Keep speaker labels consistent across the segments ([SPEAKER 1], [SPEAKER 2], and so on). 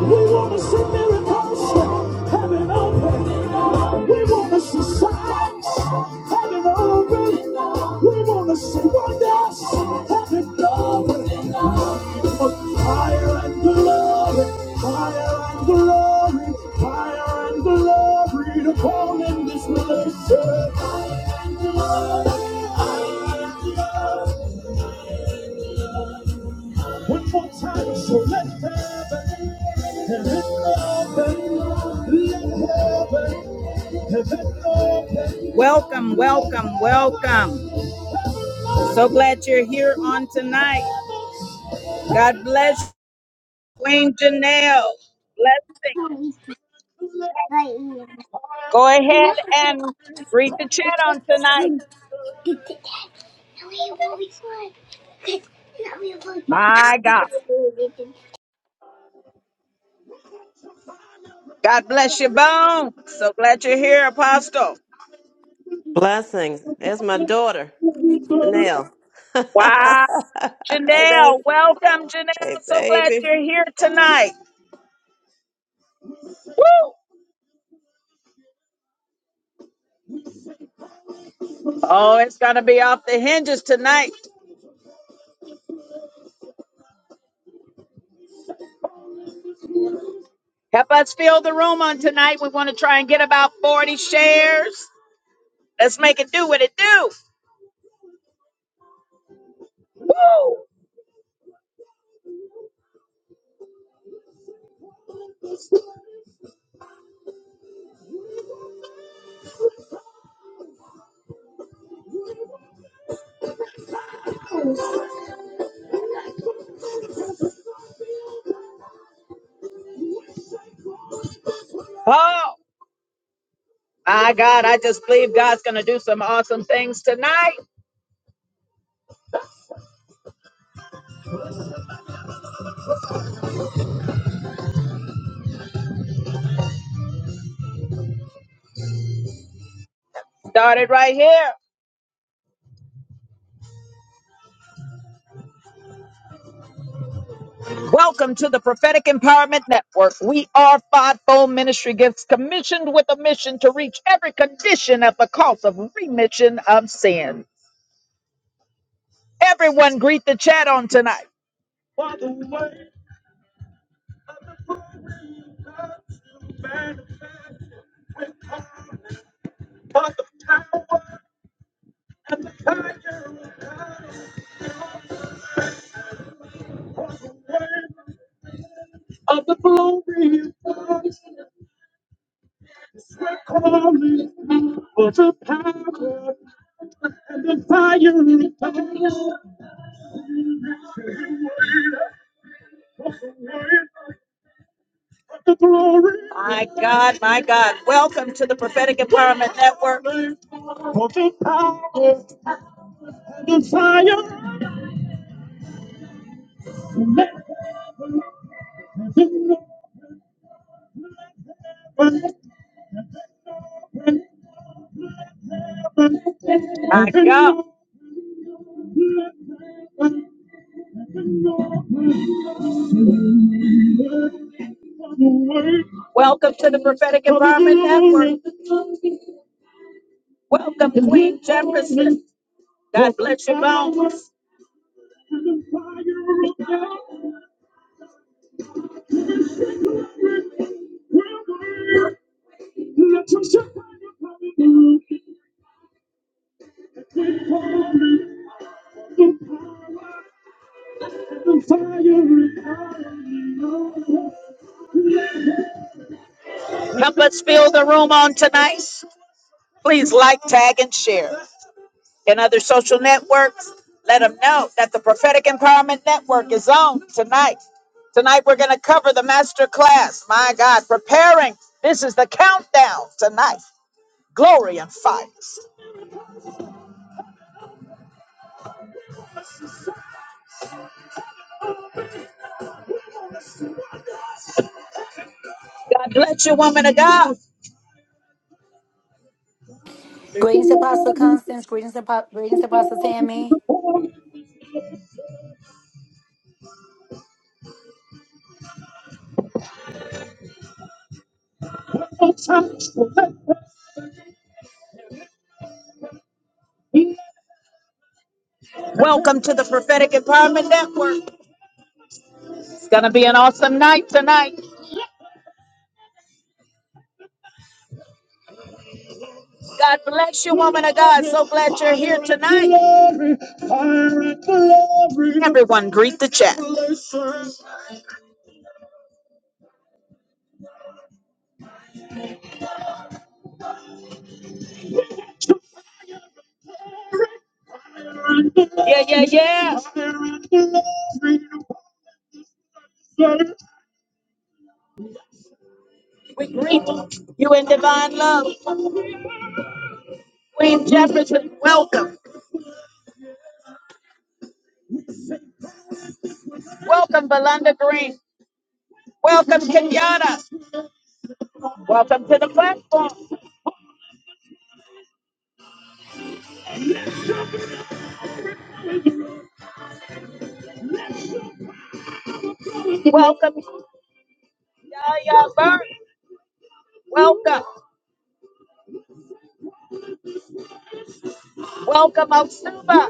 [SPEAKER 1] We want to see miracles heaven open. We want to see signs heaven open. We want to see wonders heaven open. For fire and glory, fire and glory, fire and glory to come in this relationship. One more time, so let heaven, heaven open, let heaven, heaven open. Welcome, welcome, welcome. So glad you're here on tonight. God bless Queen Janelle. Blessing. Go ahead and read the chat on tonight. My God. God bless your bone. So glad you're here, Apostle.
[SPEAKER 2] Blessings. There's my daughter, Chanel. hey,
[SPEAKER 1] Wow.
[SPEAKER 2] baby.
[SPEAKER 1] Janelle, welcome, Janelle.
[SPEAKER 2] Hey,
[SPEAKER 1] So glad
[SPEAKER 2] baby.
[SPEAKER 1] you're here tonight. Woo! Oh, it's going to be off the hinges tonight. Help us fill the room on tonight. We want to try and get about 40 shares. Let's make it do what it do. Woo! Oh, my God, I just believe God's going to do some awesome things tonight. Started right here. Welcome to the Prophetic Empowerment Network. We are Fivefold Ministry Gifts, commissioned with a mission to reach every condition at the cost of remission of sin. Everyone greet the chat on tonight. Of the glory of God, we're calling for the power and the fire of God. the glory. My God, my God. Welcome to the Prophetic Empowerment Network. For the power and the fire. My God. Welcome to the Prophetic Environment Network. Welcome, Queen Jefferson. God bless your bones. Help us fill the room on tonight. Please like, tag, and share. and other social networks. Let them know that the Prophetic Empowerment Network is on tonight. Tonight we're going to cover the master class. My God, preparing. This is the countdown tonight. Glory and fire. God bless you, woman of God.
[SPEAKER 3] Greetings, Apostle Constance. Greetings, Apo- greetings, Apostle Tammy.
[SPEAKER 1] Welcome to the Prophetic Empowerment Network. It's going to be an awesome night tonight. God bless you, woman of God. So glad you're here tonight. Everyone, greet the chat. Yeah, yeah, yeah. We greet you in divine love. Queen Jefferson, welcome. Welcome, Belinda Green. Welcome, Kenyatta. Welcome to the platform. Welcome, Yaya Burke. Welcome. Welcome, Otsuba.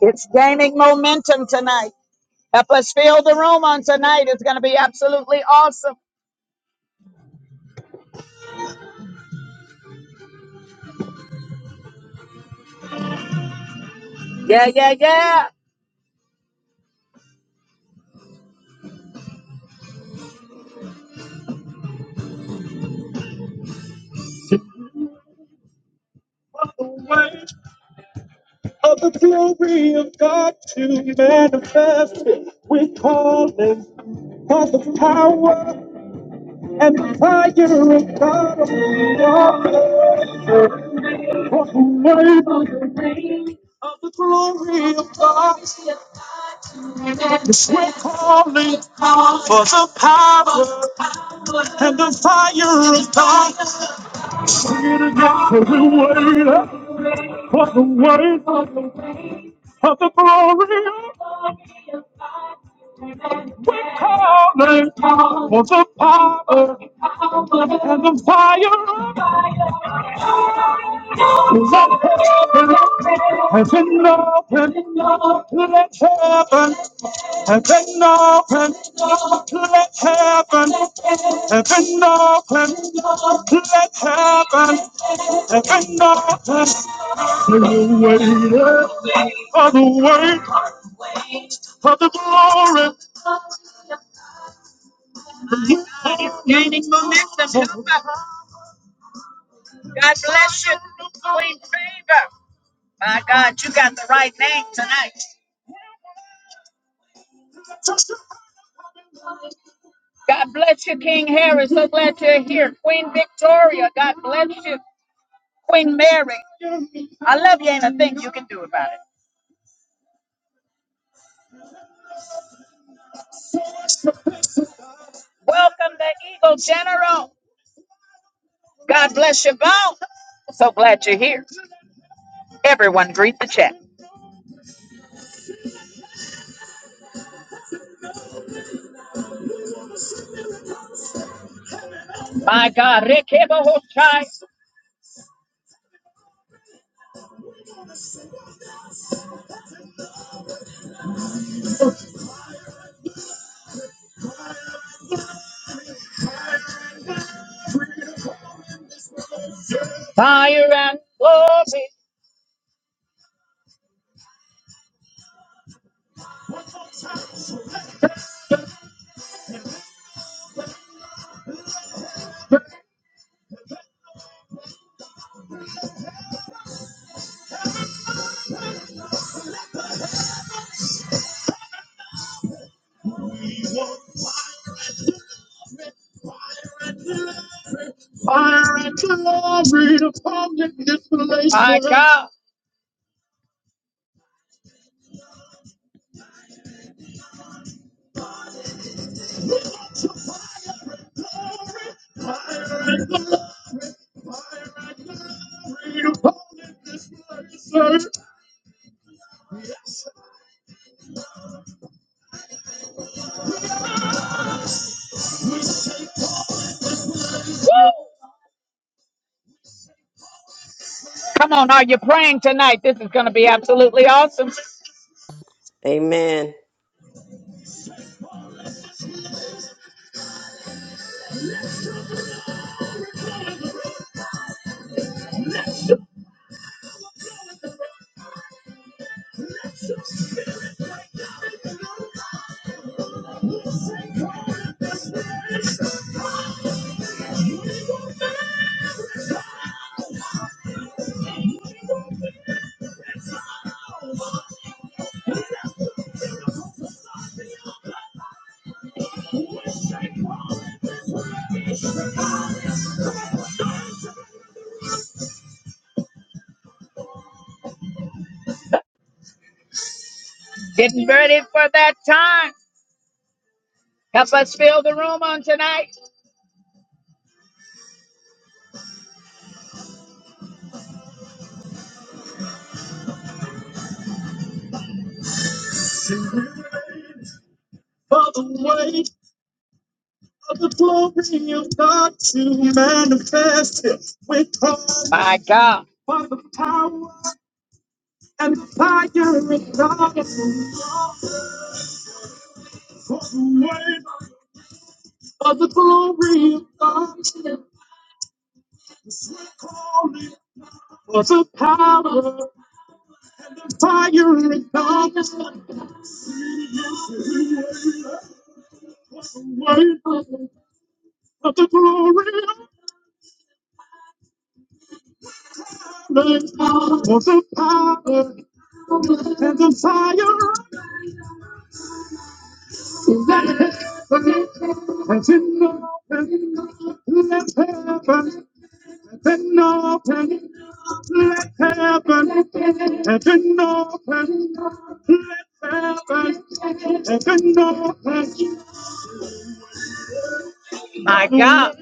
[SPEAKER 1] It's gaining momentum tonight. Help us fill the room on tonight. It's going to be absolutely awesome. Yeah, yeah, yeah. of the weight of the glory of God to manifest. We call it for the power and the fire of God. For the weight of the glory of God. Yes, we are calling for the power and the fire of God. For the weight for the weight of the glory we're calling for the power and the fire is up heaven has been opened let heaven has been open, let heaven has been open, let heaven and not just the weight of the weight of the glory. God bless you. Queen Favor. My God, you got the right name tonight. God bless you, King Harry. So glad you're here. Queen Victoria, God bless you. Queen Mary, I love you. Ain't a thing you can do about it. Welcome the Eagle General. God bless you both. So glad you're here. Everyone, greet the chat. My God, Rekebohoshai, fire and glory. Fire and glory upon this place, My sir. God. Come on, are you praying tonight? This is going to be absolutely awesome.
[SPEAKER 2] Amen.
[SPEAKER 1] Getting ready for that time. Help us fill the room on tonight. Of the glory of God to manifest it with power, My God. for the power and the fire of God. For the wave Of the glory of God is calling. of the power, fire and darkness, word. For the glory of God is calling. For the power and the fire. Has been opened, let heaven, has open, let heaven, has open, let heaven, has been opened. My God.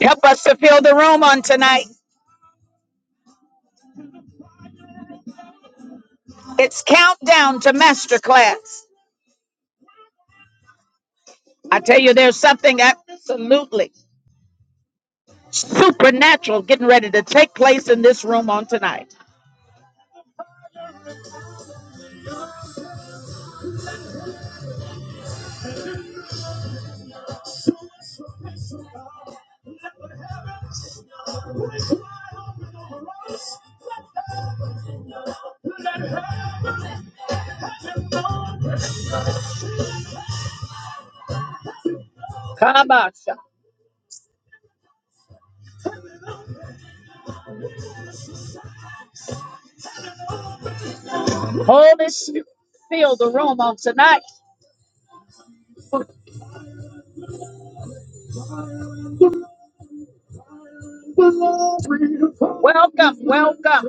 [SPEAKER 1] Help us to fill the room on tonight. It's countdown to masterclass. I tell you, there's something absolutely supernatural getting ready to take place in this room on tonight. Come on, son. Holy Spirit, fill the room on tonight. Welcome, welcome.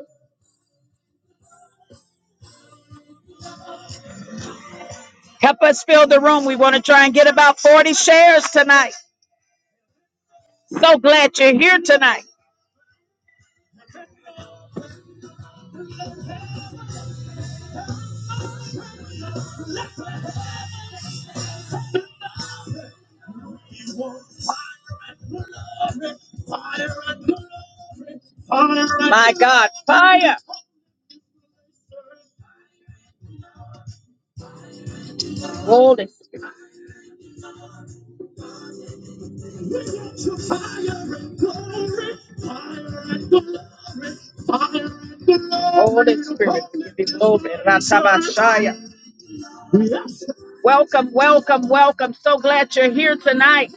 [SPEAKER 1] Help us fill the room. We want to try and get about 40 shares tonight. So glad you're here tonight. My God, fire. Holy. Spirit. Holy Spirit, we give you glory. Welcome, welcome, welcome. So glad you're here tonight.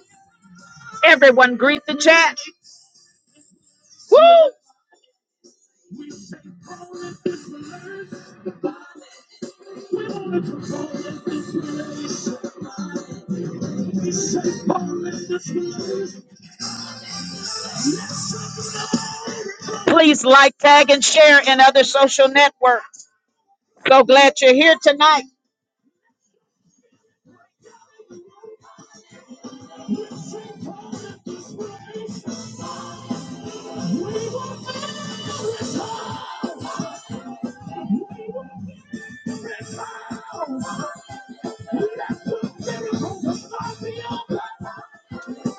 [SPEAKER 1] Everyone, greet the chat. Woo! Please like, tag, and share in other social networks. So glad you're here tonight.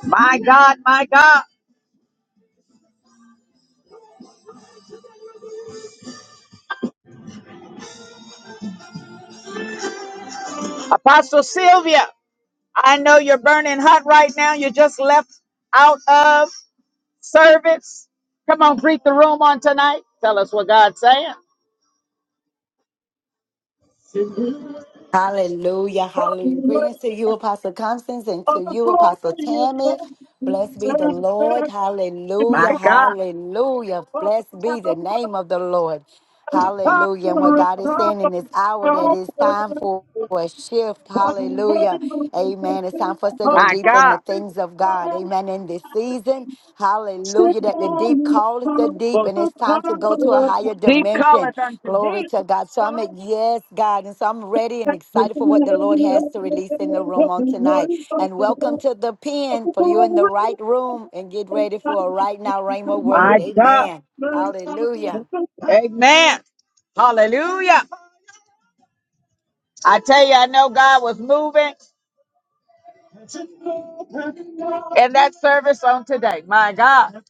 [SPEAKER 1] My God, my God. Apostle Sylvia, I know you're burning hot right now. You just left out of service. Come on, greet the room on tonight. Tell us what God's saying.
[SPEAKER 3] Hallelujah, hallelujah. Greetings to you, Apostle Constance, and to you, Apostle Tammy. Blessed be the Lord. Hallelujah, hallelujah. Blessed be the name of the Lord. Hallelujah. And what God is saying in this hour that it's time for. for a shift. Hallelujah. Amen. It's time for us to go
[SPEAKER 1] My
[SPEAKER 3] deeper in
[SPEAKER 1] God.
[SPEAKER 3] the things of God. Amen. In this season, hallelujah, that the deep call is the deep, and it's time to go to a higher
[SPEAKER 1] Deep
[SPEAKER 3] dimension.
[SPEAKER 1] calleth unto
[SPEAKER 3] Glory to God. So I'm at,
[SPEAKER 1] deep.
[SPEAKER 3] yes, God. And so I'm ready and excited for what the Lord has to release in the room on tonight. And welcome to the pen for you in the right room and get ready for a right now Rhema
[SPEAKER 1] My
[SPEAKER 3] word.
[SPEAKER 1] God.
[SPEAKER 3] Amen. Hallelujah.
[SPEAKER 1] Amen. Hallelujah. I tell you, I know God was moving in that service on today. My God.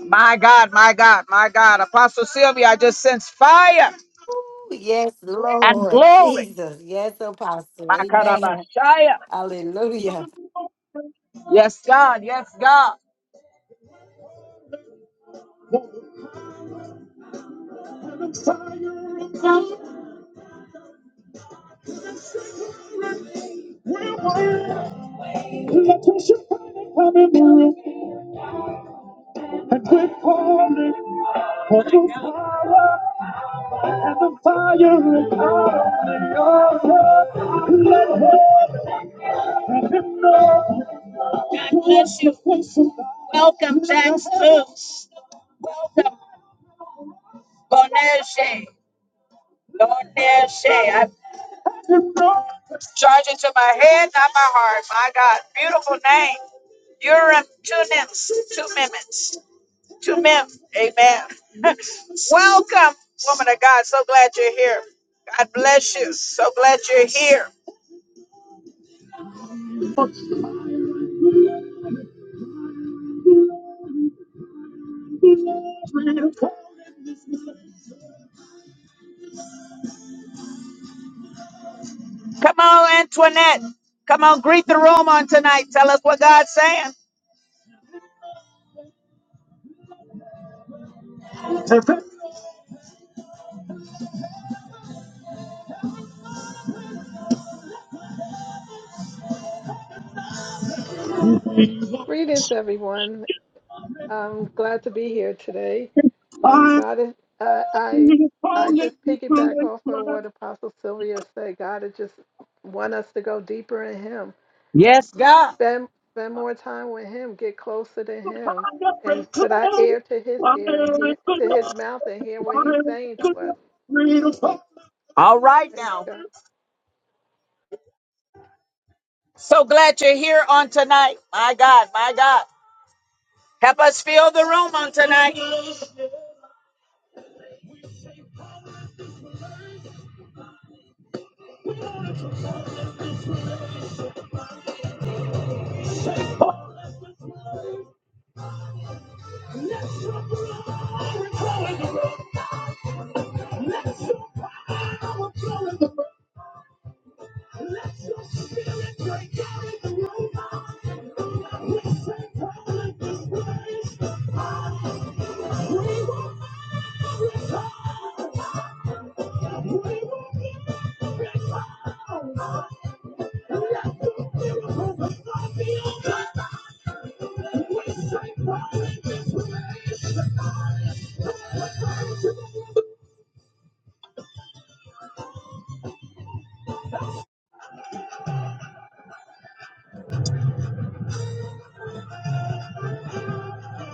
[SPEAKER 1] My God. My God. My God. Apostle Sylvia, I just sense fire
[SPEAKER 3] Ooh, Yes,
[SPEAKER 1] and
[SPEAKER 3] Lord
[SPEAKER 1] glory.
[SPEAKER 3] Jesus. Yes, Apostle.
[SPEAKER 1] My
[SPEAKER 3] Amen.
[SPEAKER 1] Karabashaya.
[SPEAKER 3] Hallelujah.
[SPEAKER 1] Yes, God. Yes, God. Let your shining come in the room and quit calling for the power and the fire and power on the altar. Let her have know. God bless you. Welcome, Jackson Boneshe. Boneshe. I charge it to my head, not my heart. My God, beautiful name. You're in two minutes. Two minutes. Two men. Amen. Welcome, woman of God. So glad you're here. God bless you. So glad you're here. Come on, Antoinette. Come on, greet the room on tonight. Tell us what God's saying.
[SPEAKER 4] Greetings, everyone. I'm glad to be here today. Um, God, is- I, I, I just piggyback off of what Apostle Sylvia said. God has just want us to go deeper in Him.
[SPEAKER 1] Yes, God.
[SPEAKER 4] spend spend more time with him, get closer to him, and put our ear to his ear and hear to his mouth and hear what he's saying to us.
[SPEAKER 1] All right
[SPEAKER 4] Praise
[SPEAKER 1] now.
[SPEAKER 4] God.
[SPEAKER 1] So glad you're here on tonight. My God, my God. Help us fill the room on tonight.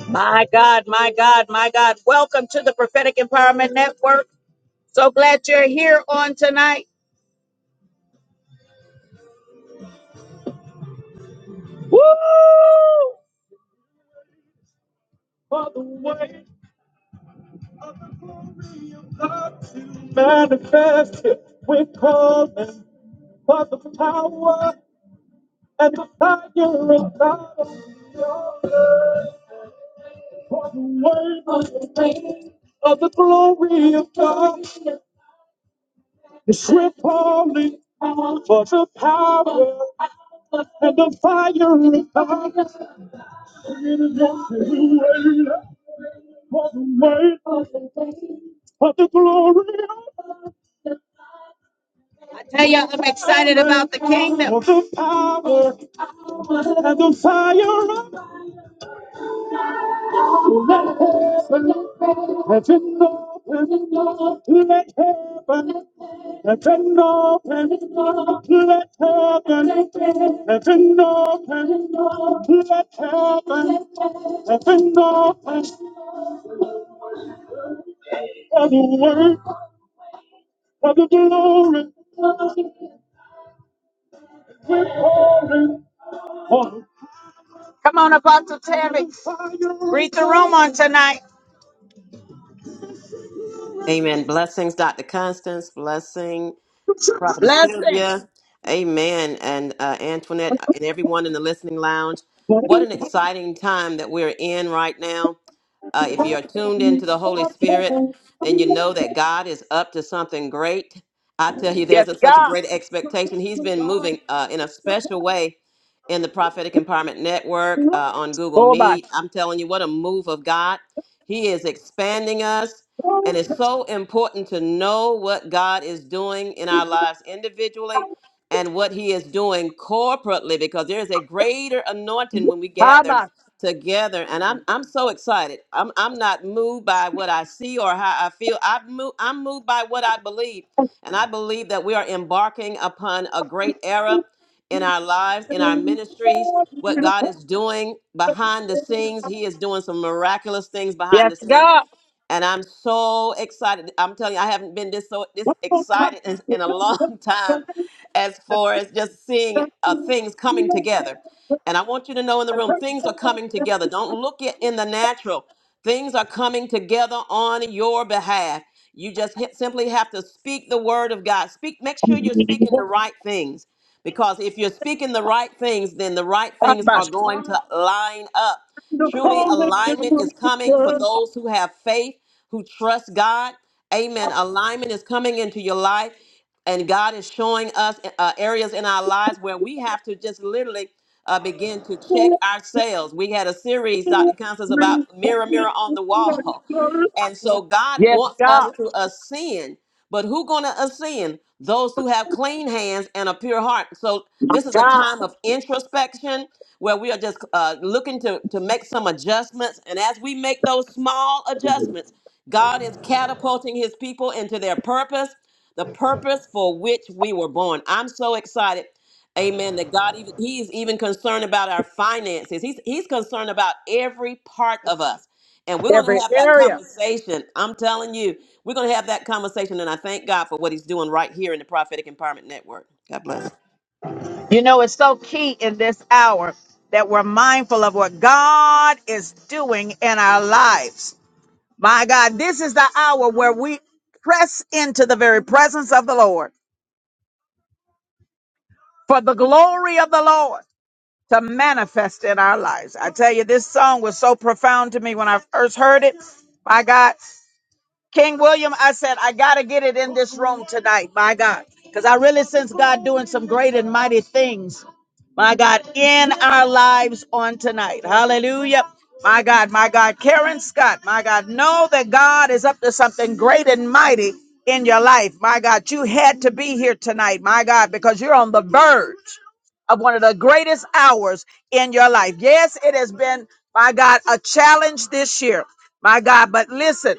[SPEAKER 1] My God, my God, my God. Welcome to the Prophetic Empowerment Network. So glad you're here on tonight. Woo! For the way of God to manifest it, we're calling for the power and the fire of God. on your earth. For the way of the rain of the glory of God. Yes, we're calling for the power and the fire of God. for the weight of the glory I tell you, I'm excited about the kingdom. of the power and the fire of Heaven open, let heaven, heaven open, let heaven, heaven open, let heaven, heaven open, for the word of the glory, for the Come on, Apostle Tammy. Read the room on tonight.
[SPEAKER 2] Amen. Blessings, Dr. Constance. Blessing. Prophetess
[SPEAKER 1] Blessing.
[SPEAKER 2] Sylvia, Amen, and uh, Antoinette, and everyone in the listening lounge. What an exciting time that we're in right now. Uh, if you're tuned into the Holy Spirit, then you know that God is up to something great. I tell you,
[SPEAKER 1] Yes,
[SPEAKER 2] there's a, such a
[SPEAKER 1] God.
[SPEAKER 2] great expectation. He's been moving uh, in a special way in the Prophetic Empowerment Network uh, on Google
[SPEAKER 1] Obas.
[SPEAKER 2] Meet. I'm telling you, what a move of God. He is expanding us. And it's so important to know what God is doing in our lives individually and what He is doing corporately because there is a greater anointing when we gather
[SPEAKER 1] Habas.
[SPEAKER 2] together. And I'm I'm so excited. I'm I'm not moved by what I see or how I feel. I move, I'm moved by what I believe. And I believe that we are embarking upon a great era in our lives, in our ministries, what God is doing behind the scenes. He is doing some miraculous things behind
[SPEAKER 1] Yes,
[SPEAKER 2] the scenes
[SPEAKER 1] God.
[SPEAKER 2] and I'm so excited. I'm telling you, I haven't been this so this excited in, in a long time, as far as just seeing uh, things coming together. And I want you to know in the room, things are coming together. Don't look it in the natural. Things are coming together on your behalf. You just hit, simply have to speak the word of God. Speak. Make sure you're speaking the right things, because if you're speaking the right things, then the right things are
[SPEAKER 1] Habas.
[SPEAKER 2] going to line up Truly, alignment is coming for those who have faith, who trust God. Amen. Alignment is coming into your life, and God is showing us uh, areas in our lives where we have to just literally uh, begin to check ourselves. We had a series, Dr. Constance, about mirror, mirror on the wall. And so God
[SPEAKER 1] Yes,
[SPEAKER 2] wants us
[SPEAKER 1] God.
[SPEAKER 2] to ascend. But who gonna ascend? Those who have clean hands and a pure heart. So this is a
[SPEAKER 1] God.
[SPEAKER 2] time of introspection where we are just uh, looking to, to make some adjustments. And as we make those small adjustments, God is catapulting his people into their purpose, the purpose for which we were born. I'm so excited. Amen. That God, even- He is even concerned about our finances. He's, he's concerned about every part of us. And we're going to
[SPEAKER 1] Every
[SPEAKER 2] have that
[SPEAKER 1] area.
[SPEAKER 2] conversation. I'm telling you, we're going to have that conversation, and I thank God for what He's doing right here in the Prophetic Empowerment Network. God bless.
[SPEAKER 1] You know, it's so key in this hour that we're mindful of what God is doing in our lives. My God, this is the hour where we press into the very presence of the Lord for the glory of the Lord. to manifest in our lives. I tell you, this song was so profound to me when I first heard it. My God. King William, I said, I got to get it in this room tonight, my God. Because I really sense God doing some great and mighty things, my God, in our lives on tonight. Hallelujah. My God, my God. Karen Scott, my God, know that God is up to something great and mighty in your life. My God, you had to be here tonight, my God, because you're on the verge of one of the greatest hours in your life. Yes, it has been, my God, a challenge this year, my God. But listen,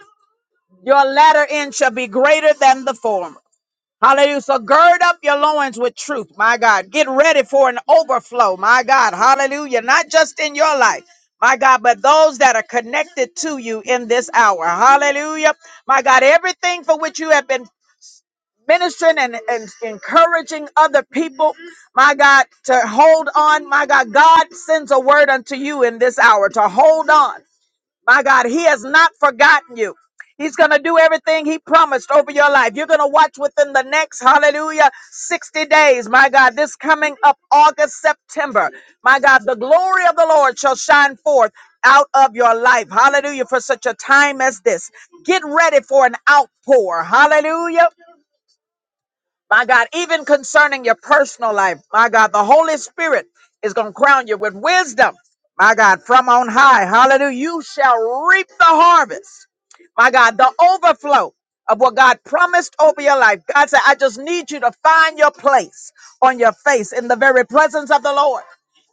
[SPEAKER 1] your latter end shall be greater than the former. Hallelujah. So gird up your loins with truth, my God. Get ready for an overflow, my God. Hallelujah. Not just in your life, my God, but those that are connected to you in this hour. Hallelujah. My God, everything for which you have been ministering and, and encouraging other people, my God, to hold on, my God, God sends a word unto you in this hour to hold on. My God, He has not forgotten you. He's going to do everything He promised over your life. You're going to watch within the next, hallelujah, 60 days. My God, this coming up August, September. My God, the glory of the Lord shall shine forth out of your life. Hallelujah, for such a time as this. Get ready for an outpour. Hallelujah. My God, even concerning your personal life, my God, the Holy Spirit is going to crown you with wisdom. My God, from on high, hallelujah, you shall reap the harvest. My God, the overflow of what God promised over your life. God said, I just need you to find your place on your face in the very presence of the Lord.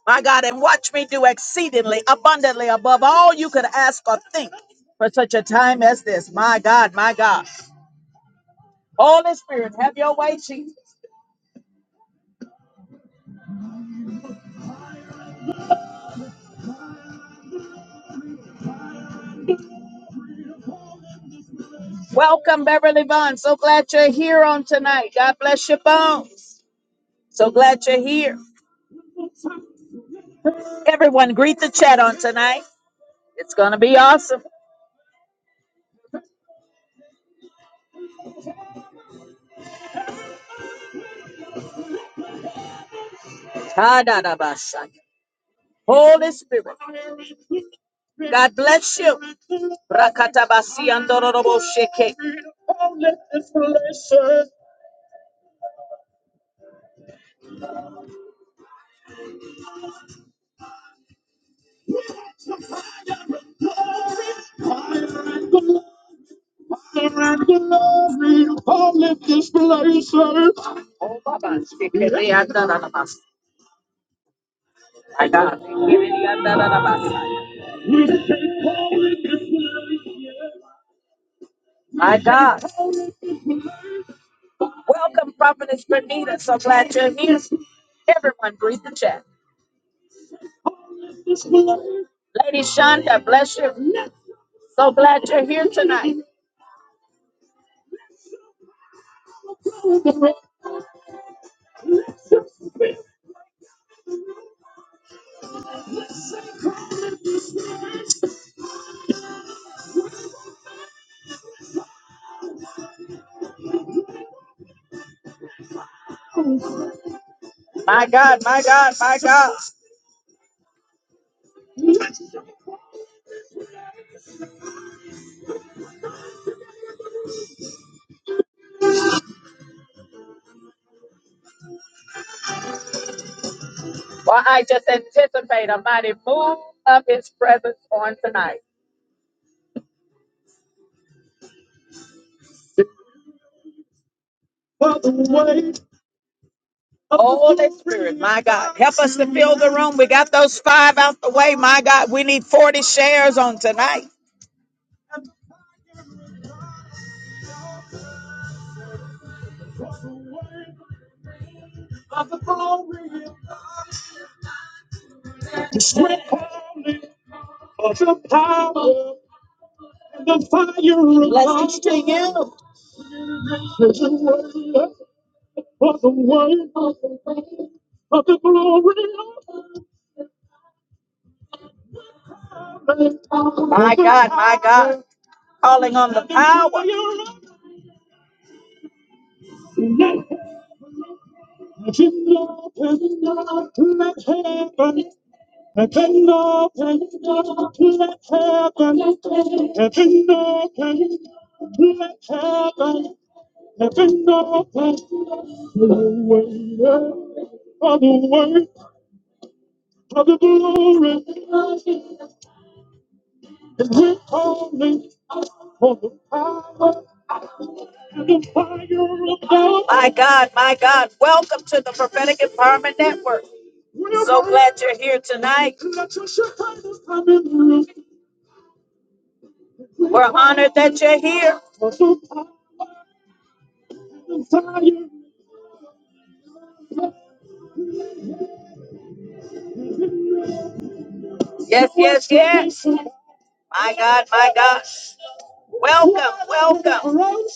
[SPEAKER 1] My God, and watch me do exceedingly abundantly above all you could ask or think for such a time as this. My God, my God. Holy Spirit, have your way, Jesus. Welcome, Beverly Vaughn. So glad you're here on tonight. God bless your bones. So glad you're here. Everyone, greet the chat on tonight. It's going to be awesome. Ta-da-da-ba-sha. Holy Spirit, God bless you. Rakatabasi andororobo sheke. Oh, Baba, sheke, le andororobo. My God, le andororobo. My God. Welcome, Prophetess Bernita. So glad you're here. Everyone, breathe the chat. Lady Shonda, bless you. So glad you're here tonight. My God, my God, my God. Well, I just anticipate a mighty move of His presence on tonight. Holy Spirit, my God, help us to fill the room. We got those five out the way, my God. We need 40 shares on tonight. Sweat calling of the power and the fire of Let's God. Just sing it. There's a word for the word of the glory of the Lamb. My God, my God. Calling on the power. Let him open up, let heaven Heaven open, up, let heaven, heaven open, let heaven, Heaven opens for the weight of the weight of the glory. And we're calling for the power and the fire of God. My God, my God, welcome to the Prophetic Empowerment Network. So glad you're here tonight. We're honored that you're here. Yes, yes, yes. My God, my God. Welcome, welcome.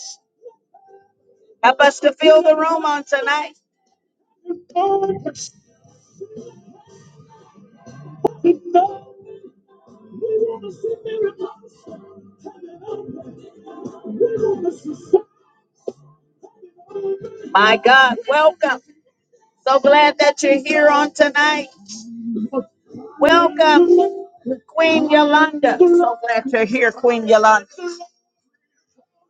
[SPEAKER 1] Help us to fill the room on tonight. My God, welcome. So glad that you're here on tonight. Welcome, Queen Yolanda. So glad you're here, Queen Yolanda.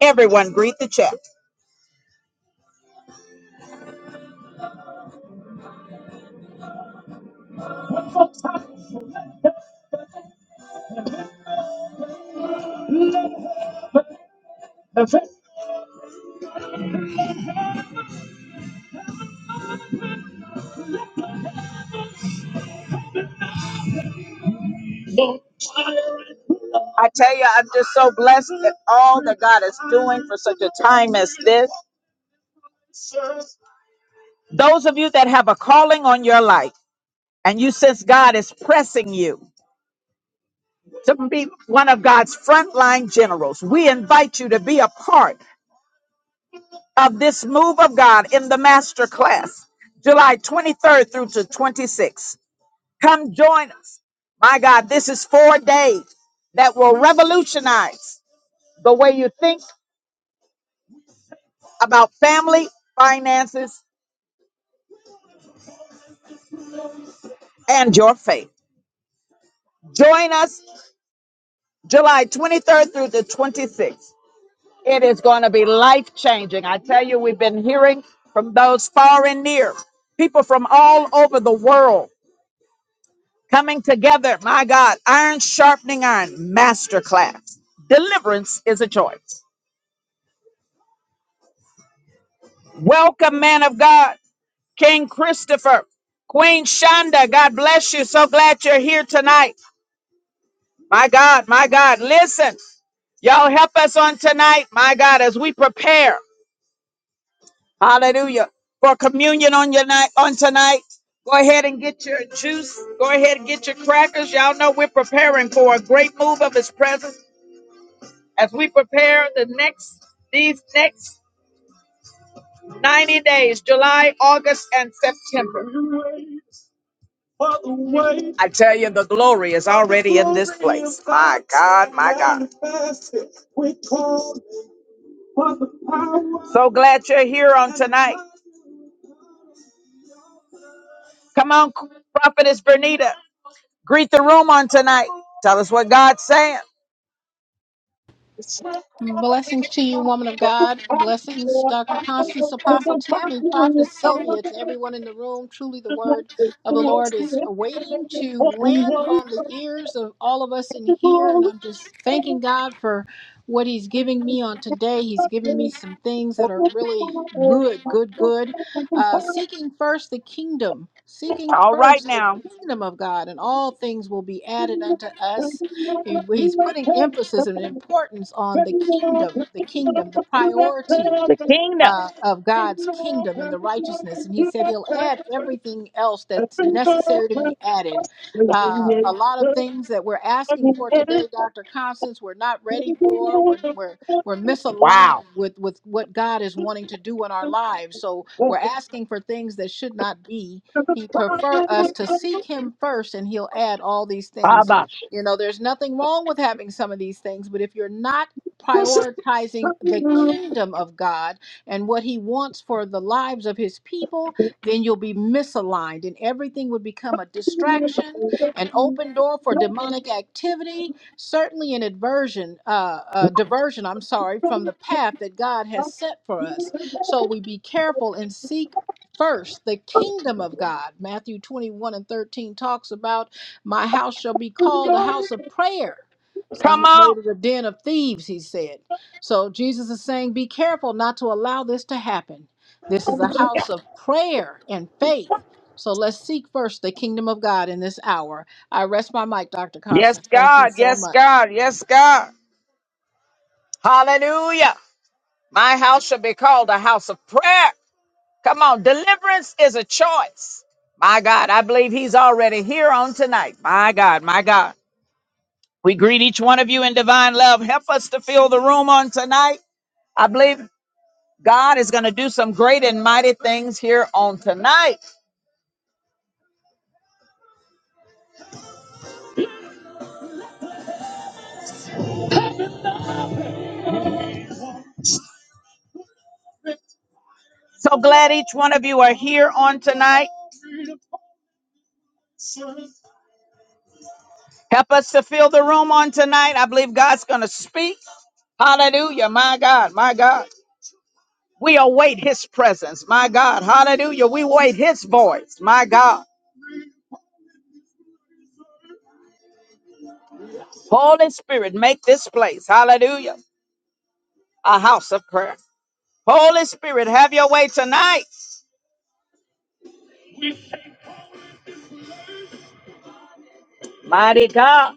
[SPEAKER 1] Everyone, greet the chat. I tell you, I'm just so blessed at all that God is doing for such a time as this. Those of you that have a calling on your life and you sense God is pressing you, to be one of God's frontline generals. We invite you to be a part of this move of God in the master class, July 23rd through to 26th. Come join us. My God, this is four days that will revolutionize the way you think about family, finances, and your faith. Join us July 23rd through the 26th. It is going to be life changing. I tell you, we've been hearing from those far and near, people from all over the world coming together. My God, iron sharpening iron, masterclass. Deliverance is a choice. Welcome, man of God, King Christopher, Queen Shonda. God bless you. So glad you're here tonight. My God, my God, listen. Y'all help us on tonight, my God, as we prepare. Hallelujah. For communion on your night on tonight. Go ahead and get your juice. Go ahead and get your crackers. Y'all know we're preparing for a great move of his presence as we prepare the next these next 90 days, July, August, and September. I tell you, the glory is already in this place. My God, my God. So glad you're here on tonight. Come on, Prophetess Bernita. Greet the room on tonight. Tell us what God's saying.
[SPEAKER 5] Blessings to you, woman of God. Blessings, Dr. Constance, Apostle Tammy, Prophetess Sylvia, to everyone in the room. Truly, the word of the Lord is waiting to land on the ears of all of us in here. And I'm just thanking God for what He's giving me on today. He's giving me some things that are really good, good, good. Uh, seeking first the kingdom, seeking first the kingdom of God, and all things will be added unto us. He- he's putting emphasis and importance on the kingdom, the kingdom, the priority uh, of God's kingdom and the righteousness. And he said he'll add everything else that's necessary to be added. Uh, a lot of things that we're asking for today, Dr. Constance, we're not ready for. We're, we're, we're misaligned
[SPEAKER 1] Wow.
[SPEAKER 5] with, with what God is wanting to do in our lives. So we're asking for things that should not be. He prefer us to seek him first and he'll add all these things.
[SPEAKER 1] Baba.
[SPEAKER 5] You know, there's nothing wrong with having some of these things, but if you're not prioritizing the kingdom of God, and what he wants for the lives of his people, then you'll be misaligned and everything would become a distraction, an open door for demonic activity, certainly an aversion, uh, uh, diversion, I'm sorry, from the path that God has set for us. So we be careful and seek first the kingdom of God. Matthew 21 and 13 talks about, My house shall be called a house of prayer. Some
[SPEAKER 1] Come
[SPEAKER 5] have
[SPEAKER 1] on.
[SPEAKER 5] made it a den of thieves, he said. So Jesus is saying, be careful not to allow this to happen. This is a house of prayer and faith. So let's seek first the kingdom of God in this hour. I rest my mic, Dr.
[SPEAKER 1] Yes,
[SPEAKER 5] Constant. Thank you
[SPEAKER 1] God.
[SPEAKER 5] so
[SPEAKER 1] Yes,
[SPEAKER 5] much.
[SPEAKER 1] God. Yes, God. Hallelujah. My house shall be called a house of prayer. Come on, deliverance is a choice. My God, I believe he's already here on tonight. My God, my God. We greet each one of you in divine love. Help us to fill the room on tonight. I believe God is going to do some great and mighty things here on tonight. So glad each one of you are here on tonight. Help us to fill the room on tonight. I believe God's going to speak. Hallelujah. My God, my God. We await his presence. My God. Hallelujah. We await his voice. My God. Holy Spirit, make this place, hallelujah, a house of prayer. Holy Spirit, have your way tonight. Mighty God,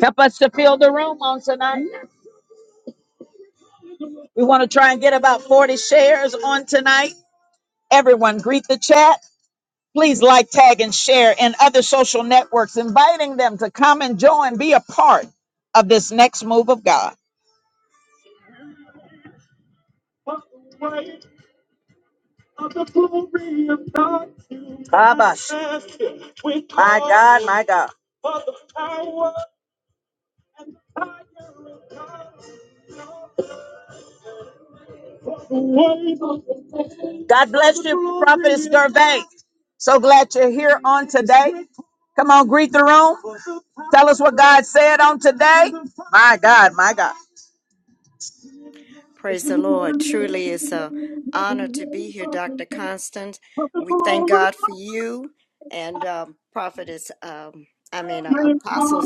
[SPEAKER 1] help us to fill the room on tonight. We want to try and get about 40 shares on tonight. Everyone, greet the chat. Please like, tag, and share in other social networks, inviting them to come and join, be a part of this next move of God. Abba, my God, my God. God bless you, Prophet Gervais. So glad you're here on today. Come on, greet the room. Tell us what God said on today. My God, my God.
[SPEAKER 6] Praise the Lord. Truly it's an honor to be here, Dr. Constance. We thank God for you and um, Prophetess, um, I mean, uh, Apostle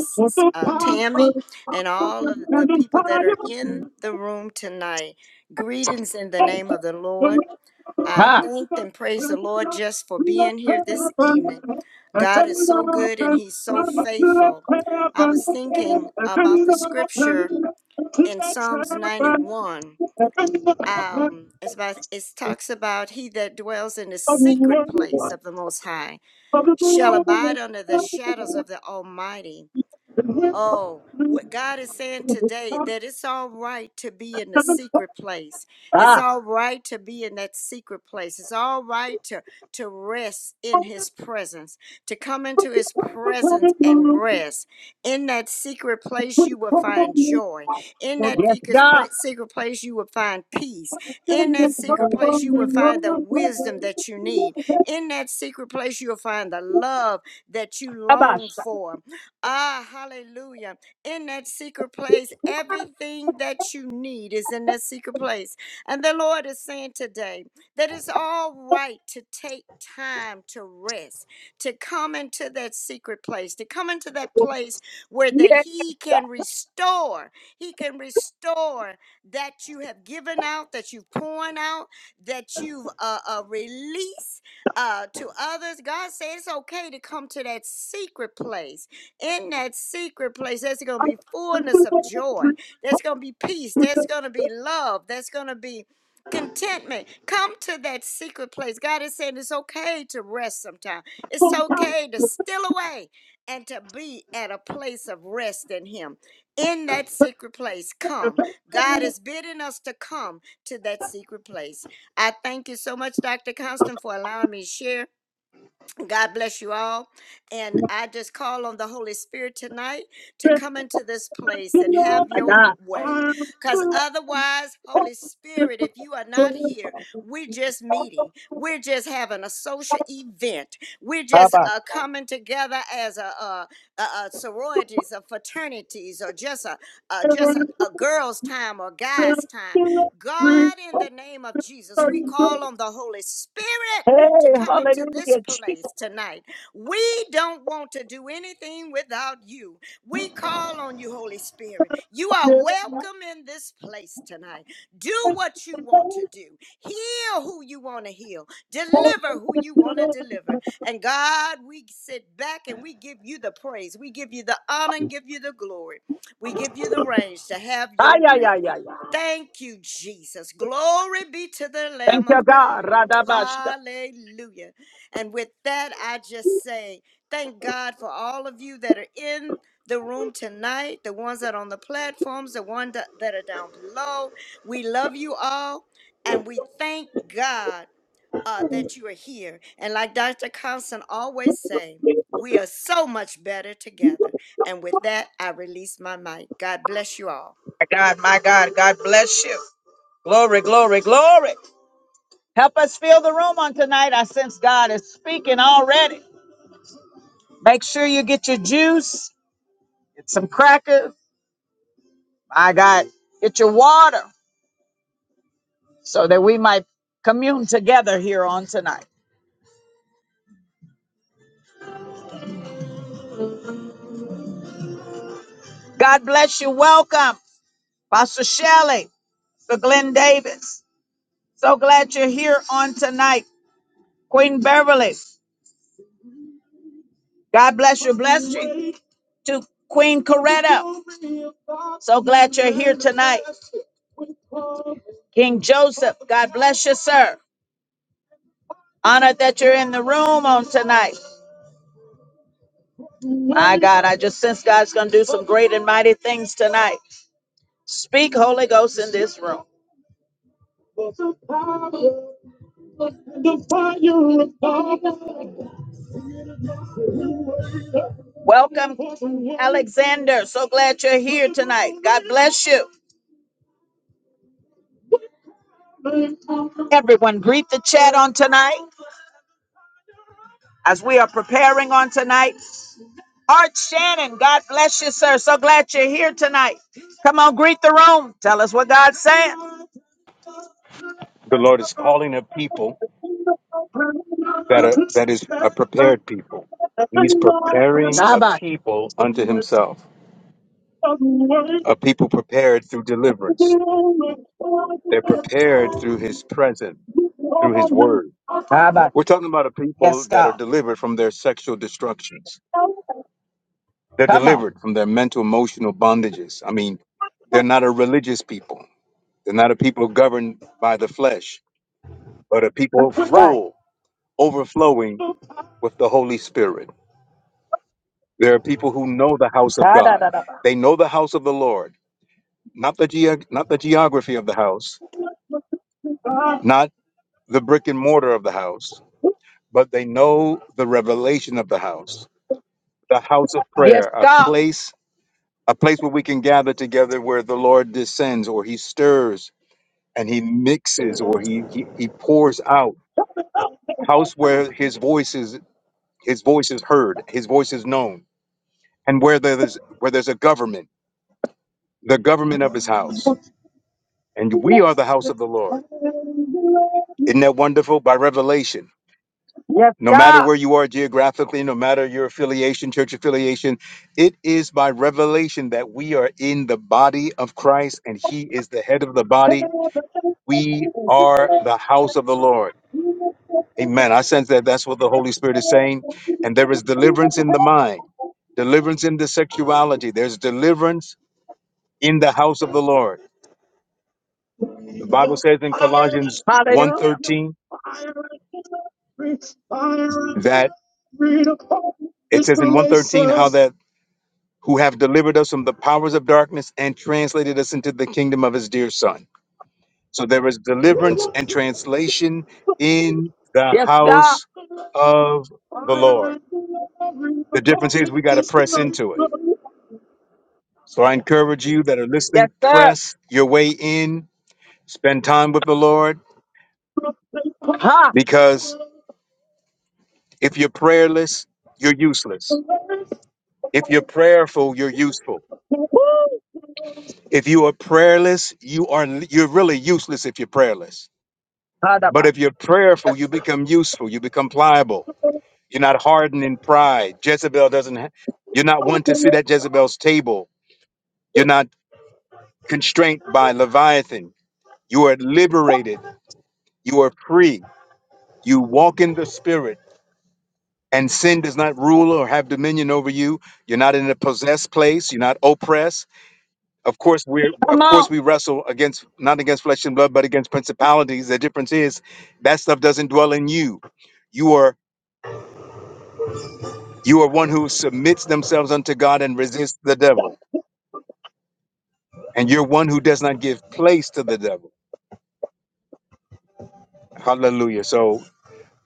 [SPEAKER 6] uh, Tammy, and all of the people that are in the room tonight. Greetings in the name of the Lord. I thank and praise the Lord just for being here this evening. God is so good and He's so faithful. I was thinking about the scripture in Psalms 91 um it's about it talks about he that dwells in the secret place of the most high shall abide under the shadows of the almighty Oh, what God is saying today that it's all right to be in the secret place. It's all right to be in that secret place. It's all right to to rest in his presence, to come into his presence and rest. In that secret place you will find joy. In that secret pla-
[SPEAKER 1] Ah,
[SPEAKER 6] secret place you will find peace. In that secret place you will find the wisdom that you need. In that secret place you'll find the love that you long
[SPEAKER 1] Abasha.
[SPEAKER 6] for Ah, hallelujah. In that secret place, everything that you need is in that secret place. And the Lord is saying today that it's all right to take time to rest, to come into that secret place, to come into that place where that
[SPEAKER 1] Yes,
[SPEAKER 6] He can restore. He can restore that you have given out, that you've poured out, that you've uh, uh, released uh, to others. God says it's okay to come to that secret place in that secret place, there's going to be fullness of joy. There's going to be peace. There's going to be love. There's going to be contentment. Come to that secret place. God is saying it's okay to rest sometimes. It's okay to steal away and to be at a place of rest in Him. In that secret place, come. God is bidding us to come to that secret place. I thank you so much, Dr. Constant, for allowing me to share. God bless you all. And I just call on the Holy Spirit tonight to
[SPEAKER 1] yes,
[SPEAKER 6] come into this place
[SPEAKER 1] yes.
[SPEAKER 6] and
[SPEAKER 1] Lord.
[SPEAKER 6] have
[SPEAKER 1] My
[SPEAKER 6] your
[SPEAKER 1] God.
[SPEAKER 6] way.
[SPEAKER 1] I'm
[SPEAKER 6] Because
[SPEAKER 1] so
[SPEAKER 6] otherwise, Holy Spirit, if you are not here, we're just meeting. We're just having a social event. We're just uh, coming together as a, uh a, a sororities or fraternities or just a, a just a, a girls' time or guys' time.
[SPEAKER 1] sorry. I'm
[SPEAKER 6] God, in the
[SPEAKER 1] so
[SPEAKER 6] name of Jesus, we
[SPEAKER 1] sorry.
[SPEAKER 6] call on the Holy Spirit
[SPEAKER 1] Hey,
[SPEAKER 6] to come into this
[SPEAKER 1] hallelujah.
[SPEAKER 6] place
[SPEAKER 1] Jesus.
[SPEAKER 6] tonight. We don't want to do anything without you. We call on you, Holy Spirit. You are welcome in this place tonight. Do what you want to do, heal who you want to heal, deliver who you want to deliver. And God, we sit back and we give you the praise, we give you the honor, and give you the glory. We give you the range to have
[SPEAKER 1] Ay,
[SPEAKER 6] your
[SPEAKER 1] ay,
[SPEAKER 6] way.
[SPEAKER 1] ay, ay. ay.
[SPEAKER 6] Thank you, Jesus. Glory be to the
[SPEAKER 1] Thank
[SPEAKER 6] Lamb
[SPEAKER 1] you,
[SPEAKER 6] of God.
[SPEAKER 1] God. Radabasha.
[SPEAKER 6] Hallelujah. And with that, I just say thank God for all of you that are in the room tonight, the ones that are on the platforms, the ones that that are down below. We love you all, and we thank God uh, that you are here. And like Dr. Constant always say, we are so much better together. And with that, I release my mic. God bless you all.
[SPEAKER 1] My God, my God, God bless you. Glory, glory, glory. Help us fill the room on tonight. I sense God is speaking already. Make sure you get your juice, get some crackers. My God, get your water so that we might commune together here on tonight. God bless you. Welcome, Pastor Shelley, Sir Glenn Davis. So glad you're here on tonight. Queen Beverly, God bless you. Bless you, To Queen Coretta, so glad you're here tonight. King Joseph, God bless you, sir. Honored that you're in the room on tonight. My God, I just sense God's going to do some great and mighty things tonight. Speak, Holy Ghost, in this room. Welcome, Alexander. So glad you're here tonight. God bless you. Everyone, greet the chat on tonight. as we are preparing on tonight. Art Shannon, God bless you, sir. So glad you're here tonight. Come on, greet the room. Tell us what God's saying.
[SPEAKER 7] The Lord is calling a people that are that is a prepared people. He's preparing a
[SPEAKER 1] Shabbat.
[SPEAKER 7] people unto himself. A people prepared through deliverance. They're prepared through his presence, through his word.
[SPEAKER 1] Shabbat.
[SPEAKER 7] We're talking about a people
[SPEAKER 1] Yes,
[SPEAKER 7] that are
[SPEAKER 1] God.
[SPEAKER 7] delivered from their sexual destructions. They're
[SPEAKER 1] Come on.
[SPEAKER 7] delivered from their mental emotional bondages. I mean, they're not a religious people. They're not a people governed by the flesh, but a people
[SPEAKER 1] Right.
[SPEAKER 7] full, overflowing with the Holy Spirit. There are people who know the house of God.
[SPEAKER 1] Ta-da-da-da.
[SPEAKER 7] They know the house of the Lord, not the ge- not the geography of the house, not the brick and mortar of the house, but they know the revelation of the house. The house of
[SPEAKER 1] Yes,
[SPEAKER 7] prayer, a
[SPEAKER 1] God.
[SPEAKER 7] place a place where we can gather together where the Lord descends or he stirs and he mixes or he he, he pours out. House where his voice is his voice is heard, his voice is known, and where there's where there's a government, the government of his house And we are the house of the Lord. Isn't that wonderful? By revelation.
[SPEAKER 1] Yes,
[SPEAKER 7] No matter
[SPEAKER 1] God.
[SPEAKER 7] where you are geographically, no matter your affiliation, church affiliation, it is by revelation that we are in the body of Christ and he is the head of the body. We are the house of the Lord. Amen. I sense that that's what the Holy Spirit is saying. And there is deliverance in the mind, deliverance in the sexuality. There's deliverance in the house of the Lord. The Bible says in Colossians
[SPEAKER 1] Hallelujah.
[SPEAKER 7] 1:13,
[SPEAKER 1] It's fire and glory upon
[SPEAKER 7] It
[SPEAKER 1] this
[SPEAKER 7] says in 113
[SPEAKER 1] relation.
[SPEAKER 7] how that who have delivered us from the powers of darkness and translated us into the kingdom of his dear son. So there is deliverance and translation in the
[SPEAKER 1] Yes, God.
[SPEAKER 7] house of the
[SPEAKER 1] Fire
[SPEAKER 7] Lord.
[SPEAKER 1] and glory
[SPEAKER 7] The
[SPEAKER 1] upon
[SPEAKER 7] difference is we got to
[SPEAKER 1] this
[SPEAKER 7] press
[SPEAKER 1] relation.
[SPEAKER 7] into it. So I encourage you that are
[SPEAKER 1] Yes,
[SPEAKER 7] listening,
[SPEAKER 1] sir.
[SPEAKER 7] press your way in, spend time with the Lord,
[SPEAKER 1] Ha.
[SPEAKER 7] because if you're prayerless, you're useless. If you're prayerful, you're useful. If you are prayerless, you are you're really useless if you're prayerless But
[SPEAKER 1] Kadaba.
[SPEAKER 7] if you're prayerful, you
[SPEAKER 1] Yes.
[SPEAKER 7] become useful, you become pliable. You're not hardened in pride. Jezebel doesn't, ha- you're not one to sit at Jezebel's table. You're not constrained by Leviathan. You are liberated, you are free. You walk in the spirit, and sin does not rule or have dominion over you. You're not in a possessed place, you're not oppressed. Of course, we're of
[SPEAKER 1] Come
[SPEAKER 7] course
[SPEAKER 1] on.
[SPEAKER 7] we wrestle against not against flesh and blood, but against principalities. The difference is that stuff doesn't dwell in you. You are You are one who submits themselves unto God and resists the devil. And you're one who does not give place to the devil. Hallelujah. So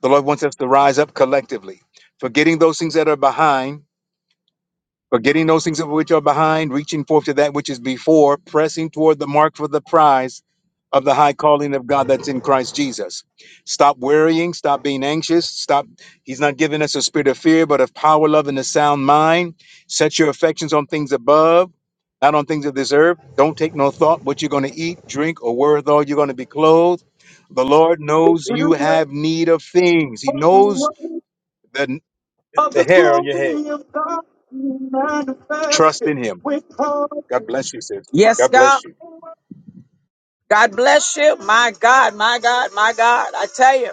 [SPEAKER 7] the Lord wants us to rise up collectively, forgetting those things that are behind Forgetting those things of which are behind, reaching forth to that which is before, pressing toward the mark for the prize of the high calling of God that's in Christ Jesus. Stop worrying, stop being anxious, stop. He's not giving us a spirit of fear, but of power, love, and a sound mind. Set your affections on things above, not on things of this earth. Don't take no thought what you're going to eat, drink, or wherewithal you're going to be clothed. The Lord knows
[SPEAKER 1] We
[SPEAKER 7] you
[SPEAKER 1] wait
[SPEAKER 7] have need of things, He
[SPEAKER 1] for the
[SPEAKER 7] knows
[SPEAKER 1] weight
[SPEAKER 7] the,
[SPEAKER 1] of
[SPEAKER 7] the
[SPEAKER 1] the
[SPEAKER 7] hair on your head.
[SPEAKER 1] glory of God to manifest
[SPEAKER 7] Trust
[SPEAKER 1] it.
[SPEAKER 7] in Him.
[SPEAKER 1] We call it
[SPEAKER 7] God bless you, sis.
[SPEAKER 1] Yes,
[SPEAKER 7] God
[SPEAKER 1] God.
[SPEAKER 7] bless you.
[SPEAKER 1] God bless you. My God, my God, my God. I tell you,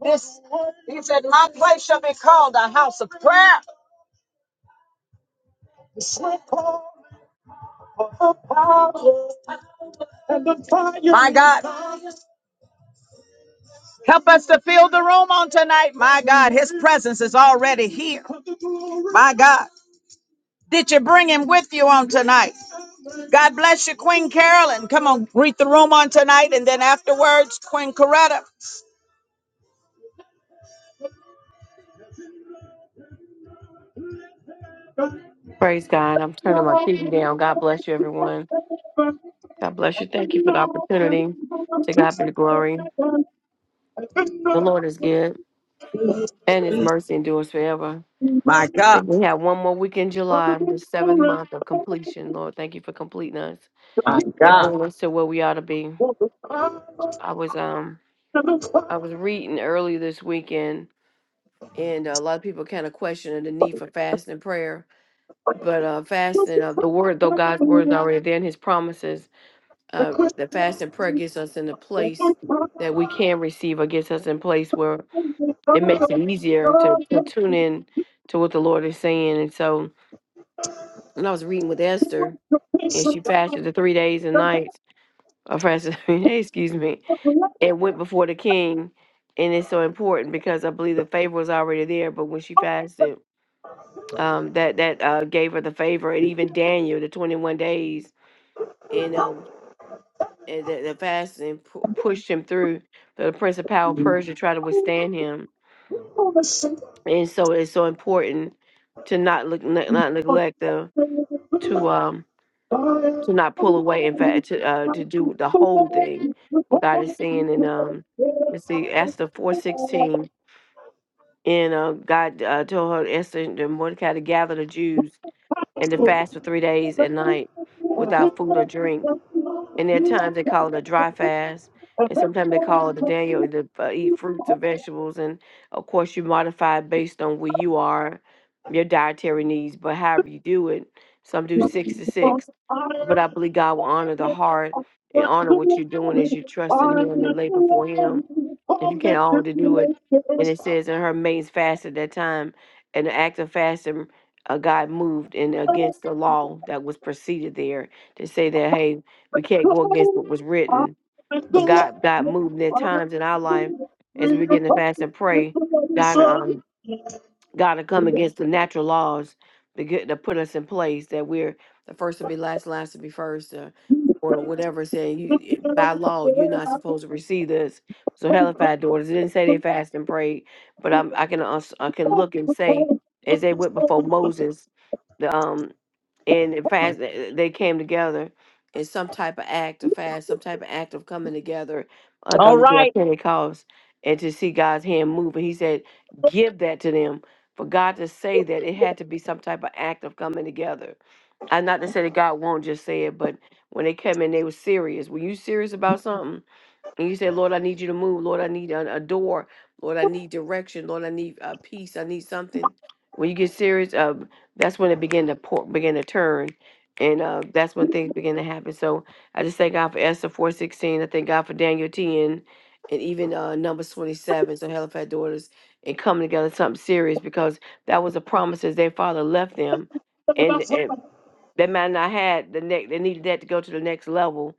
[SPEAKER 1] this, he said, my place shall be called a house of prayer. My God, help us to fill the room on tonight. My God, His presence is already here. My God, did you bring Him with you on tonight? God bless you, Queen Carolyn. Come on, greet the room on tonight, and then afterwards, Queen Coretta.
[SPEAKER 8] Praise God. I'm turning my TV down. God bless you, everyone. God bless you. Thank you for the opportunity. To God be the glory. The Lord is good, and His mercy endures forever. I think we have one more week in July, the seventh month of completion. Lord, thank you for completing us. It brings us to where we ought to be. I was um I was reading earlier this weekend, and a lot of people kind of questioning the need for fasting and prayer. But uh, fasting, uh, the word, though God's word is already there, and His promises uh, the fast and prayer gets us in a place that we can receive or gets us in place where it makes it easier to, to tune in to what the Lord is saying. And so when I was reading with Esther and she fasted the three days and nights, or fasted three days, excuse me, and went before the king. And it's so important because I believe the favor was already there, but when she fasted, um, that that uh, gave her the favor, and even Daniel, the twenty-one days, and uh, and the, the fasting pu- pushed him through. The prince of power Persia tried to withstand him, and so it's so important to not look ne- not neglect the to um to not pull away. In fact, to uh to do the whole thing, what God is saying. And um, let's see, Esther four sixteen, and uh, God uh, told her Esther and Mordecai to gather the Jews and to fast for three days and night without food or drink And there are times they call it a dry fast, and sometimes they call it a Daniel to uh, eat fruits or vegetables. And of course, you modify it based on where you are, your dietary needs. But however you do it, some do six to six. But I believe God will honor the heart and honor what you're doing as you trust in Him and lay before Him if you can't already do it, and it says in her maid's fasted that time, and the act of fasting, uh, God moved and against the law that was preceded there to say that hey, we can't go against what was written, but God God moved. And There are times in our life as we begin to fast and pray, God um God to come against the natural laws to get to put us in place that we're the first to be last, last to be first, uh, or whatever. Saying you it- by law you're not supposed to receive this. So Hellified daughters it didn't say they fast and prayed, but I'm, I can us- I can look and say as they went before Moses, the um and it fast they they came together in some type of act of fast, some type of act of coming together, like on the day of Pentecost, and to see God's hand move. And He said, "Give that to them." for God to say that it had to be some type of act of coming together. And not to say that God won't just say it, but when they came in, they were serious. When you serious about something? And you say, Lord, I need you to move. Lord, I need a, a door. Lord, I need direction. Lord, I need uh, peace. I need something. When you get serious, uh, that's when it begin to pour, begin to turn, and uh, that's when things begin to happen. So I just thank God for Esther four sixteen. I thank God for Daniel ten, and even uh, Numbers twenty seven. So Halifax daughters and coming together something serious because that was a promise as their father left them, they might not had the next. They needed that to go to the next level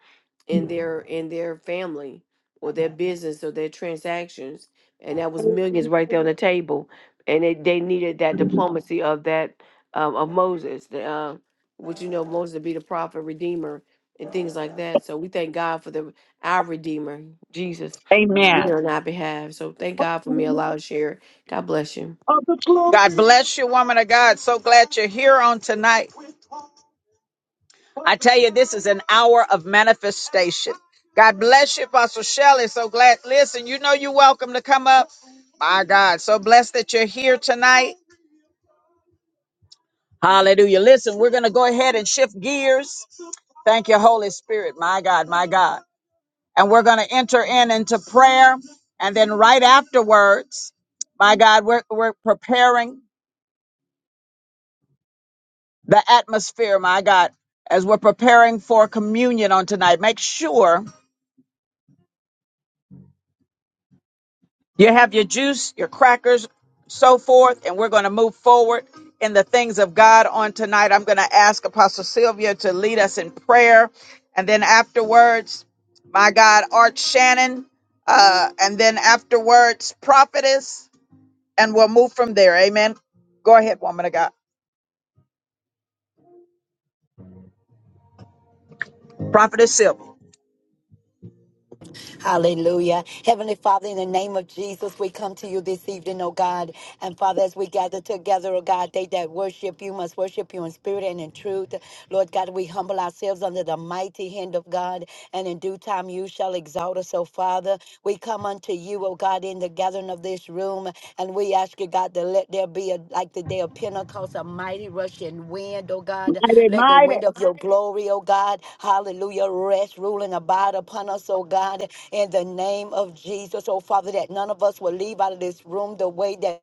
[SPEAKER 8] in their in their family or their business or their transactions, and that was millions right there on the table. And they, they needed that diplomacy of that um, of Moses, the, uh, which you know Moses to be the prophet redeemer and things like that. So we thank God for the our redeemer Jesus speaking
[SPEAKER 1] Amen.
[SPEAKER 8] on our behalf. So thank God for me allowed to share. God bless you.
[SPEAKER 1] of the glory. God glory. bless you, woman of God. So glad you're here on tonight. I tell you, this is an hour of manifestation. God bless you, Apostle Shelley. So glad. Listen, you know you're welcome to come up. My God, so blessed that you're here tonight. Hallelujah. Listen, we're going to go ahead and shift gears. Thank you, Holy Spirit. My God, my God. And we're going to enter in into prayer. And then right afterwards, my God, we're, we're preparing. the atmosphere, my God, as we're preparing for communion on tonight. Make sure you have your juice, your crackers, so forth, and we're going to move forward in the things of God on tonight. I'm going to ask Apostle Sylvia to lead us in prayer. And then afterwards, my God, Art Shannon. Uh, and then afterwards, Prophetess. And we'll move from there. Amen. Go ahead, woman of God. Prophetess Sylvia,
[SPEAKER 3] Hallelujah. Heavenly Father, in the name of Jesus, we come to you this evening, oh God. And Father, as we gather together, oh God, they that worship you must worship you in spirit and in truth. Lord God, we humble ourselves under the mighty hand of God, and in due time you shall exalt us, oh Father. We come unto you, oh God. God, in the gathering of this room. And we ask you, God, to let there be a, like the day of Pentecost, a mighty rushing wind, oh God. Let the wind of your glory, oh God, hallelujah, rest, rule, and abide upon us, oh God, in the name of Jesus, oh Father, that none of us will leave out of this room the way that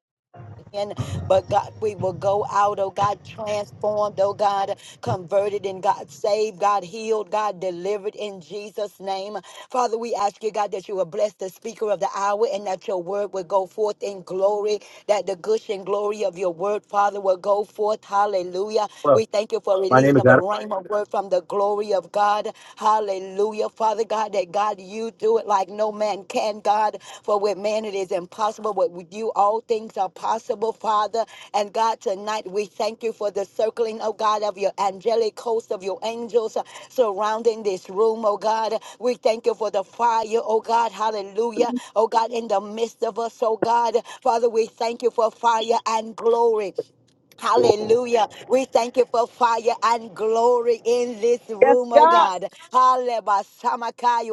[SPEAKER 3] in, but God, we will go out, oh God, transformed, oh God, converted and God saved, God healed, God delivered in Jesus' name. Father, we ask you, God, that you will bless the speaker of the hour and that your word will go forth in glory, that the gushing glory of your word, Father, will go forth. Hallelujah.
[SPEAKER 1] Well,
[SPEAKER 3] We thank you for
[SPEAKER 1] my name
[SPEAKER 3] releasing
[SPEAKER 1] is
[SPEAKER 3] of a
[SPEAKER 1] Adam.
[SPEAKER 3] rhema word from the glory of God. Hallelujah. Father God, that God, you do it like no man can, God. For with man it is impossible, but with you all things are possible, Father. And God, tonight we thank you for the circling, oh God, of your angelic host, of your angels uh, surrounding this room, oh God. We thank you for the fire, oh God, hallelujah, oh God, in the midst of us, oh God. Father, we thank you for fire and glory. Hallelujah. We thank you for fire and glory in this room, oh God. Hallelujah.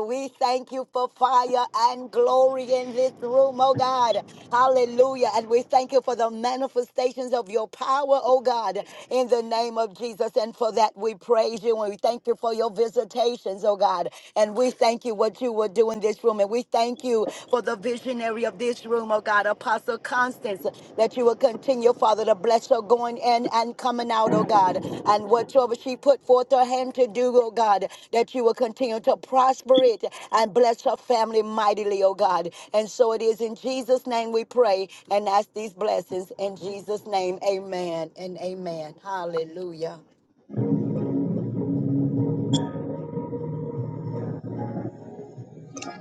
[SPEAKER 3] We thank you for fire and glory in this room, oh God. Hallelujah. And we thank you for the manifestations of your power, oh God, in the name of Jesus. And for that, we praise you and we thank you for your visitations, oh God. And we thank you what you will do in this room. And we we thank you for the visionary of this room, oh God, Apostle Constance, that you will continue, Father, to bless her going in and coming out, oh God. And whatsoever she put forth her hand to do, oh God, that you will continue to prosper it and bless her family mightily, oh God. And so it is in Jesus' name we pray and ask these blessings. In Jesus' name, amen and amen. Hallelujah.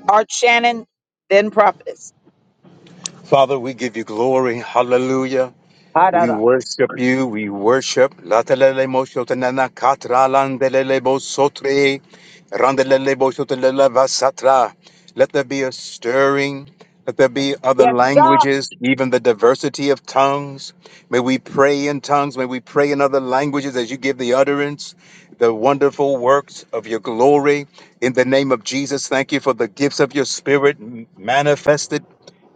[SPEAKER 1] Art Shannon, then Prophetess.
[SPEAKER 7] Father, we give you glory. Hallelujah. We worship you, we worship. Latalele moshotanana katra landelele bosotre, randelele boshotelele vasatra. Let there be a stirring. Let there be other languages, even the diversity of tongues. May we pray in tongues. May we pray in other languages as you give the utterance, the wonderful works of your glory. In the name of Jesus, thank you for the gifts of your spirit manifested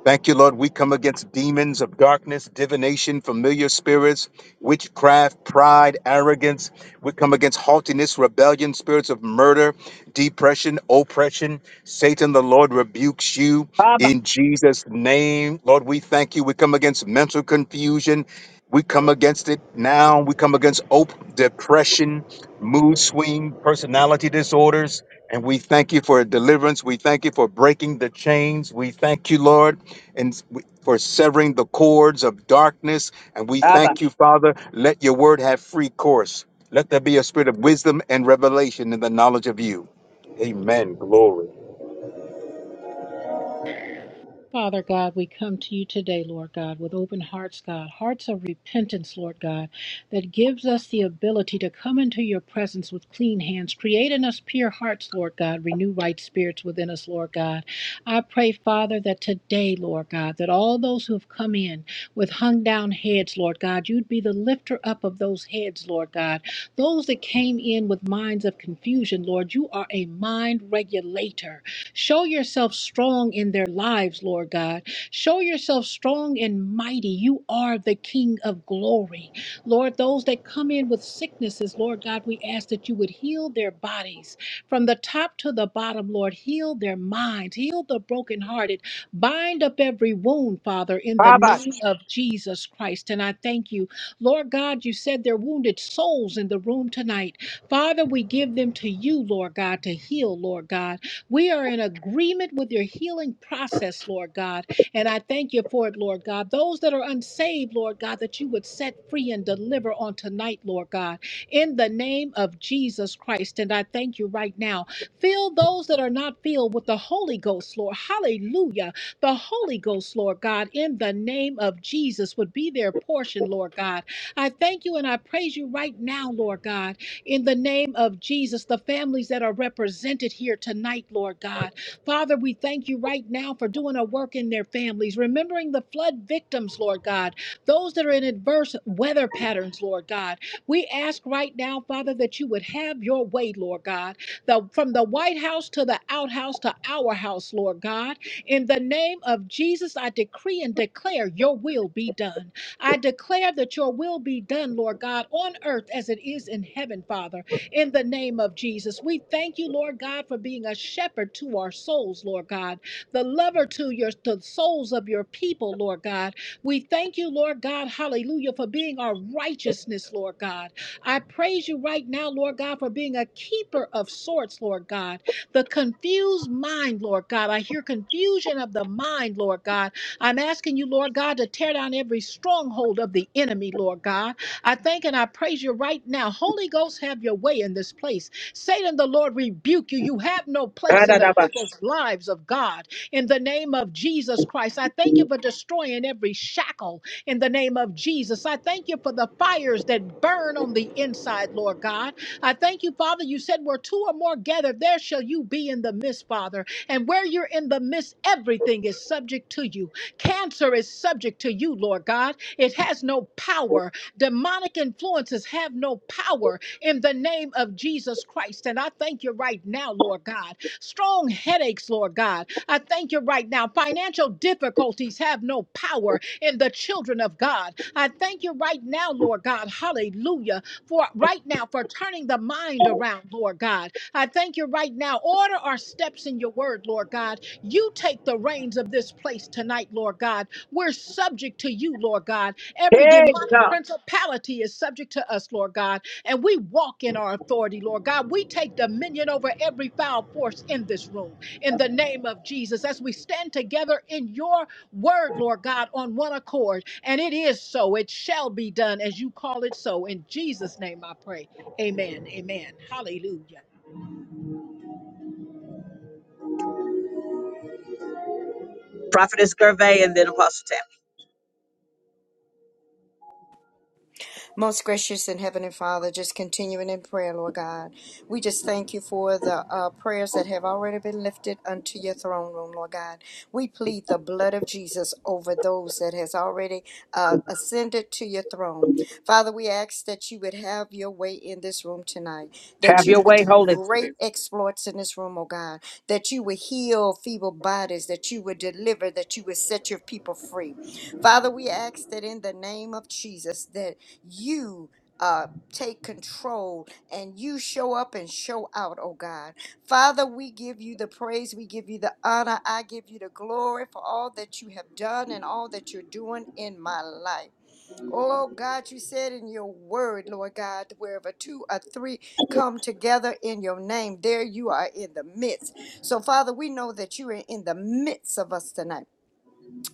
[SPEAKER 7] Thank you, Lord. We come against demons of darkness, divination, familiar spirits, witchcraft, pride, arrogance. We come against haughtiness, rebellion, spirits of murder, depression, oppression. Satan, the Lord rebukes you in Jesus' name. Lord, we thank you. We come against mental confusion. We come against it now. We come against op- depression, mood swing, personality disorders and we thank you for deliverance. We thank you for breaking the chains. We thank you, Lord, and s- we- for severing the cords of darkness. And we thank you, Father. Let your word have free course. Let there be a spirit of wisdom and revelation in the knowledge of you. Amen. Glory.
[SPEAKER 5] Father God, we come to you today, Lord God, with open hearts, God, hearts of repentance, Lord God, that gives us the ability to come into your presence with clean hands. Create in us pure hearts, Lord God. Renew right spirits within us, Lord God. I pray, Father, that today, Lord God, that all those who have come in with hung down heads, Lord God, you'd be the lifter up of those heads, Lord God. Those that came in with minds of confusion, Lord, you are a mind regulator. Show yourself strong in their lives, Lord God. Show yourself strong and mighty. You are the King of glory. Lord, those that come in with sicknesses, Lord God, we ask that you would heal their bodies from the top to the bottom, Lord. Heal their minds, heal the brokenhearted, bind up every wound, Father, in the name of Jesus Christ. And I thank you, Lord God, you said there are wounded souls in the room tonight. Father, we give them to you, Lord God, to heal, Lord God. We are in agreement with your healing process, Lord God. And I thank you for it, Lord God. Those that are unsaved, Lord God, that you would set free and deliver on tonight, Lord God, in the name of Jesus Christ. And I thank you right now. Fill those that are not filled with the Holy Ghost, Lord. Hallelujah. The Holy Ghost, Lord God, in the name of Jesus would be their portion, Lord God. I thank you and I praise you right now, Lord God in the name of Jesus, the families that are represented here tonight, Lord God. Father, we thank you right now for doing a work in their families, remembering the flood victims, Lord God, those that are in adverse weather patterns, Lord God. We ask right now, Father, that you would have your way, Lord God, the, from the White House to the outhouse to our house, Lord God. In the name of Jesus, I decree and declare your will be done. I declare that your will be done, Lord God, on earth as it is in heaven, Father, in the name of Jesus. We thank you, Lord God, for being a shepherd to our souls, Lord God, the lover to your to the souls of your people, Lord God. We thank you, Lord God, hallelujah, for being our righteousness, Lord God. I praise you right now, Lord God, for being a keeper of sorts, Lord God. The confused mind, Lord God. I hear confusion of the mind, Lord God I'm asking you, Lord God, to tear down every stronghold of the enemy, Lord God. I thank and I praise you right now. Holy Ghost, have your way in this place. Satan, the Lord rebuke you. You have no
[SPEAKER 1] ra
[SPEAKER 5] place in
[SPEAKER 1] da
[SPEAKER 5] the
[SPEAKER 1] da ba
[SPEAKER 5] people's lives of God. In the name of Jesus Christ, I thank you for destroying every shackle in the name of Jesus. I thank you for the fires that burn on the inside, Lord God. I thank you, Father. You said, where two or more gathered, there shall you be in the midst, Father. And where you're in the midst, everything is subject to you. Cancer is subject to you, Lord God. It has no power. Demonic influences have no power in the name of Jesus Christ. And I thank you right now, Lord God. Strong headaches, Lord God. I thank you right now. Financial difficulties have no power in the children of God. I thank you right now, Lord God. Hallelujah. For right now, for turning the mind around, Lord God. I thank you right now. Order our steps in your word, Lord God you take the reins of this place tonight, Lord God. We're subject to you, Lord God. Every demonic principality is subject to us, Lord God. And we walk in our authority, Lord God. We take dominion over every foul force in this room in the name of Jesus as we stand together in your word, Lord God, on one accord. And it is so. It shall be done as you call it so. In Jesus' name I pray. Amen. Amen. Hallelujah.
[SPEAKER 1] Prophetess Gervais and then Apostle Tammy.
[SPEAKER 6] Most gracious and heavenly Father, just continuing in prayer, Lord God. We just thank you for the uh, prayers that have already been lifted unto your throne room, Lord God. We plead the blood of Jesus over those that has already uh, ascended to your throne. Father, we ask that you would have your way in this room tonight, that
[SPEAKER 1] Have
[SPEAKER 6] you
[SPEAKER 1] your
[SPEAKER 6] would
[SPEAKER 1] way,
[SPEAKER 6] do
[SPEAKER 1] Holy
[SPEAKER 6] great
[SPEAKER 1] Spirit.
[SPEAKER 6] exploits in this room, oh God, that you would heal feeble bodies, that you would deliver, that you would set your people free. Father, we ask that in the name of Jesus, that you uh, take control and you show up and show out, oh God. Father, we give you the praise, we give you the honor, I give you the glory for all that you have done and all that you're doing in my life. Oh God, you said in your word, Lord God, wherever two or three come together in your name, there you are in the midst. So, Father, we know that you are in the midst of us tonight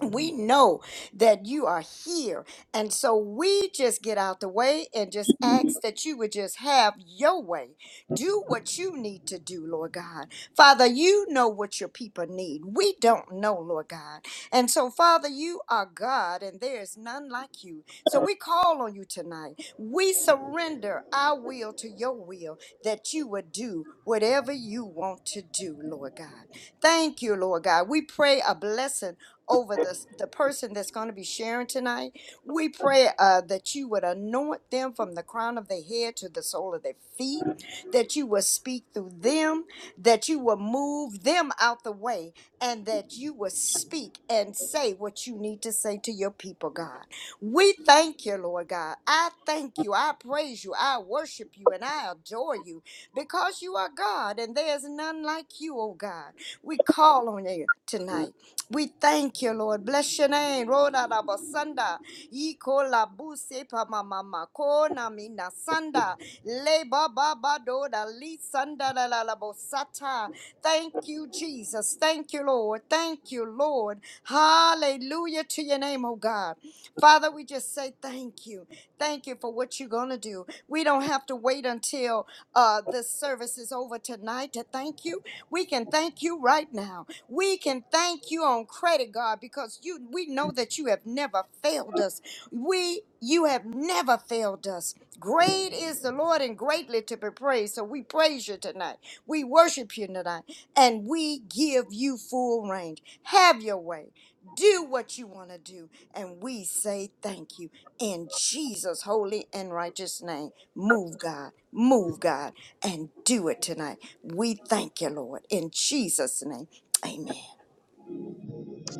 [SPEAKER 6] we know that you are here. And so we just get out the way and just ask that you would just have your way. Do what you need to do, Lord God. Father, you know what your people need. We don't know, Lord God. And so, Father, you are God and there is none like you. So we call on you tonight. We surrender our will to your will that you would do whatever you want to do, Lord God. Thank you, Lord God. We pray a blessing over the the person that's going to be sharing tonight. We pray uh, that you would anoint them from the crown of their head to the sole of their feet, that you will speak through them, that you will move them out the way, and that you will speak and say what you need to say to your people, God. We thank you, Lord God. I thank you. I praise you. I worship you and I adore you because you are God and there's none like you, oh God. We call on you tonight. We thank you, Lord. Bless your name. Rona Rabasanda. Ikola buse pa mama. Kona mina sanda. Le baba bado da Li sanda la la la bosata. Thank you, Jesus. Thank you, Lord. Thank you, Lord. Hallelujah to your name, oh God. Father, we just say thank you. Thank you for what you're going to do. We don't have to wait until uh, the service is over tonight to thank you. We can thank you right now. We can thank you on credit, God, because you we know that you have never failed us. We you have never failed us. Great is the Lord and greatly to be praised. So we praise you tonight. We worship you tonight. And we give you full range. Have your way. Do what you want to do. And we say thank you in Jesus' holy and righteous name. Move, God. Move, God. And do it tonight. We thank you, Lord, in Jesus' name. Amen.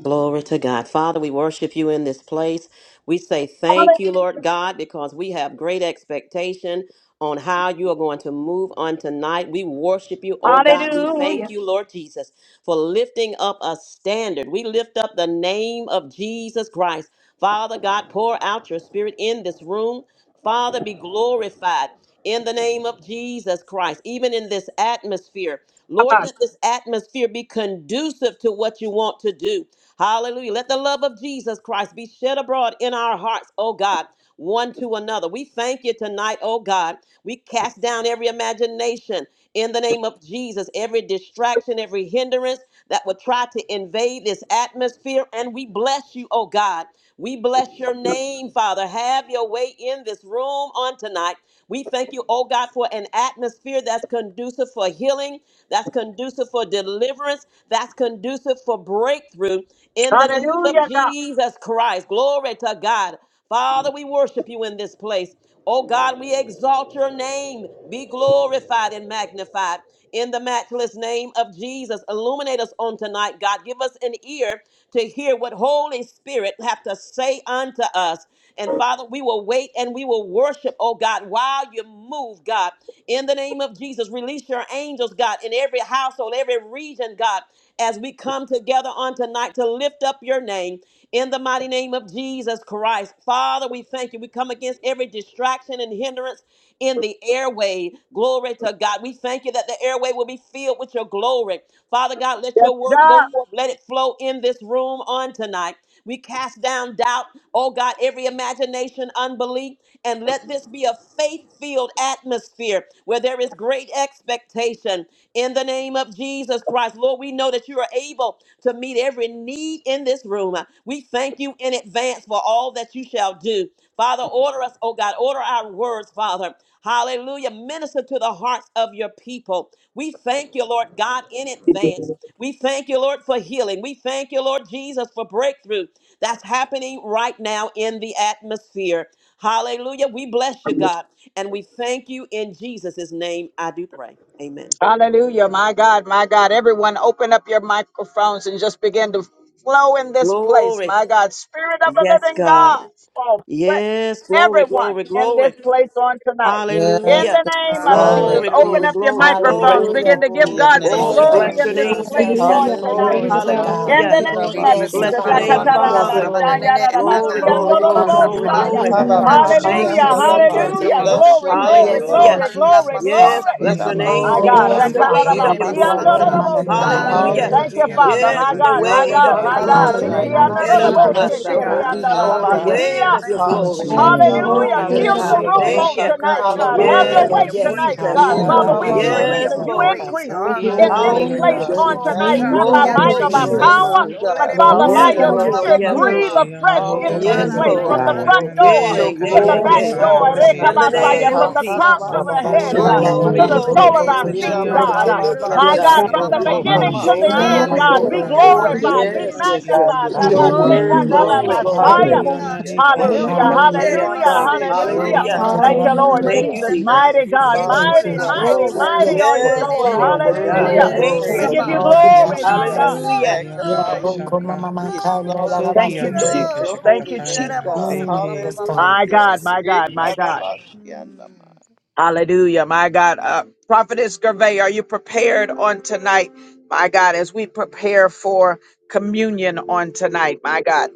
[SPEAKER 2] Glory to God. Father, we worship you in this place. We say thank you, Lord God, because we have great expectation on how you are going to move on tonight. We worship you, oh God. We thank you, Lord Jesus, for lifting up a standard. We lift up the name of Jesus Christ. Father God, pour out your spirit in this room. Father, be glorified in the name of Jesus Christ, even in this atmosphere. Lord, let
[SPEAKER 1] Ra-ba-sh.
[SPEAKER 2] this atmosphere be conducive to what you want to do. Hallelujah. Let the love of Jesus Christ be shed abroad in our hearts, oh God, one to another. We thank you tonight, oh God. We cast down every imagination in the name of Jesus, every distraction, every hindrance that would try to invade this atmosphere. And we bless you, oh God. We bless your name, Father. Have your way in this room on tonight. We thank you, oh God, for an atmosphere that's conducive for healing, that's conducive for deliverance, that's conducive for breakthrough in the name of
[SPEAKER 1] Hallelujah, God.
[SPEAKER 2] Jesus Christ. Glory to God. Father, we worship you in this place. Oh God, we exalt your name. Be glorified and magnified in the matchless name of Jesus. Illuminate us on tonight, God. Give us an ear to hear what Holy Spirit have to say unto us. And Father, we will wait and we will worship, oh God, while you move, God. In the name of Jesus, release your angels, God, in every household, every region, God as we come together on tonight to lift up your name in the mighty name of Jesus Christ. Father, we thank you. We come against every distraction and hindrance in the airway. Glory to God. We thank you that the airway will be filled with your glory. Father God, let your word go forth. Let it flow in this room on tonight. We cast down doubt, oh God, every imagination, unbelief, and let this be a faith filled atmosphere where there is great expectation in the name of Jesus Christ. Lord, we know that you are able to meet every need in this room. We thank you in advance for all that you shall do. Father, order us, oh God, order our words, Father. Hallelujah. Minister to the hearts of your people. We thank you, Lord God, in advance. We thank you, Lord, for healing. We thank you, Lord Jesus, for breakthrough that's happening right now in the atmosphere. Hallelujah. We bless you, God, and we thank you in Jesus' name. I do pray. Amen.
[SPEAKER 1] Hallelujah, my God, my God. Everyone, open up your microphones and just begin to flow in this place,
[SPEAKER 2] Glory.
[SPEAKER 1] my God. Spirit of the
[SPEAKER 2] Yes,
[SPEAKER 1] living God,
[SPEAKER 2] God.
[SPEAKER 1] fall
[SPEAKER 2] Yes,
[SPEAKER 1] fresh.
[SPEAKER 2] glory,
[SPEAKER 1] Everyone
[SPEAKER 2] glory,
[SPEAKER 1] in this
[SPEAKER 2] glory.
[SPEAKER 1] place on tonight.
[SPEAKER 9] Yes,
[SPEAKER 1] In
[SPEAKER 2] Hallelujah.
[SPEAKER 1] the
[SPEAKER 9] God.
[SPEAKER 1] name
[SPEAKER 3] Yes,
[SPEAKER 1] of Jesus,
[SPEAKER 3] Lord.
[SPEAKER 2] Glory,
[SPEAKER 6] Hallelujah.
[SPEAKER 1] open
[SPEAKER 2] glory,
[SPEAKER 9] hallelujah.
[SPEAKER 1] up your
[SPEAKER 2] glory, glory.
[SPEAKER 1] microphones.
[SPEAKER 9] Glory
[SPEAKER 3] Hallelujah.
[SPEAKER 1] Begin to
[SPEAKER 9] to
[SPEAKER 1] give
[SPEAKER 6] Oh,
[SPEAKER 9] your
[SPEAKER 10] Glory
[SPEAKER 1] God
[SPEAKER 10] to
[SPEAKER 1] some
[SPEAKER 2] Oh,
[SPEAKER 6] bless
[SPEAKER 9] name,
[SPEAKER 6] your
[SPEAKER 2] we
[SPEAKER 10] God.
[SPEAKER 3] Thank you,
[SPEAKER 9] God.
[SPEAKER 1] glory
[SPEAKER 2] bless
[SPEAKER 10] Lord,
[SPEAKER 6] name,
[SPEAKER 3] Jesus.
[SPEAKER 2] your
[SPEAKER 6] O
[SPEAKER 1] in
[SPEAKER 10] we
[SPEAKER 1] this
[SPEAKER 2] name,
[SPEAKER 6] God.
[SPEAKER 10] love you.
[SPEAKER 1] place
[SPEAKER 3] Jesus.
[SPEAKER 1] on
[SPEAKER 6] Tererebo
[SPEAKER 10] Lord,
[SPEAKER 2] Jesus.
[SPEAKER 10] we
[SPEAKER 1] tonight.
[SPEAKER 5] Hallelujah.
[SPEAKER 6] sama
[SPEAKER 3] Glory
[SPEAKER 10] thank
[SPEAKER 9] Hallelujah,
[SPEAKER 3] to
[SPEAKER 10] you.
[SPEAKER 9] Father.
[SPEAKER 3] God.
[SPEAKER 6] papa.
[SPEAKER 1] In the
[SPEAKER 2] Hallelujah.
[SPEAKER 10] Father,
[SPEAKER 1] name
[SPEAKER 10] we
[SPEAKER 1] of
[SPEAKER 6] Tererebe
[SPEAKER 10] give
[SPEAKER 3] Yes,
[SPEAKER 10] you
[SPEAKER 1] Jesus.
[SPEAKER 2] Bless
[SPEAKER 6] samba
[SPEAKER 2] your
[SPEAKER 3] Father.
[SPEAKER 2] name,
[SPEAKER 10] praise.
[SPEAKER 6] babaku.
[SPEAKER 3] Yes,
[SPEAKER 9] Hirabasokenanamai.
[SPEAKER 2] Father.
[SPEAKER 10] You
[SPEAKER 6] Mama
[SPEAKER 3] Lord.
[SPEAKER 6] nanene
[SPEAKER 10] are
[SPEAKER 2] Glory,
[SPEAKER 6] nana.
[SPEAKER 2] glory, glory,
[SPEAKER 3] Orokama
[SPEAKER 10] our
[SPEAKER 2] glory,
[SPEAKER 1] Akatarabashayarabashiyandorobosaya.
[SPEAKER 10] heart's
[SPEAKER 2] glory.
[SPEAKER 3] kalana da da
[SPEAKER 6] Labaku
[SPEAKER 3] da ba
[SPEAKER 10] desire,
[SPEAKER 6] kanta
[SPEAKER 10] Lord.
[SPEAKER 2] Thank
[SPEAKER 10] We
[SPEAKER 6] nana
[SPEAKER 2] you,
[SPEAKER 1] Hallelujah,
[SPEAKER 10] thank you for
[SPEAKER 6] masipo
[SPEAKER 9] Hirabababasokitadamashiandadaba.
[SPEAKER 10] being
[SPEAKER 9] We
[SPEAKER 10] the
[SPEAKER 2] Jesus.
[SPEAKER 6] baba
[SPEAKER 1] hallelujah.
[SPEAKER 6] baba
[SPEAKER 10] anchor
[SPEAKER 9] bless
[SPEAKER 1] Glory,
[SPEAKER 9] your
[SPEAKER 10] for
[SPEAKER 6] baba
[SPEAKER 10] our
[SPEAKER 9] name,
[SPEAKER 1] glory,
[SPEAKER 6] baba.
[SPEAKER 3] Yes,
[SPEAKER 9] God.
[SPEAKER 3] Lord
[SPEAKER 2] Hallelujah.
[SPEAKER 1] glory,
[SPEAKER 10] souls,
[SPEAKER 6] Hala
[SPEAKER 10] Lord.
[SPEAKER 1] glory,
[SPEAKER 6] babu
[SPEAKER 3] Jesus.
[SPEAKER 9] Ha-
[SPEAKER 2] Yes,
[SPEAKER 1] glory.
[SPEAKER 6] samba
[SPEAKER 11] Thank
[SPEAKER 2] bless your
[SPEAKER 10] Eyana
[SPEAKER 2] name,
[SPEAKER 1] My
[SPEAKER 11] you,
[SPEAKER 3] Oh,
[SPEAKER 10] heke
[SPEAKER 6] babaku.
[SPEAKER 1] God.
[SPEAKER 2] Jesus.
[SPEAKER 3] yes,
[SPEAKER 2] The
[SPEAKER 6] Nama
[SPEAKER 3] Father.
[SPEAKER 2] weight
[SPEAKER 10] shekoto
[SPEAKER 2] of
[SPEAKER 6] nenene
[SPEAKER 2] your
[SPEAKER 3] Rabba
[SPEAKER 2] glory.
[SPEAKER 3] faro
[SPEAKER 9] Hirabasorandekidideboso.
[SPEAKER 10] rokayana
[SPEAKER 6] masanda.
[SPEAKER 11] Lord.
[SPEAKER 3] mana da da
[SPEAKER 10] sendo
[SPEAKER 3] ba
[SPEAKER 1] Rakarabashiyandorobosaya.
[SPEAKER 3] ante
[SPEAKER 11] Thank
[SPEAKER 5] Glory.
[SPEAKER 2] Hallelujah.
[SPEAKER 3] de
[SPEAKER 10] hashiyana
[SPEAKER 1] Thank you,
[SPEAKER 6] Hallelujah,
[SPEAKER 10] heya
[SPEAKER 3] Jesus.
[SPEAKER 9] Hallelujah,
[SPEAKER 1] Father.
[SPEAKER 9] God.
[SPEAKER 2] Yes,
[SPEAKER 1] My
[SPEAKER 9] We
[SPEAKER 6] hallelujah,
[SPEAKER 2] the
[SPEAKER 1] God,
[SPEAKER 10] katapayana
[SPEAKER 1] my
[SPEAKER 6] God.
[SPEAKER 3] Father,
[SPEAKER 2] weight
[SPEAKER 1] God,
[SPEAKER 2] of
[SPEAKER 3] ba
[SPEAKER 9] glorify
[SPEAKER 2] your
[SPEAKER 1] my
[SPEAKER 10] seke.
[SPEAKER 9] you
[SPEAKER 1] God.
[SPEAKER 2] glory.
[SPEAKER 11] you,
[SPEAKER 9] tonight.
[SPEAKER 5] The
[SPEAKER 11] Lord.
[SPEAKER 6] Hallelujah,
[SPEAKER 2] Era
[SPEAKER 9] We
[SPEAKER 5] stage is
[SPEAKER 10] Rokayana
[SPEAKER 2] baha
[SPEAKER 5] on
[SPEAKER 1] Rikiandoroboshe,
[SPEAKER 9] bless
[SPEAKER 6] hallelujah,
[SPEAKER 9] your
[SPEAKER 5] the
[SPEAKER 10] sendo
[SPEAKER 6] God.
[SPEAKER 2] sataya.
[SPEAKER 9] holy
[SPEAKER 5] stage.
[SPEAKER 9] name,
[SPEAKER 5] Have your
[SPEAKER 3] Oh,
[SPEAKER 2] The
[SPEAKER 5] way.
[SPEAKER 10] hashiyana
[SPEAKER 9] God.
[SPEAKER 3] yes,
[SPEAKER 6] Hallelujah.
[SPEAKER 2] weight
[SPEAKER 10] heya
[SPEAKER 1] kiriandorobashia.
[SPEAKER 2] of your
[SPEAKER 6] Thank
[SPEAKER 3] Jesus.
[SPEAKER 9] Ha-
[SPEAKER 6] you,
[SPEAKER 10] kai.
[SPEAKER 11] Thank you,
[SPEAKER 2] glory.
[SPEAKER 3] Hallelujah.
[SPEAKER 5] Have
[SPEAKER 6] Jesus.
[SPEAKER 5] your
[SPEAKER 9] shika
[SPEAKER 11] Lord.
[SPEAKER 5] way,
[SPEAKER 1] Hallelujah.
[SPEAKER 6] Oh,
[SPEAKER 2] Glory
[SPEAKER 9] mando
[SPEAKER 2] to
[SPEAKER 5] spirit
[SPEAKER 1] Fill
[SPEAKER 5] of
[SPEAKER 10] Sokiyana
[SPEAKER 6] bless
[SPEAKER 5] the
[SPEAKER 1] the
[SPEAKER 2] God.
[SPEAKER 6] your
[SPEAKER 3] Hallelujah,
[SPEAKER 9] soto
[SPEAKER 5] living
[SPEAKER 6] holy
[SPEAKER 1] room
[SPEAKER 3] Lord.
[SPEAKER 10] heke
[SPEAKER 5] God.
[SPEAKER 2] Thank
[SPEAKER 6] name,
[SPEAKER 1] on
[SPEAKER 6] O
[SPEAKER 2] you.
[SPEAKER 9] rokanda
[SPEAKER 6] God.
[SPEAKER 1] tonight,
[SPEAKER 10] shekoto
[SPEAKER 6] You are
[SPEAKER 1] God. Have
[SPEAKER 3] Hallelujah,
[SPEAKER 1] your
[SPEAKER 2] Yes,
[SPEAKER 9] Shekamandosotorokandabarabashe.
[SPEAKER 5] Yes,
[SPEAKER 10] rokayana
[SPEAKER 6] worthy
[SPEAKER 3] Lord.
[SPEAKER 1] way
[SPEAKER 6] of
[SPEAKER 5] God.
[SPEAKER 3] Yes,
[SPEAKER 10] sendo
[SPEAKER 1] tonight,
[SPEAKER 6] worship.
[SPEAKER 3] God.
[SPEAKER 2] Jesus.
[SPEAKER 1] God.
[SPEAKER 5] Have
[SPEAKER 9] Hit
[SPEAKER 3] Da
[SPEAKER 11] Thank
[SPEAKER 6] You
[SPEAKER 9] ah,
[SPEAKER 11] you, Lord. Thank
[SPEAKER 5] your
[SPEAKER 6] are
[SPEAKER 3] ba
[SPEAKER 1] Father,
[SPEAKER 10] hashiyana
[SPEAKER 9] bah,
[SPEAKER 11] you,
[SPEAKER 1] we
[SPEAKER 5] way.
[SPEAKER 9] bah,
[SPEAKER 10] heya kai.
[SPEAKER 11] Jesus.
[SPEAKER 6] worthy
[SPEAKER 1] decrease
[SPEAKER 6] of
[SPEAKER 2] Yes,
[SPEAKER 1] as
[SPEAKER 6] the
[SPEAKER 9] So,
[SPEAKER 1] you
[SPEAKER 2] Lord.
[SPEAKER 6] praise, the
[SPEAKER 1] increase
[SPEAKER 5] We
[SPEAKER 9] oh,
[SPEAKER 6] honor,
[SPEAKER 5] give
[SPEAKER 6] the
[SPEAKER 5] you
[SPEAKER 1] in
[SPEAKER 10] Sakiyana
[SPEAKER 1] this
[SPEAKER 10] he
[SPEAKER 5] glory
[SPEAKER 9] glory,
[SPEAKER 6] glory.
[SPEAKER 5] and
[SPEAKER 1] place
[SPEAKER 3] Hallelujah,
[SPEAKER 9] God.
[SPEAKER 2] Hallelujah.
[SPEAKER 5] honor.
[SPEAKER 9] We
[SPEAKER 1] on
[SPEAKER 6] Oh
[SPEAKER 1] tonight,
[SPEAKER 3] Jesus.
[SPEAKER 10] akashakatahaya
[SPEAKER 1] not
[SPEAKER 6] God,
[SPEAKER 5] Moving
[SPEAKER 9] magnify
[SPEAKER 6] the
[SPEAKER 1] by
[SPEAKER 2] Glory,
[SPEAKER 5] by
[SPEAKER 1] might
[SPEAKER 5] your
[SPEAKER 11] Thank
[SPEAKER 9] you.
[SPEAKER 10] naseke
[SPEAKER 1] or
[SPEAKER 2] glory,
[SPEAKER 9] We
[SPEAKER 1] by
[SPEAKER 6] adoration, oh
[SPEAKER 11] you.
[SPEAKER 2] glory,
[SPEAKER 5] spirit,
[SPEAKER 9] thank
[SPEAKER 10] shoko.
[SPEAKER 3] Jesus.
[SPEAKER 1] power,
[SPEAKER 6] God.
[SPEAKER 5] Lord.
[SPEAKER 9] you,
[SPEAKER 2] glory.
[SPEAKER 6] Oh, let
[SPEAKER 1] but
[SPEAKER 9] God.
[SPEAKER 6] it
[SPEAKER 1] Father,
[SPEAKER 3] Robo
[SPEAKER 6] boost.
[SPEAKER 1] by
[SPEAKER 5] Move
[SPEAKER 2] Yes,
[SPEAKER 6] Ba,
[SPEAKER 1] your
[SPEAKER 5] by
[SPEAKER 6] ba,
[SPEAKER 10] Rokayana
[SPEAKER 6] ba,
[SPEAKER 5] your
[SPEAKER 2] Lord.
[SPEAKER 9] Hallelujah.
[SPEAKER 6] ba,
[SPEAKER 1] spirit,
[SPEAKER 6] ba,
[SPEAKER 10] sindo
[SPEAKER 2] Yes,
[SPEAKER 6] ba,
[SPEAKER 5] spirit,
[SPEAKER 1] breathe
[SPEAKER 6] ba.
[SPEAKER 5] Lord.
[SPEAKER 2] Lord.
[SPEAKER 5] God.
[SPEAKER 10] hashiyana
[SPEAKER 1] afresh
[SPEAKER 10] he
[SPEAKER 1] in
[SPEAKER 5] In
[SPEAKER 6] Oh
[SPEAKER 3] Roba
[SPEAKER 5] the
[SPEAKER 1] this
[SPEAKER 6] God,
[SPEAKER 5] name
[SPEAKER 6] I
[SPEAKER 2] Yes,
[SPEAKER 3] bande
[SPEAKER 11] Thank
[SPEAKER 5] of
[SPEAKER 9] Hallelujah,
[SPEAKER 3] de
[SPEAKER 1] place
[SPEAKER 11] you,
[SPEAKER 6] thank
[SPEAKER 1] from
[SPEAKER 5] Jesus.
[SPEAKER 2] Lord.
[SPEAKER 9] God.
[SPEAKER 6] you.
[SPEAKER 10] akatapanda
[SPEAKER 1] the
[SPEAKER 6] I
[SPEAKER 11] God.
[SPEAKER 1] front
[SPEAKER 3] bakoro,
[SPEAKER 6] thank you.
[SPEAKER 10] anana
[SPEAKER 6] I
[SPEAKER 9] Let
[SPEAKER 1] door
[SPEAKER 10] he
[SPEAKER 2] Yeah,
[SPEAKER 3] bedia,
[SPEAKER 9] your
[SPEAKER 6] thank you.
[SPEAKER 2] yeah,
[SPEAKER 1] to
[SPEAKER 6] I
[SPEAKER 1] the
[SPEAKER 2] yeah,
[SPEAKER 3] bedia
[SPEAKER 9] glory
[SPEAKER 1] back
[SPEAKER 6] praise
[SPEAKER 2] yeah.
[SPEAKER 6] you.
[SPEAKER 5] Yes,
[SPEAKER 3] basu,
[SPEAKER 6] I
[SPEAKER 1] door,
[SPEAKER 9] fall
[SPEAKER 3] tora
[SPEAKER 10] akashakatasayana
[SPEAKER 5] God.
[SPEAKER 6] worship
[SPEAKER 10] he
[SPEAKER 2] In
[SPEAKER 6] you.
[SPEAKER 9] tonight,
[SPEAKER 5] Move
[SPEAKER 6] Do,
[SPEAKER 2] the
[SPEAKER 3] bedia,
[SPEAKER 6] do,
[SPEAKER 5] by
[SPEAKER 6] do,
[SPEAKER 10] akai.
[SPEAKER 9] God.
[SPEAKER 1] Rekabasaya,
[SPEAKER 6] do,
[SPEAKER 2] name
[SPEAKER 5] your
[SPEAKER 9] Ha
[SPEAKER 1] from
[SPEAKER 3] seta.
[SPEAKER 2] of
[SPEAKER 1] the
[SPEAKER 6] boost.
[SPEAKER 9] ka,
[SPEAKER 6] Ba,
[SPEAKER 9] da,
[SPEAKER 6] ba,
[SPEAKER 1] crown
[SPEAKER 2] Jesus.
[SPEAKER 9] ba,
[SPEAKER 6] ba.
[SPEAKER 1] of
[SPEAKER 3] Baba
[SPEAKER 1] our
[SPEAKER 9] so,
[SPEAKER 1] head,
[SPEAKER 5] and
[SPEAKER 11] In
[SPEAKER 3] basha,
[SPEAKER 9] de,
[SPEAKER 6] God,
[SPEAKER 10] Rokayana
[SPEAKER 11] the
[SPEAKER 1] God,
[SPEAKER 5] have
[SPEAKER 9] man,
[SPEAKER 6] you
[SPEAKER 3] lara
[SPEAKER 6] are
[SPEAKER 5] your
[SPEAKER 1] to
[SPEAKER 2] Glory,
[SPEAKER 9] de.
[SPEAKER 11] name of
[SPEAKER 5] way,
[SPEAKER 1] the
[SPEAKER 10] sindo.
[SPEAKER 6] good, and
[SPEAKER 2] glory,
[SPEAKER 3] mandoro,
[SPEAKER 1] sole
[SPEAKER 11] Jesus.
[SPEAKER 5] Jesus.
[SPEAKER 1] of
[SPEAKER 6] there is
[SPEAKER 1] our
[SPEAKER 2] glory,
[SPEAKER 3] boti,
[SPEAKER 9] Hit
[SPEAKER 6] none
[SPEAKER 1] feet,
[SPEAKER 9] ah,
[SPEAKER 5] Thank you,
[SPEAKER 2] glory.
[SPEAKER 3] tete,
[SPEAKER 5] Lord.
[SPEAKER 6] like
[SPEAKER 10] Hashiyana
[SPEAKER 6] you.
[SPEAKER 1] God.
[SPEAKER 10] he
[SPEAKER 6] Do, do,
[SPEAKER 3] tete.
[SPEAKER 6] do,
[SPEAKER 2] Yes,
[SPEAKER 1] My
[SPEAKER 5] Yes,
[SPEAKER 6] boost.
[SPEAKER 2] God.
[SPEAKER 5] God.
[SPEAKER 1] God,
[SPEAKER 9] So,
[SPEAKER 1] from
[SPEAKER 6] Ba, ba,
[SPEAKER 1] the
[SPEAKER 10] akatasayana
[SPEAKER 9] kuna,
[SPEAKER 5] Yes,
[SPEAKER 6] ba,
[SPEAKER 10] he
[SPEAKER 3] Romo,
[SPEAKER 6] ba.
[SPEAKER 5] God.
[SPEAKER 10] ke
[SPEAKER 1] beginning
[SPEAKER 11] Mm.
[SPEAKER 1] to
[SPEAKER 3] mosi,
[SPEAKER 1] the
[SPEAKER 5] There's
[SPEAKER 2] Glory,
[SPEAKER 5] None
[SPEAKER 3] lara
[SPEAKER 2] glory,
[SPEAKER 1] end,
[SPEAKER 10] shekoto
[SPEAKER 5] like you,
[SPEAKER 1] God,
[SPEAKER 2] glory.
[SPEAKER 1] be
[SPEAKER 3] mandoro,
[SPEAKER 5] Lord, and
[SPEAKER 6] Hallelujah.
[SPEAKER 9] Glory
[SPEAKER 5] all
[SPEAKER 3] boti,
[SPEAKER 10] rokayana
[SPEAKER 5] the earth.
[SPEAKER 1] glorified,
[SPEAKER 9] to
[SPEAKER 1] be
[SPEAKER 9] your
[SPEAKER 5] Lord.
[SPEAKER 10] sindo
[SPEAKER 3] tete.
[SPEAKER 6] Hallelujah,
[SPEAKER 2] Yes,
[SPEAKER 9] name,
[SPEAKER 2] yes,
[SPEAKER 6] Jesus.
[SPEAKER 2] yes,
[SPEAKER 9] God.
[SPEAKER 10] hashiyana
[SPEAKER 1] magnified,
[SPEAKER 2] yes,
[SPEAKER 9] Let
[SPEAKER 11] In
[SPEAKER 5] We
[SPEAKER 10] he
[SPEAKER 2] yes.
[SPEAKER 9] your
[SPEAKER 1] Rabbi
[SPEAKER 3] Hallelujah,
[SPEAKER 5] seek
[SPEAKER 11] the
[SPEAKER 10] akai.
[SPEAKER 6] Glory,
[SPEAKER 9] word
[SPEAKER 5] you,
[SPEAKER 11] name of
[SPEAKER 9] go
[SPEAKER 5] Lord.
[SPEAKER 6] glory
[SPEAKER 2] Glory,
[SPEAKER 6] to
[SPEAKER 9] forth.
[SPEAKER 11] Jesus.
[SPEAKER 6] your
[SPEAKER 2] glory,
[SPEAKER 5] God.
[SPEAKER 6] name,
[SPEAKER 11] Yes.
[SPEAKER 1] Shekinah,
[SPEAKER 6] oh
[SPEAKER 3] hallelujah,
[SPEAKER 2] glory.
[SPEAKER 5] In
[SPEAKER 6] God,
[SPEAKER 10] Sokiyana
[SPEAKER 9] Hallelujah,
[SPEAKER 10] he
[SPEAKER 6] you're
[SPEAKER 10] ke
[SPEAKER 9] God.
[SPEAKER 5] the
[SPEAKER 2] Glory,
[SPEAKER 6] worthy.
[SPEAKER 5] name
[SPEAKER 1] Hallelujah,
[SPEAKER 5] of
[SPEAKER 2] glory.
[SPEAKER 3] hallelujah.
[SPEAKER 6] Ere
[SPEAKER 2] Yes,
[SPEAKER 10] shekatapayana
[SPEAKER 1] hallelujah,
[SPEAKER 2] God.
[SPEAKER 9] Iramande
[SPEAKER 10] seke
[SPEAKER 6] basi, ma, ma,
[SPEAKER 1] hallelujah.
[SPEAKER 6] ma,
[SPEAKER 3] Roti,
[SPEAKER 2] Hallelujah.
[SPEAKER 6] ma,
[SPEAKER 10] shakiyana
[SPEAKER 6] ma,
[SPEAKER 3] tete,
[SPEAKER 1] Thank
[SPEAKER 10] he
[SPEAKER 3] la
[SPEAKER 1] you,
[SPEAKER 6] kone,
[SPEAKER 9] shekarabaso,
[SPEAKER 1] Lord
[SPEAKER 6] ma,
[SPEAKER 5] Hallelujah,
[SPEAKER 6] ni,
[SPEAKER 10] akai.
[SPEAKER 2] Thank
[SPEAKER 3] mandoro,
[SPEAKER 2] you,
[SPEAKER 9] God.
[SPEAKER 1] Jesus.
[SPEAKER 5] Jesus.
[SPEAKER 3] sete.
[SPEAKER 6] tanda.
[SPEAKER 2] Jesus.
[SPEAKER 9] Thank
[SPEAKER 1] Mighty
[SPEAKER 9] you,
[SPEAKER 1] God,
[SPEAKER 5] Your
[SPEAKER 10] Rokayana
[SPEAKER 9] Father.
[SPEAKER 3] Thank
[SPEAKER 1] mighty,
[SPEAKER 3] you,
[SPEAKER 9] You
[SPEAKER 6] Yekula
[SPEAKER 9] are
[SPEAKER 10] sindo.
[SPEAKER 9] so
[SPEAKER 1] mighty,
[SPEAKER 5] Glory
[SPEAKER 3] Jesus.
[SPEAKER 5] to
[SPEAKER 1] mighty
[SPEAKER 9] worthy.
[SPEAKER 6] babako.
[SPEAKER 3] Yes,
[SPEAKER 1] are you,
[SPEAKER 2] Yes,
[SPEAKER 3] Lord.
[SPEAKER 1] Lord.
[SPEAKER 9] You
[SPEAKER 6] Dededede.
[SPEAKER 2] glory
[SPEAKER 9] are
[SPEAKER 2] to
[SPEAKER 10] Ashiana
[SPEAKER 5] God.
[SPEAKER 2] God.
[SPEAKER 9] worthy
[SPEAKER 3] Oh,
[SPEAKER 1] Hallelujah.
[SPEAKER 9] of
[SPEAKER 6] Dededede
[SPEAKER 9] the
[SPEAKER 5] Yes,
[SPEAKER 10] heaka
[SPEAKER 2] Thank
[SPEAKER 3] glory
[SPEAKER 1] We
[SPEAKER 5] God.
[SPEAKER 2] you.
[SPEAKER 9] praise
[SPEAKER 3] to
[SPEAKER 1] give
[SPEAKER 9] and
[SPEAKER 1] you
[SPEAKER 6] bosaba.
[SPEAKER 3] God.
[SPEAKER 9] all
[SPEAKER 5] Thank
[SPEAKER 10] satiana
[SPEAKER 5] you.
[SPEAKER 9] the
[SPEAKER 3] Thank you,
[SPEAKER 9] honor,
[SPEAKER 1] glory,
[SPEAKER 10] heaka
[SPEAKER 1] my
[SPEAKER 6] Glory,
[SPEAKER 9] God.
[SPEAKER 1] God.
[SPEAKER 3] Jesus.
[SPEAKER 9] We
[SPEAKER 10] hana
[SPEAKER 6] glory,
[SPEAKER 2] Hallelujah.
[SPEAKER 10] heaka
[SPEAKER 5] Yes,
[SPEAKER 9] magnify
[SPEAKER 5] Lord.
[SPEAKER 9] you.
[SPEAKER 3] Roko mama
[SPEAKER 10] hashaka
[SPEAKER 6] glory,
[SPEAKER 9] We
[SPEAKER 6] glory,
[SPEAKER 3] makanda la
[SPEAKER 9] exalt
[SPEAKER 3] la
[SPEAKER 6] glory,
[SPEAKER 9] you
[SPEAKER 1] Thank
[SPEAKER 9] and
[SPEAKER 1] you,
[SPEAKER 10] sokiana
[SPEAKER 9] praise
[SPEAKER 3] basete.
[SPEAKER 10] heke
[SPEAKER 9] your
[SPEAKER 1] Jesus. Thank you,
[SPEAKER 9] holy
[SPEAKER 6] glory.
[SPEAKER 10] shakatakaya
[SPEAKER 1] Jesus.
[SPEAKER 9] name,
[SPEAKER 6] Dada
[SPEAKER 10] na
[SPEAKER 9] God.
[SPEAKER 6] bosaba
[SPEAKER 3] Mm,
[SPEAKER 6] baba
[SPEAKER 3] yes,
[SPEAKER 10] seke.
[SPEAKER 6] baba.
[SPEAKER 3] God.
[SPEAKER 1] My
[SPEAKER 9] Hallelujah.
[SPEAKER 1] God,
[SPEAKER 6] Yes,
[SPEAKER 1] my
[SPEAKER 6] Lord.
[SPEAKER 1] God, my
[SPEAKER 6] Yes,
[SPEAKER 1] God.
[SPEAKER 6] Lord.
[SPEAKER 9] Shekarabasianama.
[SPEAKER 6] Mm.
[SPEAKER 1] Hallelujah, my God. Uh, Prophetess Gervais, are you prepared on tonight? My God, as we prepare for communion on tonight, my God.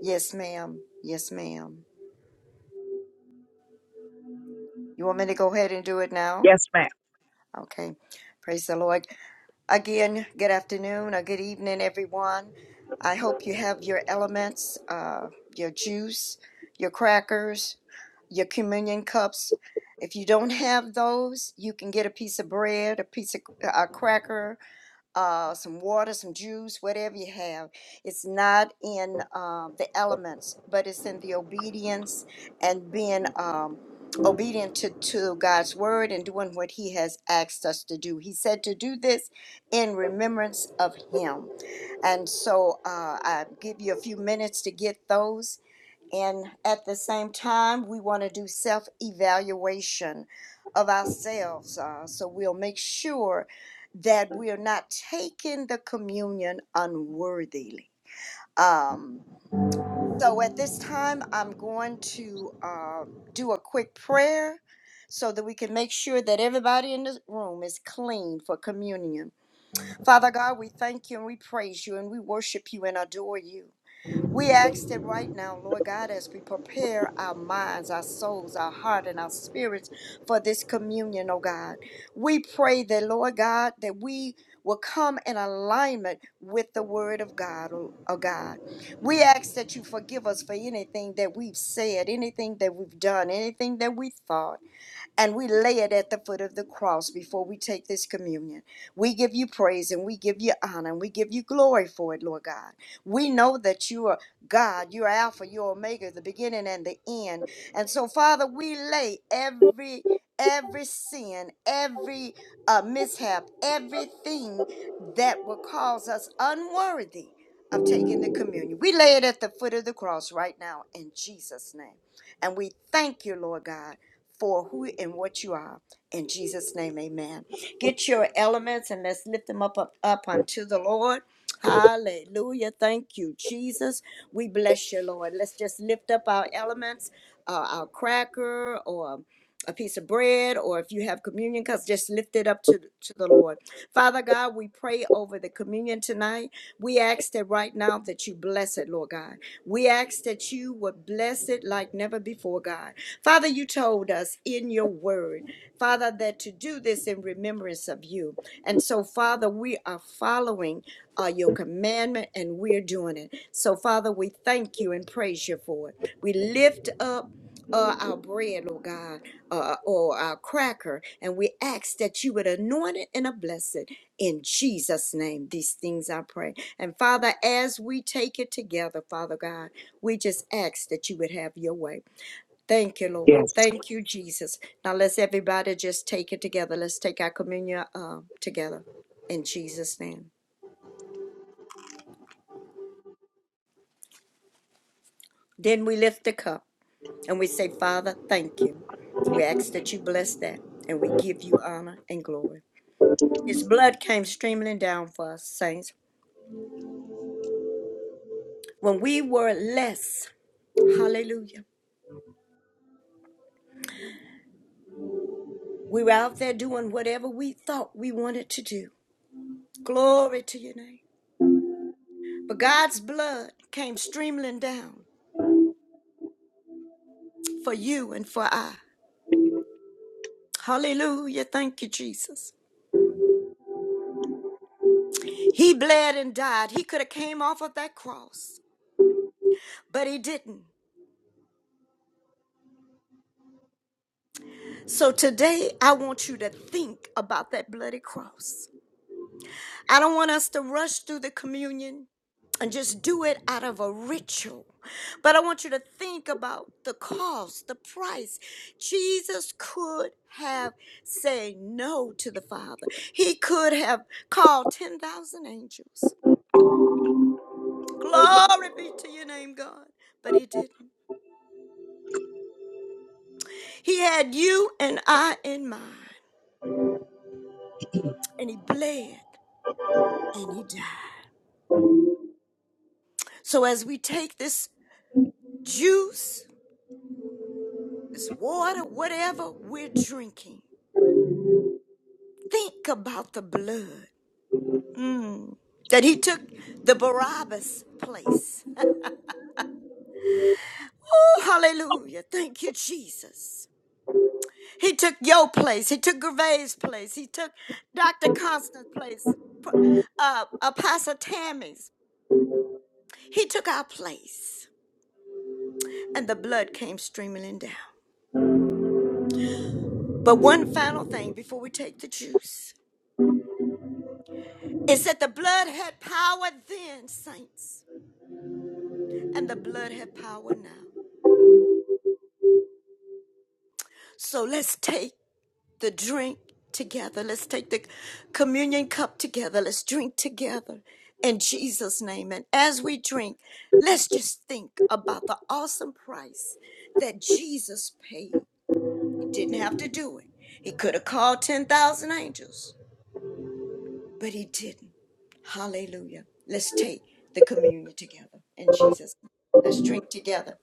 [SPEAKER 6] Yes, ma'am. Yes, ma'am. You want me to go ahead and do it now? Okay. Praise the Lord. Again, good afternoon or good evening, everyone. I hope you have your elements, uh, your juice, your crackers, your communion cups. If you don't have those, you can get a piece of bread, a piece of a cracker, uh, some water, some juice, whatever you have. It's not in um, the elements, but it's in the obedience and being um, obedient to, to God's word and doing what He has asked us to do. He said to do this in remembrance of Him. And so uh, I give you a few minutes to get those. And at the same time, we want to do self evaluation of ourselves. Uh, so we'll make sure that we are not taking the communion unworthily. Um, so at this time, I'm going to um do a quick prayer so that we can make sure that everybody in this room is clean for communion. Father God, we thank you and we praise you and we worship you and adore you. We ask that right now, Lord God, as we prepare our minds, our souls, our heart, and our spirits for this communion, oh God. We pray that, Lord God, that we will come in alignment with the word of God, oh, oh God. We ask that you forgive us for anything that we've said, anything that we've done, anything that we thought and we lay it at the foot of the cross before we take this communion. We give you praise and we give you honor and we give you glory for it, Lord God. We know that you are God, you are Alpha, you are Omega, the beginning and the end. And so, Father, we lay every every sin, every uh, mishap, everything that will cause us unworthy of taking the communion. We lay it at the foot of the cross right now in Jesus' name. And we thank you, Lord God for who and what you are. In Jesus' name, amen. Get your elements and let's lift them up, up, up unto the Lord. Hallelujah. Thank you, Jesus. We bless you, Lord. Let's just lift up our elements, uh, our cracker or a piece of bread, or if you have communion cups, just lift it up to, to the Lord. Father God, we pray over the communion tonight. We ask that right now that you bless it, Lord God. We ask that you would bless it like never before, God. Father, you told us in your word, Father, that to do this in remembrance of you. And so, Father, we are following uh, your commandment and we're doing it. So, Father, we thank you and praise you for it. We lift up. Uh, our bread, Lord God, uh, or our cracker, and we ask that you would anoint it and bless it in Jesus' name. These things I pray. And Father, as we take it together, Father God, we just ask that you would have your way. Thank you, Lord. Thank you, Jesus. Now let's everybody just take it together. Let's take our communion uh, together in Jesus' name. Then we lift the cup and we say, Father, thank you. We ask that you bless that and we give you honor and glory. His blood came streaming down for us, saints. When we were less, hallelujah, we were out there doing whatever we thought we wanted to do. Glory to your name. But God's blood came streaming down for you and for I. Hallelujah. Thank you, Jesus. He bled and died. He could have came off of that cross, but he didn't. So today I want you to think about that bloody cross. I don't want us to rush through the communion and just do it out of a ritual. But I want you to think about the cost, the price. Jesus could have said no to the Father. He could have called 10,000 angels. Glory be to your name, God. But he didn't. He had you and I in mind, and he bled and he died. So as we take this juice, this water, whatever we're drinking, think about the blood mm, that he took the Barabbas place. Oh, hallelujah. Thank you, Jesus. He took your place. He took Gervais' place. He took Dr. Constant's place. Uh, uh, Pastor Tammy's. He took our place, and the blood came streaming down. But one final thing before we take the juice is that the blood had power then, saints, and the blood had power now. So let's take the drink together. Let's take the communion cup together. Let's drink together in Jesus' name. And as we drink, let's just think about the awesome price that Jesus paid. He didn't have to do it, He could have called 10,000 angels but he didn't. Hallelujah. Let's take the communion together in Jesus. name. Let's drink together.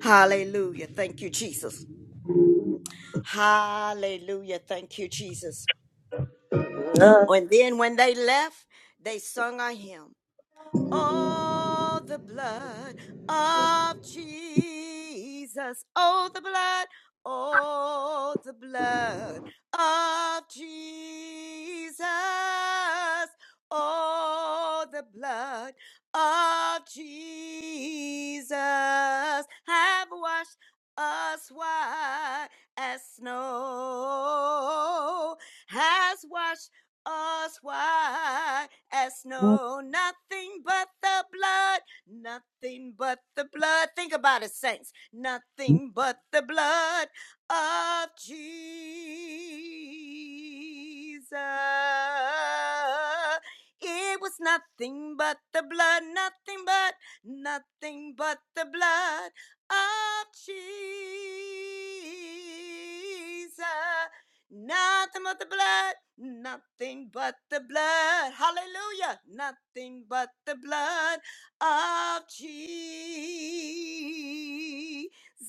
[SPEAKER 6] Hallelujah. Thank you, Jesus. Hallelujah. Thank you, Jesus. And then when they left, they sung a hymn. Oh, the blood of Jesus. Oh, the blood. Oh, the blood of Jesus. Oh, the blood of Jesus have washed us white as snow, has washed us white as no nothing but the blood, nothing but the blood. Think about it, saints. Nothing but the blood of Jesus. It was nothing but the blood, nothing but, nothing but the blood of Jesus. Nothing but the blood, nothing but the blood. Hallelujah. Nothing but the blood of Jesus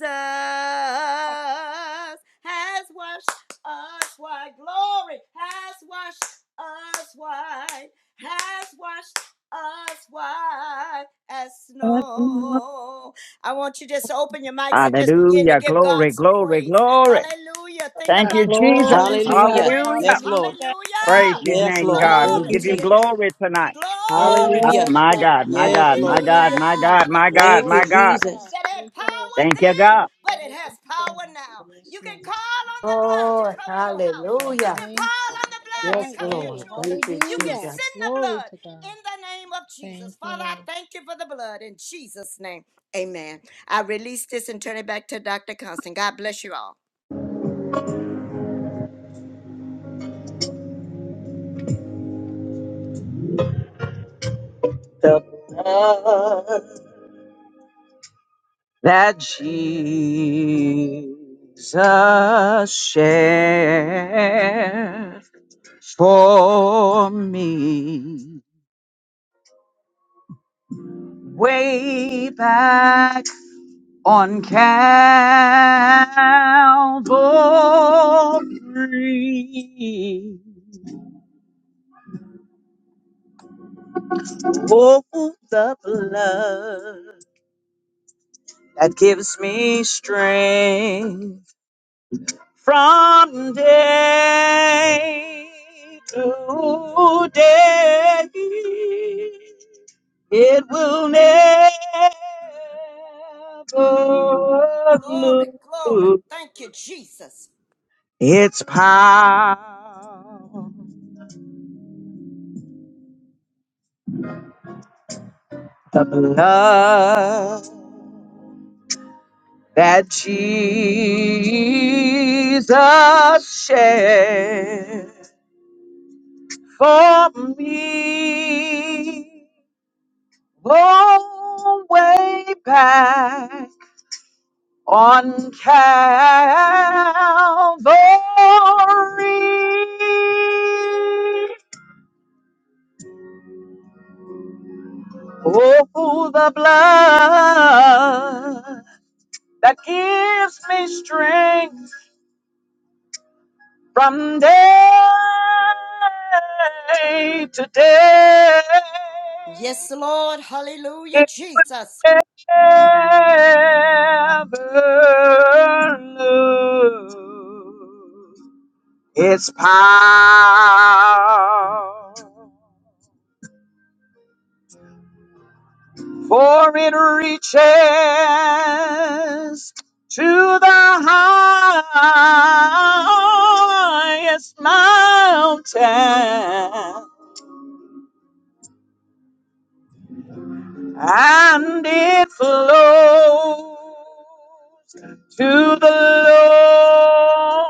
[SPEAKER 6] has washed us white. Glory has washed us white, has washed us white as snow. I want you just to open your mics and just begin to
[SPEAKER 1] Hallelujah.
[SPEAKER 6] give God
[SPEAKER 1] Glory,
[SPEAKER 6] some
[SPEAKER 1] glory,
[SPEAKER 6] praise.
[SPEAKER 1] glory.
[SPEAKER 6] Hallelujah. Think
[SPEAKER 1] Thank
[SPEAKER 5] God.
[SPEAKER 1] you,
[SPEAKER 6] about the
[SPEAKER 1] Jesus.
[SPEAKER 6] blood.
[SPEAKER 5] Glory
[SPEAKER 6] Let's
[SPEAKER 5] to
[SPEAKER 6] just
[SPEAKER 5] God.
[SPEAKER 2] Hallelujah.
[SPEAKER 6] praise
[SPEAKER 1] Hallelujah.
[SPEAKER 6] him.
[SPEAKER 2] Yes,
[SPEAKER 5] Hallelujah.
[SPEAKER 2] Lord.
[SPEAKER 6] Hallelujah.
[SPEAKER 5] Thank
[SPEAKER 1] Praise
[SPEAKER 5] you,
[SPEAKER 1] His
[SPEAKER 5] Lord.
[SPEAKER 2] Yes,
[SPEAKER 1] name,
[SPEAKER 2] Lord.
[SPEAKER 1] God.
[SPEAKER 2] Thank
[SPEAKER 1] We
[SPEAKER 6] Glory
[SPEAKER 2] you,
[SPEAKER 1] give
[SPEAKER 6] to
[SPEAKER 1] you
[SPEAKER 5] Hallelujah.
[SPEAKER 6] your name.
[SPEAKER 2] Jesus.
[SPEAKER 1] glory tonight.
[SPEAKER 6] Glory
[SPEAKER 1] Ah,
[SPEAKER 6] to
[SPEAKER 2] Hallelujah.
[SPEAKER 5] Yes,
[SPEAKER 6] your
[SPEAKER 1] my
[SPEAKER 5] God.
[SPEAKER 6] name.
[SPEAKER 1] God, my
[SPEAKER 2] Yes,
[SPEAKER 1] God, my
[SPEAKER 2] Lord.
[SPEAKER 1] God,
[SPEAKER 5] Hallelujah,
[SPEAKER 6] Hallelujah
[SPEAKER 1] my God,
[SPEAKER 6] for the
[SPEAKER 5] Jesus.
[SPEAKER 1] my
[SPEAKER 6] blood of
[SPEAKER 1] God,
[SPEAKER 2] Thank
[SPEAKER 5] Glory
[SPEAKER 2] you,
[SPEAKER 1] my
[SPEAKER 5] to
[SPEAKER 1] God.
[SPEAKER 6] Jesus
[SPEAKER 5] God.
[SPEAKER 2] Jesus.
[SPEAKER 6] that had
[SPEAKER 5] Thank you, Lord.
[SPEAKER 6] power
[SPEAKER 1] Thank you,
[SPEAKER 6] then,
[SPEAKER 1] God.
[SPEAKER 6] but it has
[SPEAKER 5] Yes, God.
[SPEAKER 6] power now.
[SPEAKER 5] Yes,
[SPEAKER 6] You can
[SPEAKER 5] Lord.
[SPEAKER 6] call on the blood to
[SPEAKER 3] Oh,
[SPEAKER 6] cover your house.
[SPEAKER 5] I
[SPEAKER 3] hallelujah.
[SPEAKER 6] You can
[SPEAKER 5] thank you.
[SPEAKER 6] call on the
[SPEAKER 5] All
[SPEAKER 6] blood to
[SPEAKER 5] right.
[SPEAKER 3] Yes,
[SPEAKER 6] cover your
[SPEAKER 3] Lord.
[SPEAKER 5] Hey,
[SPEAKER 6] children. You can
[SPEAKER 5] hallelujah.
[SPEAKER 6] send the
[SPEAKER 5] Glory
[SPEAKER 6] blood
[SPEAKER 5] to God.
[SPEAKER 6] in the name of
[SPEAKER 5] Thank
[SPEAKER 6] Jesus.
[SPEAKER 5] you,
[SPEAKER 6] Father, I
[SPEAKER 5] Lord.
[SPEAKER 6] thank you for the blood in Jesus' name. Amen. I release this and turn it back to Dr. Constant. God bless you all.
[SPEAKER 1] That Jesus shed for me way back on Calvary. Oh, the blood. that gives me strength from day to day. It will never
[SPEAKER 6] Glory, glory.
[SPEAKER 1] lose
[SPEAKER 6] Thank you, Jesus.
[SPEAKER 1] its power. Love that Jesus shed for me. Go way back on Calvary. Oh, from day to day,
[SPEAKER 6] Yes, Lord. Hallelujah, Jesus.
[SPEAKER 1] for it reaches to the highest mountain and it flows to the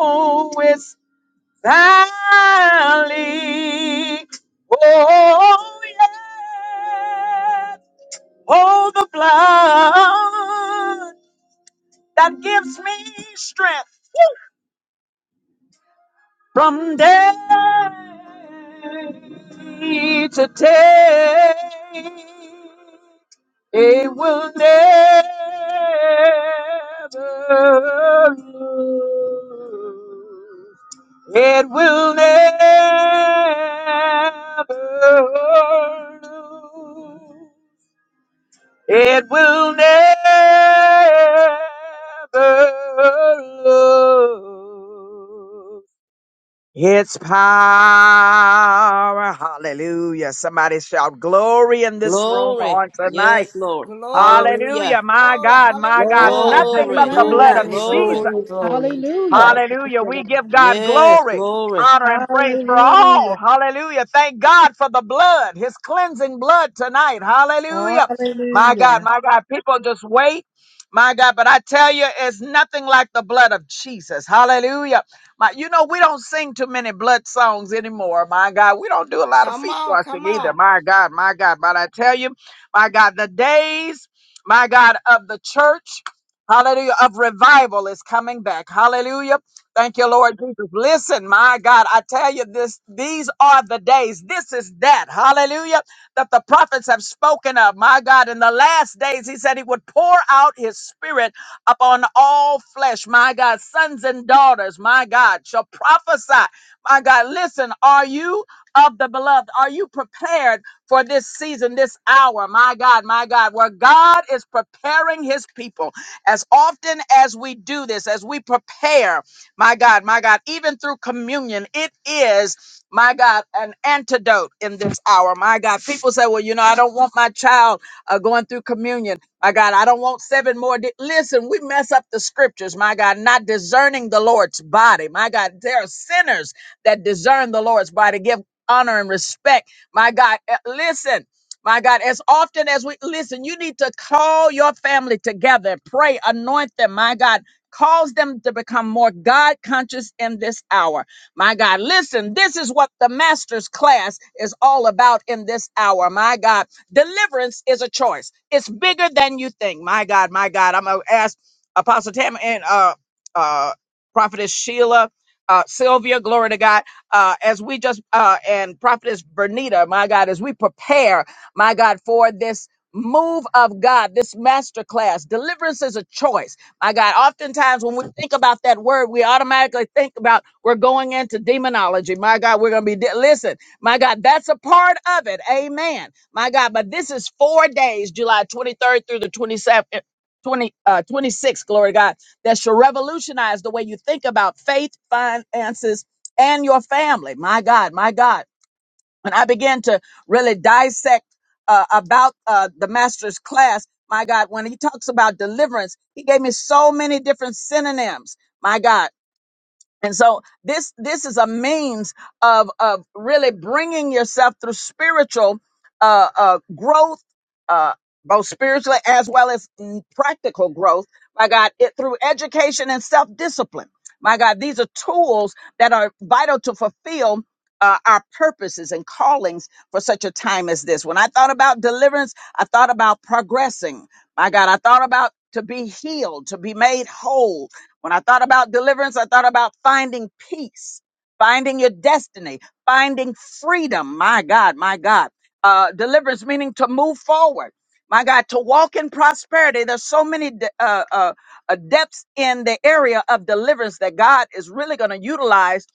[SPEAKER 1] lowest valley. It's power. Hallelujah. Somebody shout glory in this room
[SPEAKER 2] Glory.
[SPEAKER 1] on tonight.
[SPEAKER 2] Yes, Lord.
[SPEAKER 6] Glory,
[SPEAKER 2] Hallelujah.
[SPEAKER 1] Hallelujah. My
[SPEAKER 6] glory.
[SPEAKER 1] God, my God.
[SPEAKER 6] Hallelujah.
[SPEAKER 5] Glory.
[SPEAKER 1] Nothing but
[SPEAKER 2] Glory.
[SPEAKER 1] the
[SPEAKER 6] Thank
[SPEAKER 1] blood
[SPEAKER 5] Hallelujah.
[SPEAKER 1] of
[SPEAKER 6] you,
[SPEAKER 3] Glory,
[SPEAKER 1] Jesus.
[SPEAKER 6] Jesus.
[SPEAKER 2] Glory.
[SPEAKER 3] glory, glory.
[SPEAKER 5] Hallelujah.
[SPEAKER 9] God
[SPEAKER 5] Thank
[SPEAKER 1] Hallelujah.
[SPEAKER 5] you,
[SPEAKER 1] We
[SPEAKER 5] Lord.
[SPEAKER 1] give God
[SPEAKER 2] Yes,
[SPEAKER 1] glory,
[SPEAKER 2] glory.
[SPEAKER 1] honor, and praise for
[SPEAKER 5] Hallelujah.
[SPEAKER 1] all. Hallelujah. Thank God for the blood, his cleansing blood tonight. Hallelujah. My God,
[SPEAKER 5] Hallelujah.
[SPEAKER 1] my God. People just wait. My God, but I tell you, it's nothing like the blood of Jesus. Hallelujah. My, you know, we don't sing too many blood songs anymore. My God, we don't do a lot of
[SPEAKER 6] Come
[SPEAKER 1] feet
[SPEAKER 6] on, come
[SPEAKER 1] washing either.
[SPEAKER 6] on.
[SPEAKER 1] My God, my God. But I tell you, my God, the days, my God, of the church. Hallelujah. Of revival is coming back. Hallelujah. Thank you, Lord Jesus. Listen, my God, I tell you this, these are the days. This is that. Hallelujah. That the prophets have spoken of. My God, in the last days, he said he would pour out his spirit upon all flesh. My God, sons and daughters, my God, shall prophesy. My God, listen, are you of the beloved? Are you prepared for this season, this hour? My God, my God, where God is preparing his people. As often as we do this, as we prepare, my God, my God, even through communion, it is, my God, an antidote in this hour. My God, people say, well, you know, I don't want my child uh, going through communion. My God, I don't want seven more. di-" Listen, we mess up the scriptures, my God, not discerning the Lord's body. My God, there are sinners that discern the Lord's body. Give honor and respect, my God. Uh, Listen. My God, as often as we listen, you need to call your family together, pray, anoint them, my God. Cause them to become more God conscious in this hour. My God, listen, this is what the master's class is all about in this hour. My God, deliverance is a choice. It's bigger than you think. My God, my God. I'm going to ask Apostle Tam and uh, uh, Prophetess Sheila, uh, Sylvia, glory to God, uh, as we just, uh, and Prophetess Bernita, my God, as we prepare my God, for this move of God, this masterclass. Deliverance is a choice. My God, oftentimes when we think about that word, we automatically think about we're going into demonology. My God, we're going to be, de- listen, my God, that's a part of it. Amen. My God, but this is four days, July 23rd through the 27th. 20, uh, 26, glory to God, that shall revolutionize the way you think about faith, finances, and your family. My God, my God when I began to really dissect uh, about uh, the master's class, my God, when he talks about deliverance, he gave me so many different synonyms. My God, and so this this is a means of of really bringing yourself through spiritual uh, uh, growth, uh, both spiritually as well as mm, practical growth. My God, it through education and self discipline. My God, these are tools that are vital to fulfill. Uh, our purposes and callings for such a time as this. When I thought about deliverance, I thought about progressing. My God, I thought about to be healed, to be made whole, when I thought about deliverance, I thought about finding peace, finding your destiny, finding freedom. My God, my God. Uh, deliverance meaning to move forward. My God, to walk in prosperity. There's so many de- uh, uh, uh, depths in the area of deliverance that God is really going to utilize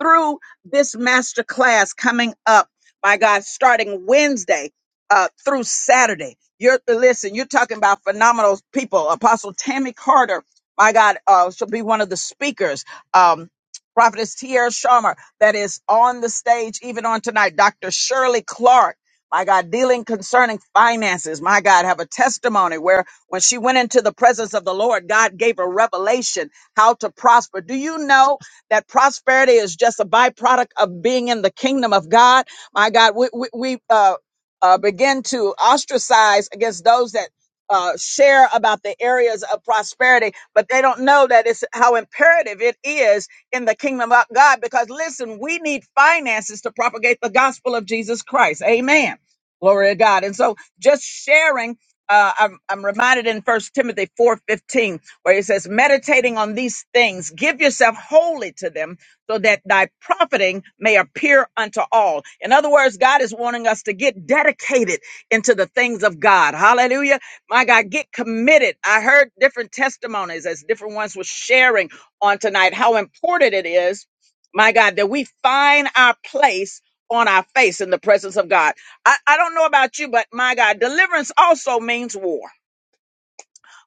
[SPEAKER 1] through this master class coming up. My God, starting Wednesday uh, through Saturday. You're listen. You're talking about phenomenal people. Apostle Tammy Carter my God, uh, she'll be one of the speakers. Um, Prophetess Tierra Sharma, that is on the stage even on tonight. Dr. Shirley Clark, my God, dealing concerning finances. My God, have a testimony where when she went into the presence of the Lord, God gave her revelation how to prosper. Do you know that prosperity is just a byproduct of being in the kingdom of God? My God, we, we, we uh, uh, begin to ostracize against those that uh, share about the areas of prosperity, but they don't know that it's how imperative it is in the kingdom of God. Because listen, we need finances to propagate the gospel of Jesus Christ. Amen. Glory to God. And so just sharing. Uh, I'm, I'm reminded in First Timothy 4:15, where it says, "Meditating on these things, give yourself wholly to them, so that thy profiting may appear unto all." In other words, God is wanting us to get dedicated into the things of God. Hallelujah my God, get committed. I heard different testimonies as different ones were sharing on tonight how important it is, my God, that we find our place on our face in the presence of God. I, I don't know about you, but my God, deliverance also means war.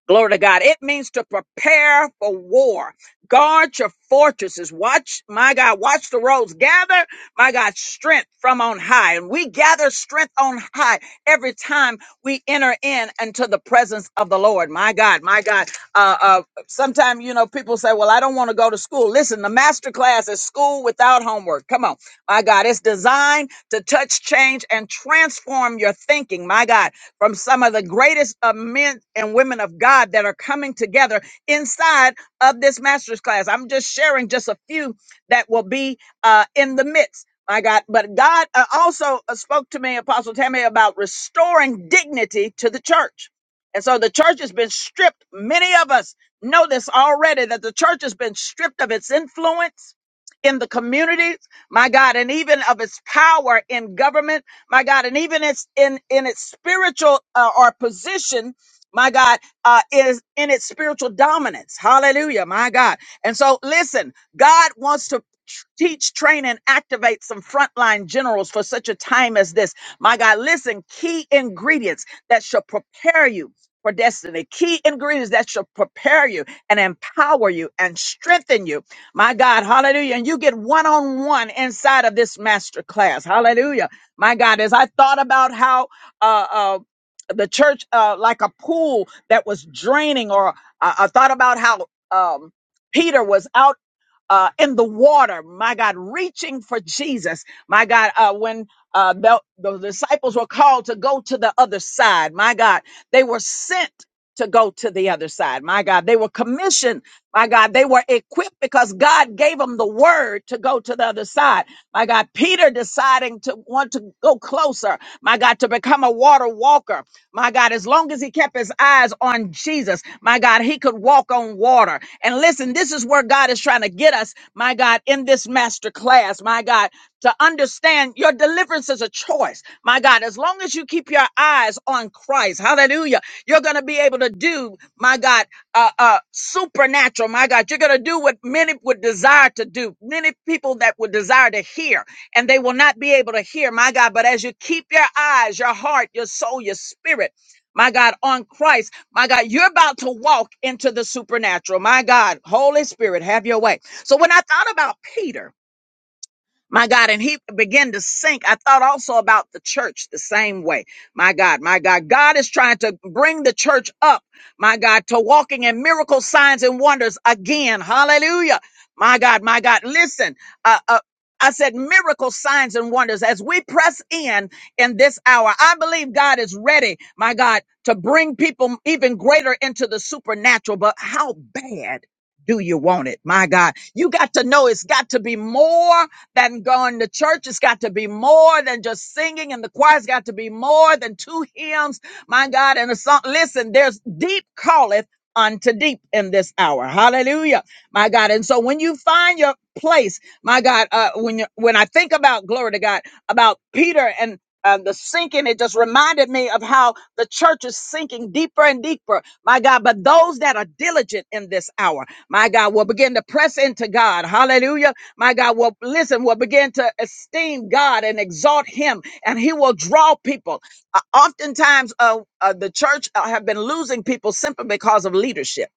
[SPEAKER 1] Glory to God. It means to prepare for war. Guard your fortresses. Watch, my God, watch the roads. Gather, my God, strength from on high. And we gather strength on high every time we enter in into the presence of the Lord. My God, my God. Uh, uh, Sometimes, you know, people say, well, I don't want to go to school. Listen, the master class is school without homework. Come on. My God, it's designed to touch, change, and transform your thinking. My God from some of the greatest uh, men and women of God that are coming together inside of this master's class. I'm just sharing just a few that will be uh, in the midst. My God, but God uh, also uh, spoke to me, Apostle Tammy, about restoring dignity to the church. And so the church has been stripped. Many of us know this already that the church has been stripped of its influence in the community my God, and even of its power in government, my God, and even its in in its spiritual uh, or position, my God, uh, is in its spiritual dominance. Hallelujah, my God. And so, listen, God wants to. tr- Teach, train, and activate some frontline generals for such a time as this. My God, listen, key ingredients that shall prepare you for destiny, key ingredients that shall prepare you and empower you and strengthen you my God, hallelujah. And you get one on one inside of this master class. Hallelujah. My God, as I thought about how uh, uh, the church, uh, like a pool that was draining, or I I thought about how um, Peter was out uh, in the water, my God, reaching for Jesus, my God, uh, when uh, the, the disciples were called to go to the other side, my God, they were sent to go to the other side, my God, they were commissioned my God, they were equipped because God gave them the word to go to the other side. My God, Peter deciding to want to go closer. My God, to become a water walker. My God, as long as he kept his eyes on Jesus, my God, he could walk on water. And listen, this is where God is trying to get us, my God, in this master class, my God, to understand your deliverance is a choice. My God, as long as you keep your eyes on Christ, hallelujah, you're going to be able to do, my God uh, uh, supernatural, my God. You're going to do what many would desire to do, many people that would desire to hear, and they will not be able to hear, my God. But as you keep your eyes, your heart, your soul, your spirit, my God, on Christ, my God, you're about to walk into the supernatural, my God. Holy Spirit, have your way. So when I thought about Peter, my God, and he began to sink. I thought also about the church the same way. My God, my God, God is trying to bring the church up, my God, to walking in miracle signs and wonders again. Hallelujah. My God, my God, listen, uh, uh, I said miracle signs and wonders as we press in in this hour. I believe God is ready, my God, to bring people even greater into the supernatural. But how bad do you want it? My God, you got to know it's got to be more than going to church. It's got to be more than just singing, and the choir's got to be more than two hymns. My God, and a song. Listen, there's deep calleth unto deep in this hour. Hallelujah, my God. And so when you find your place, my God, uh, when you, when I think about glory to God, about Peter and uh, the sinking, it just reminded me of how the church is sinking deeper and deeper, my God. But those that are diligent in this hour, my God, will begin to press into God. Hallelujah. My God will listen, will begin to esteem God and exalt Him, and He will draw people. Uh, oftentimes, uh, uh, the church uh, have been losing people simply because of leadership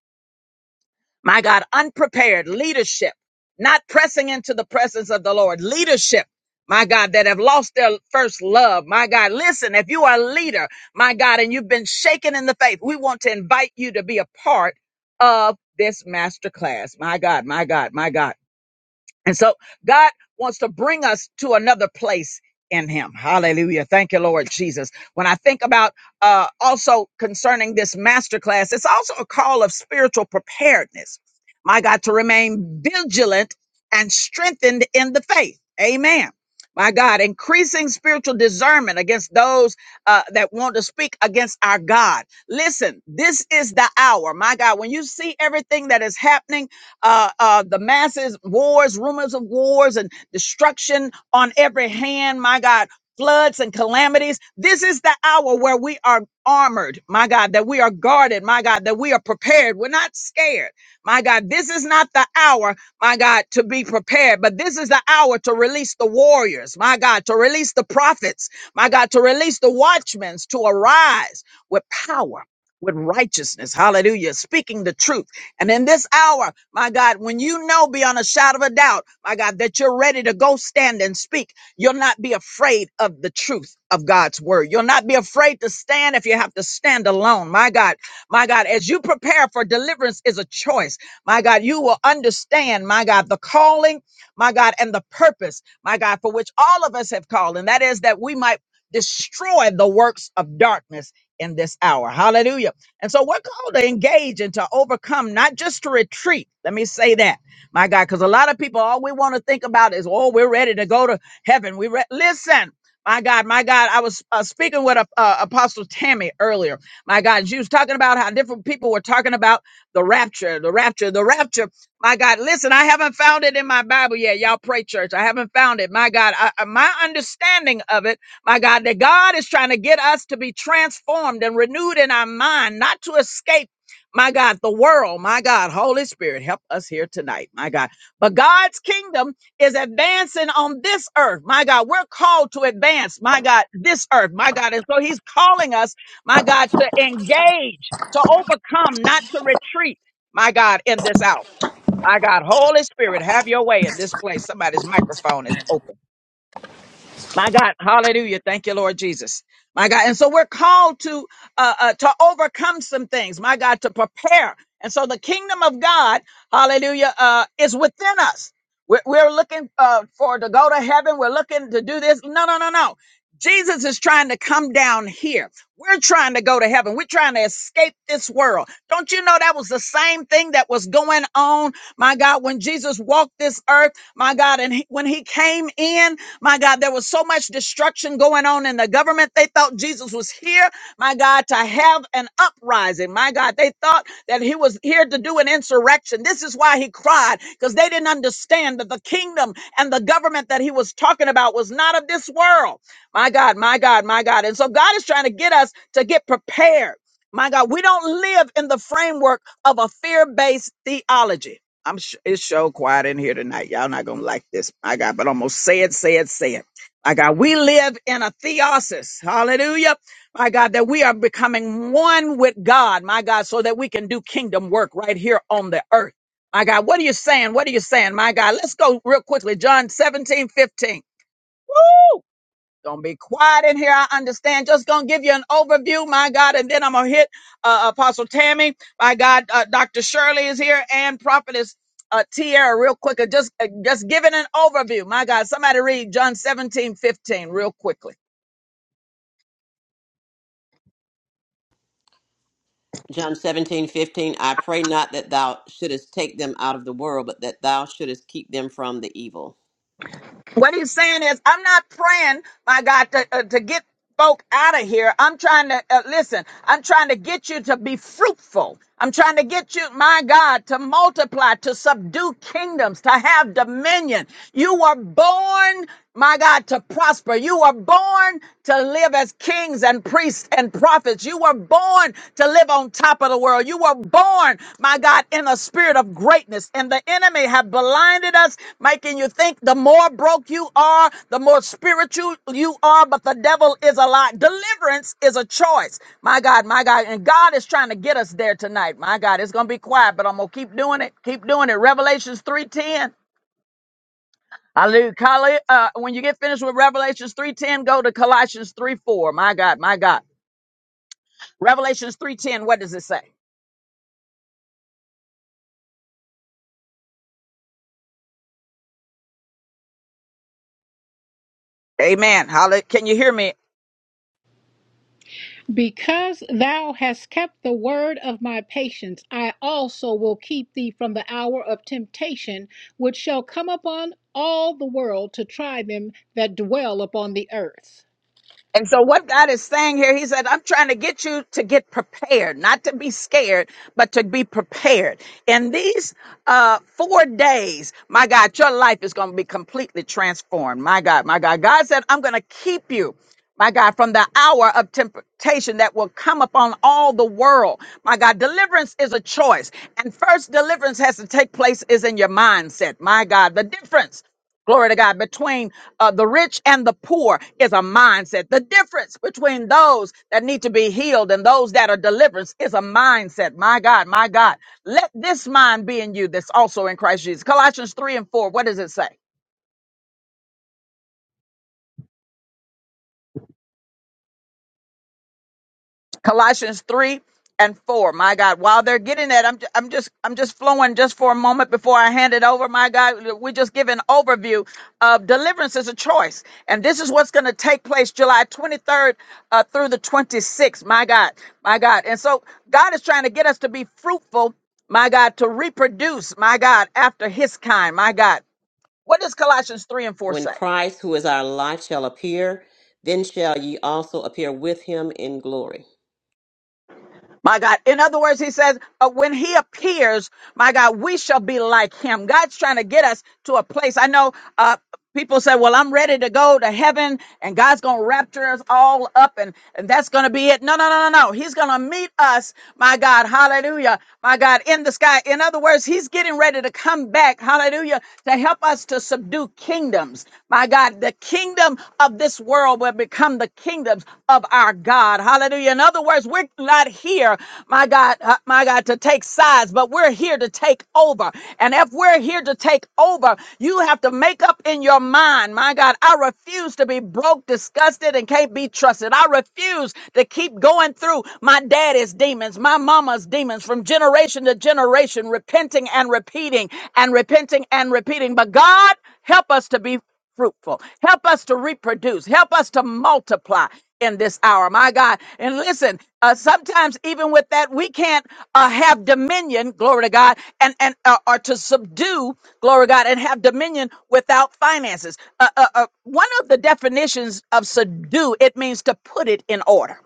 [SPEAKER 1] my God, unprepared leadership, not pressing into the presence of the Lord, leadership. My God, that have lost their first love. My God, listen, if you are a leader, my God, and you've been shaken in the faith, we want to invite you to be a part of this masterclass. My God, my God, my God. And so God wants to bring us to another place in him. Hallelujah. Thank you, Lord Jesus. When I think about uh also concerning this masterclass, it's also a call of spiritual preparedness. My God, to remain vigilant and strengthened in the faith. Amen. My God, increasing spiritual discernment against those uh, that want to speak against our God. Listen, this is the hour, my God, when you see everything that is happening uh, uh, the masses, wars, rumors of wars, and destruction on every hand. My God, floods and calamities. This is the hour where we are armored, my God, that we are guarded, my God, that we are prepared. We're not scared, my God. This is not the hour, my God, to be prepared, but this is the hour to release the warriors, my God, to release the prophets, my God, to release the watchmen to arise with power. With righteousness, hallelujah, speaking the truth and in this hour, my God, when you know beyond a shadow of a doubt, my God, that you're ready to go stand and speak, you'll not be afraid of the truth of God's word. You'll not be afraid to stand if you have to stand alone. My God, my God, as you prepare for deliverance is a choice. My God, you will understand, my God, the calling, my God, and the purpose, my God, for which all of us have called. And that is that we might destroy the works of darkness in this hour. Hallelujah. And so we're called to engage and to overcome, not just to retreat. Let me say that, my God, because a lot of people, all we want to think about is, oh, we're ready to go to heaven. We re-. listen. My God, my God, I was uh, speaking with uh, uh, Apostle Tammy earlier. My God, she was talking about how different people were talking about the rapture, the rapture, the rapture. My God, listen, I haven't found it in my Bible yet. Y'all pray, church. I haven't found it. My God, I, I- my understanding of it my God, that God is trying to get us to be transformed and renewed in our mind, not to escape, my God, the world. My God, Holy Spirit, help us here tonight, my God. But God's kingdom is advancing on this earth, my God. We're called to advance, my God, this earth, my God. And so He's calling us, my God, to engage, to overcome, not to retreat, my God, in this hour. My God, Holy Spirit, have your way in this place. Somebody's microphone is open. My God, hallelujah. Thank you, Lord Jesus. My God. And so we're called to uh, uh to overcome some things, my God, to prepare. And so the kingdom of God, hallelujah, uh is within us. We're, we're looking uh for to go to heaven. We're looking to do this. No, no, no, no. Jesus is trying to come down here. We're trying to go to heaven. We're trying to escape this world. Don't you know that was the same thing that was going on, my God, when Jesus walked this earth, my God, and he, when he came in, my God, there was so much destruction going on in the government. They thought Jesus was here, my God, to have an uprising. My God, they thought that he was here to do an insurrection. This is why he cried, because they didn't understand that the kingdom and the government that he was talking about was not of this world. My God, my God, my God. And so God is trying to get us to get prepared. My God, we don't live in the framework of a fear based theology. I'm sh- it's so quiet in here tonight. Y'all not gonna like this, my God. But I'm gonna say it, say it, say it. My God, we live in a theosis. Hallelujah. My God, that we are becoming one with God, my God, so that we can do kingdom work right here on the earth. My God, what are you saying? What are you saying? My God, let's go real quickly. John 17 15. Woo! Gonna be quiet in here. I understand. Just gonna give you an overview, my God, and then I'm gonna hit uh, Apostle Tammy. My God, uh, Dr. Shirley is here and Prophetess uh, Tierra, real quick. Uh, Just uh, just giving an overview, my God. Somebody read John 17 15 real quickly.
[SPEAKER 2] John seventeen fifteen. I pray not that thou shouldest take them out of the world, but that thou shouldest keep them from the evil.
[SPEAKER 1] What he's saying is, I'm not praying, my God, to, uh, to get folk out of here. I'm trying to, uh, listen, I'm trying to get you to be fruitful. I'm trying to get you, my God, to multiply, to subdue kingdoms, to have dominion. You were born my God, to prosper. You were born to live as kings and priests and prophets. You were born to live on top of the world. You were born, my God, in a spirit of greatness. And the enemy have blinded us, making you think the more broke you are, the more spiritual you are. But the devil is a lie. Deliverance is a choice. My God, my God. And God is trying to get us there tonight. My God, it's going to be quiet, but I'm going to keep doing it. Keep doing it. Revelations 3:10. Hallelujah. Col- Uh, when you get finished with Revelations 3.10, go to Colossians three four. My God, my God. Revelations 3.10, what does it say? Amen. Hallelujah. Can you hear me?
[SPEAKER 5] Because thou hast kept the word of my patience, I also will keep thee from the hour of temptation, which shall come upon all the world to try them that dwell upon the earth.
[SPEAKER 1] And so, what God is saying here, He said, I'm trying to get you to get prepared, not to be scared, but to be prepared. In these uh, four days, my God, your life is going to be completely transformed. My God, my God. God said, I'm going to keep you. My God, from the hour of temptation that will come upon all the world. My God, deliverance is a choice. And first deliverance has to take place is in your mindset. My God, the difference glory to God, between uh, the rich and the poor is a mindset. The difference between those that need to be healed and those that are deliverance is a mindset. My God, my God, let this mind be in you that's also in Christ Jesus. Colossians 3 and 4, what does it say? Colossians 3 and 4. My God, while they're getting that, I'm, ju- I'm just I'm just flowing just for a moment before I hand it over. My God, we just give an overview of deliverance is a choice. And this is what's going to take place July 23rd uh, through the 26th. My God, my God. And so God is trying to get us to be fruitful, my God, to reproduce, my God, after his kind, my God. What does Colossians 3 and 4
[SPEAKER 2] When
[SPEAKER 1] say?
[SPEAKER 2] Christ, who is our life, shall appear, then shall ye also appear with him in glory.
[SPEAKER 1] My God. In other words, he says, uh, when he appears, my God, we shall be like him. God's trying to get us to a place. I know uh, people say, well, I'm ready to go to heaven and God's going to rapture us all up and, and that's going to be it. No, no, no, no, no. He's going to meet us, my God. Hallelujah. My God, in the sky. In other words, he's getting ready to come back. Hallelujah. To help us to subdue kingdoms. My God, the kingdom kingdom of this world will become the kingdoms of our God. Hallelujah. In other words, we're not here, my God, uh, my God, to take sides, but we're here to take over. And if we're here to take over, you have to make up in your mind, my God, I refuse to be broke, disgusted, and can't be trusted. I refuse to keep going through my daddy's demons, my mama's demons from generation to generation, repenting and repeating and repenting and repeating. But God, help us to be fruitful. Help us to reproduce. Help us to multiply in this hour, my God. And listen, uh, sometimes even with that, we can't uh, have dominion, glory to God, and and uh, or to subdue, glory to God, and have dominion without finances. Uh, uh, uh, one of the definitions of subdue it means to put it in order.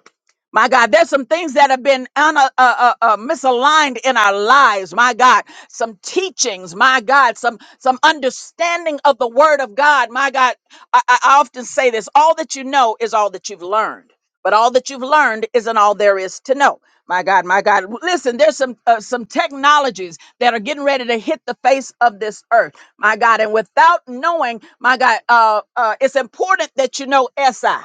[SPEAKER 1] My God, there's some things that have been un- uh, uh, uh, uh, misaligned in our lives. My God, some teachings. My God, some some understanding of the Word of God. My God, I, I I often say this: all that you know is all that you've learned, but all that you've learned isn't all there is to know. My God, my God, listen. There's some uh, some technologies that are getting ready to hit the face of this earth. My God, and without knowing, my God, uh, uh, it's important that you know SI.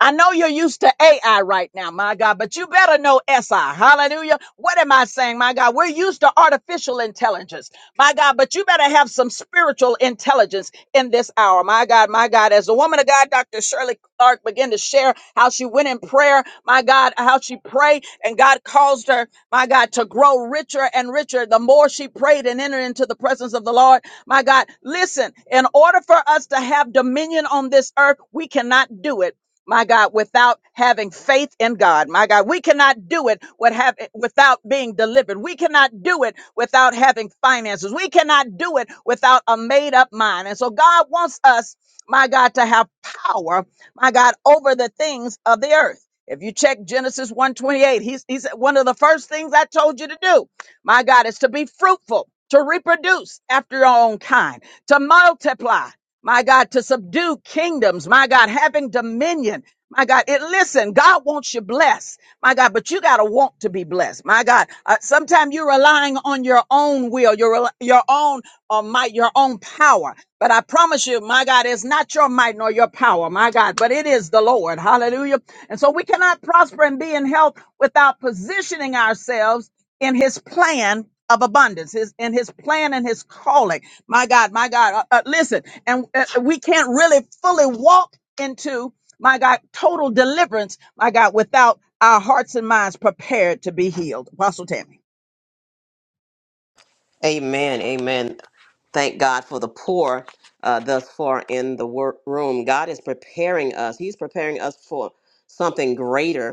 [SPEAKER 1] I know you're used to AI right now, my God, but you better know SI. Hallelujah. What am I saying, my God? We're used to artificial intelligence, my God, but you better have some spiritual intelligence in this hour, my God, my God. As the woman of God, Dr. Shirley Clark, began to share how she went in prayer, my God, how she prayed, and God caused her, my God, to grow richer and richer the more she prayed and entered into the presence of the Lord. My God, listen, in order for us to have dominion on this earth, we cannot do it my God, without having faith in God. My God, we cannot do it with have, without being delivered. We cannot do it without having finances. We cannot do it without a made up mind. And so God wants us, my God, to have power, my God, over the things of the earth. If you check Genesis 128, he's, he said one of the first things I told you to do, my God, is to be fruitful, to reproduce after your own kind, to multiply my God, to subdue kingdoms, my God, having dominion. My God, it listen, God wants you blessed. My God, but you got to want to be blessed. My God, uh, sometimes you're relying on your own will, your rel- your own uh, might, your own power. But I promise you, my God, it's not your might nor your power, my God, but it is the Lord. Hallelujah. And so we cannot prosper and be in health without positioning ourselves in his plan of abundance his in his plan and his calling my god my god uh, uh, listen and uh, we can't really fully walk into my god total deliverance my god without our hearts and minds prepared to be healed apostle tammy
[SPEAKER 2] Amen. Amen. Thank God for the poor uh, thus far in the work room. God is preparing us, He's preparing us for something greater.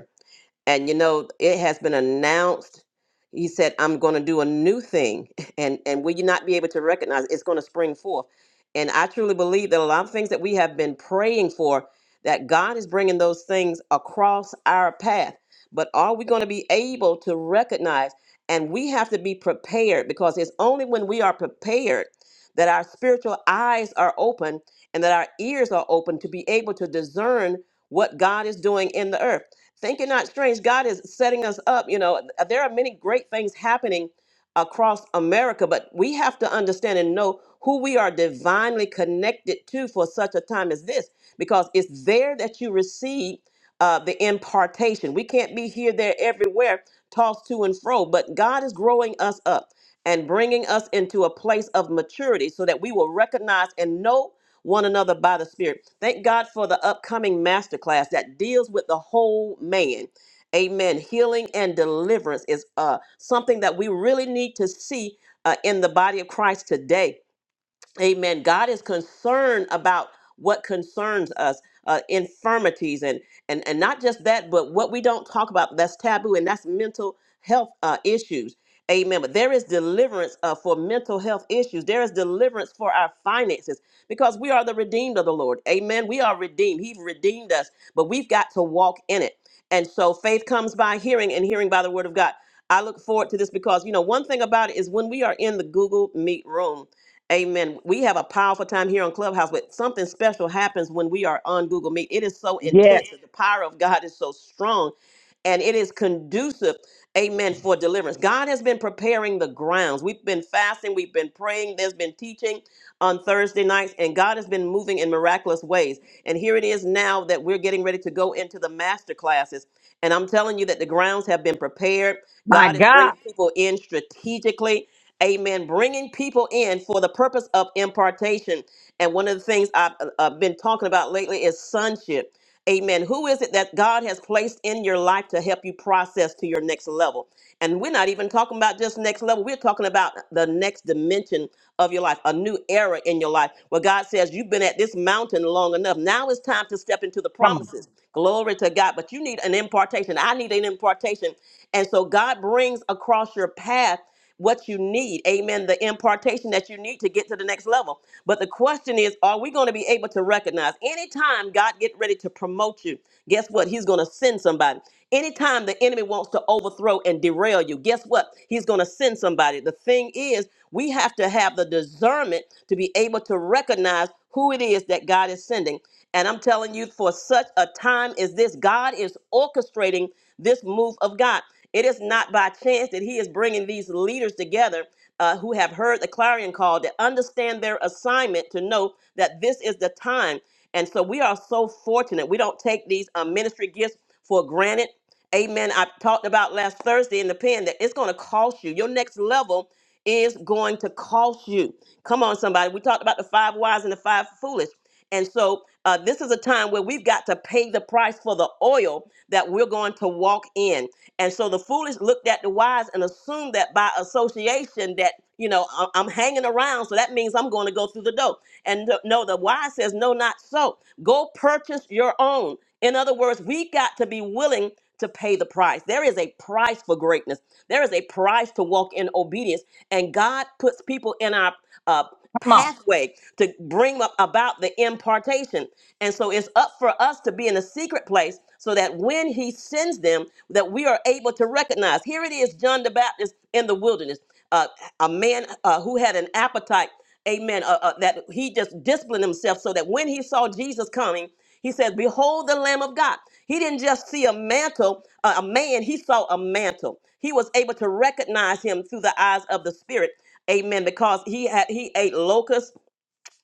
[SPEAKER 2] and you know it has been announced he said i'm going to do a new thing and and will you not be able to recognize it? it's going to spring forth and i truly believe that a lot of things that we have been praying for that god is bringing those things across our path but are we going to be able to recognize and we have to be prepared because it's only when we are prepared that our spiritual eyes are open and that our ears are open to be able to discern what god is doing in the earth Think it not strange. God is setting us up. You know, uh, there are many great things happening across America, but we have to understand and know who we are divinely connected to for such a time as this, because it's there that you receive uh, the impartation. We can't be here, there, everywhere, tossed to and fro, but God is growing us up and bringing us into a place of maturity so that we will recognize and know one another by the Spirit. Thank God for the upcoming masterclass that deals with the whole man. Amen. Healing and deliverance is uh, something that we really need to see uh, in the body of Christ today Amen. God is concerned about what concerns us, uh, infirmities, and and and not just that, but what we don't talk about that's taboo, and that's mental health uh, issues. Amen. But there is deliverance uh, for mental health issues. There is deliverance for our finances because we are the redeemed of the Lord. Amen. We are redeemed. He redeemed us, but we've got to walk in it. And so faith comes by hearing, and hearing by the word of God. I look forward to this because you know one thing about it is when we are in the Google Meet room Amen. We have a powerful time here on Clubhouse, but something special happens when we are on Google Meet. It is so
[SPEAKER 1] Yeah,
[SPEAKER 2] intense. and The power of God is so strong and it is conducive, amen, for deliverance. God has been preparing the grounds. We've been fasting, we've been praying, there's been teaching on Thursday nights, and God has been moving in miraculous ways. And here it is now that we're getting ready to go into the master classes. And I'm telling you that the grounds have been prepared.
[SPEAKER 1] my
[SPEAKER 2] God is
[SPEAKER 1] God.
[SPEAKER 2] bringing people in strategically. Amen. Bringing people in for the purpose of impartation. And one of the things I've uh, been talking about lately is sonship. Amen. Who is it that God has placed in your life to help you process to your next level? And we're not even talking about just next level. We're talking about the next dimension of your life, a new era in your life where God says, You've been at this mountain long enough. Now it's time to step into the
[SPEAKER 1] Come on,
[SPEAKER 2] promises. Glory to God. But you need an impartation. I need an impartation. And so God brings across your path what you need. Amen. The impartation that you need to get to the next level. But the question is, are we going to be able to recognize anytime God get ready to promote you? Guess what? He's going to send somebody. Anytime the enemy wants to overthrow and derail you, guess what? He's going to send somebody. The thing is, we have to have the discernment to be able to recognize who it is that God is sending. And I'm telling you, for such a time as this, God is orchestrating this move of God. It is not by chance that He is bringing these leaders together uh, who have heard the clarion call to understand their assignment to know that this is the time. And so we are so fortunate. We don't take these uh, ministry gifts for granted. Amen. I talked about last Thursday in the pen that it's going to cost you. Your next level is going to cost you. Come on, somebody. We talked about the five wise and the five foolish. And so uh, this is a time where we've got to pay the price for the oil that we're going to walk in. And so the foolish looked at the wise and assumed that by association that, you know, I- I'm hanging around, so that means I'm going to go through the door. And th- no, the wise says, no, not so. Go purchase your own. In other words, we got to be willing to pay the price. There is a price for greatness. There is a price to walk in obedience. And God puts people in our uh,
[SPEAKER 1] come on.
[SPEAKER 2] pathway to bring up about the impartation. And so it's up for us to be in a secret place so that when he sends them, that we are able to recognize. Here it is, John the Baptist in the wilderness, uh, a man uh, who had an appetite, amen, uh, uh, that he just disciplined himself so that when he saw Jesus coming, he said, Behold the Lamb of God. He didn't just see a mantle, uh, a man, he saw a mantle. He was able to recognize him through the eyes of the Spirit. Amen. Because he had he ate locusts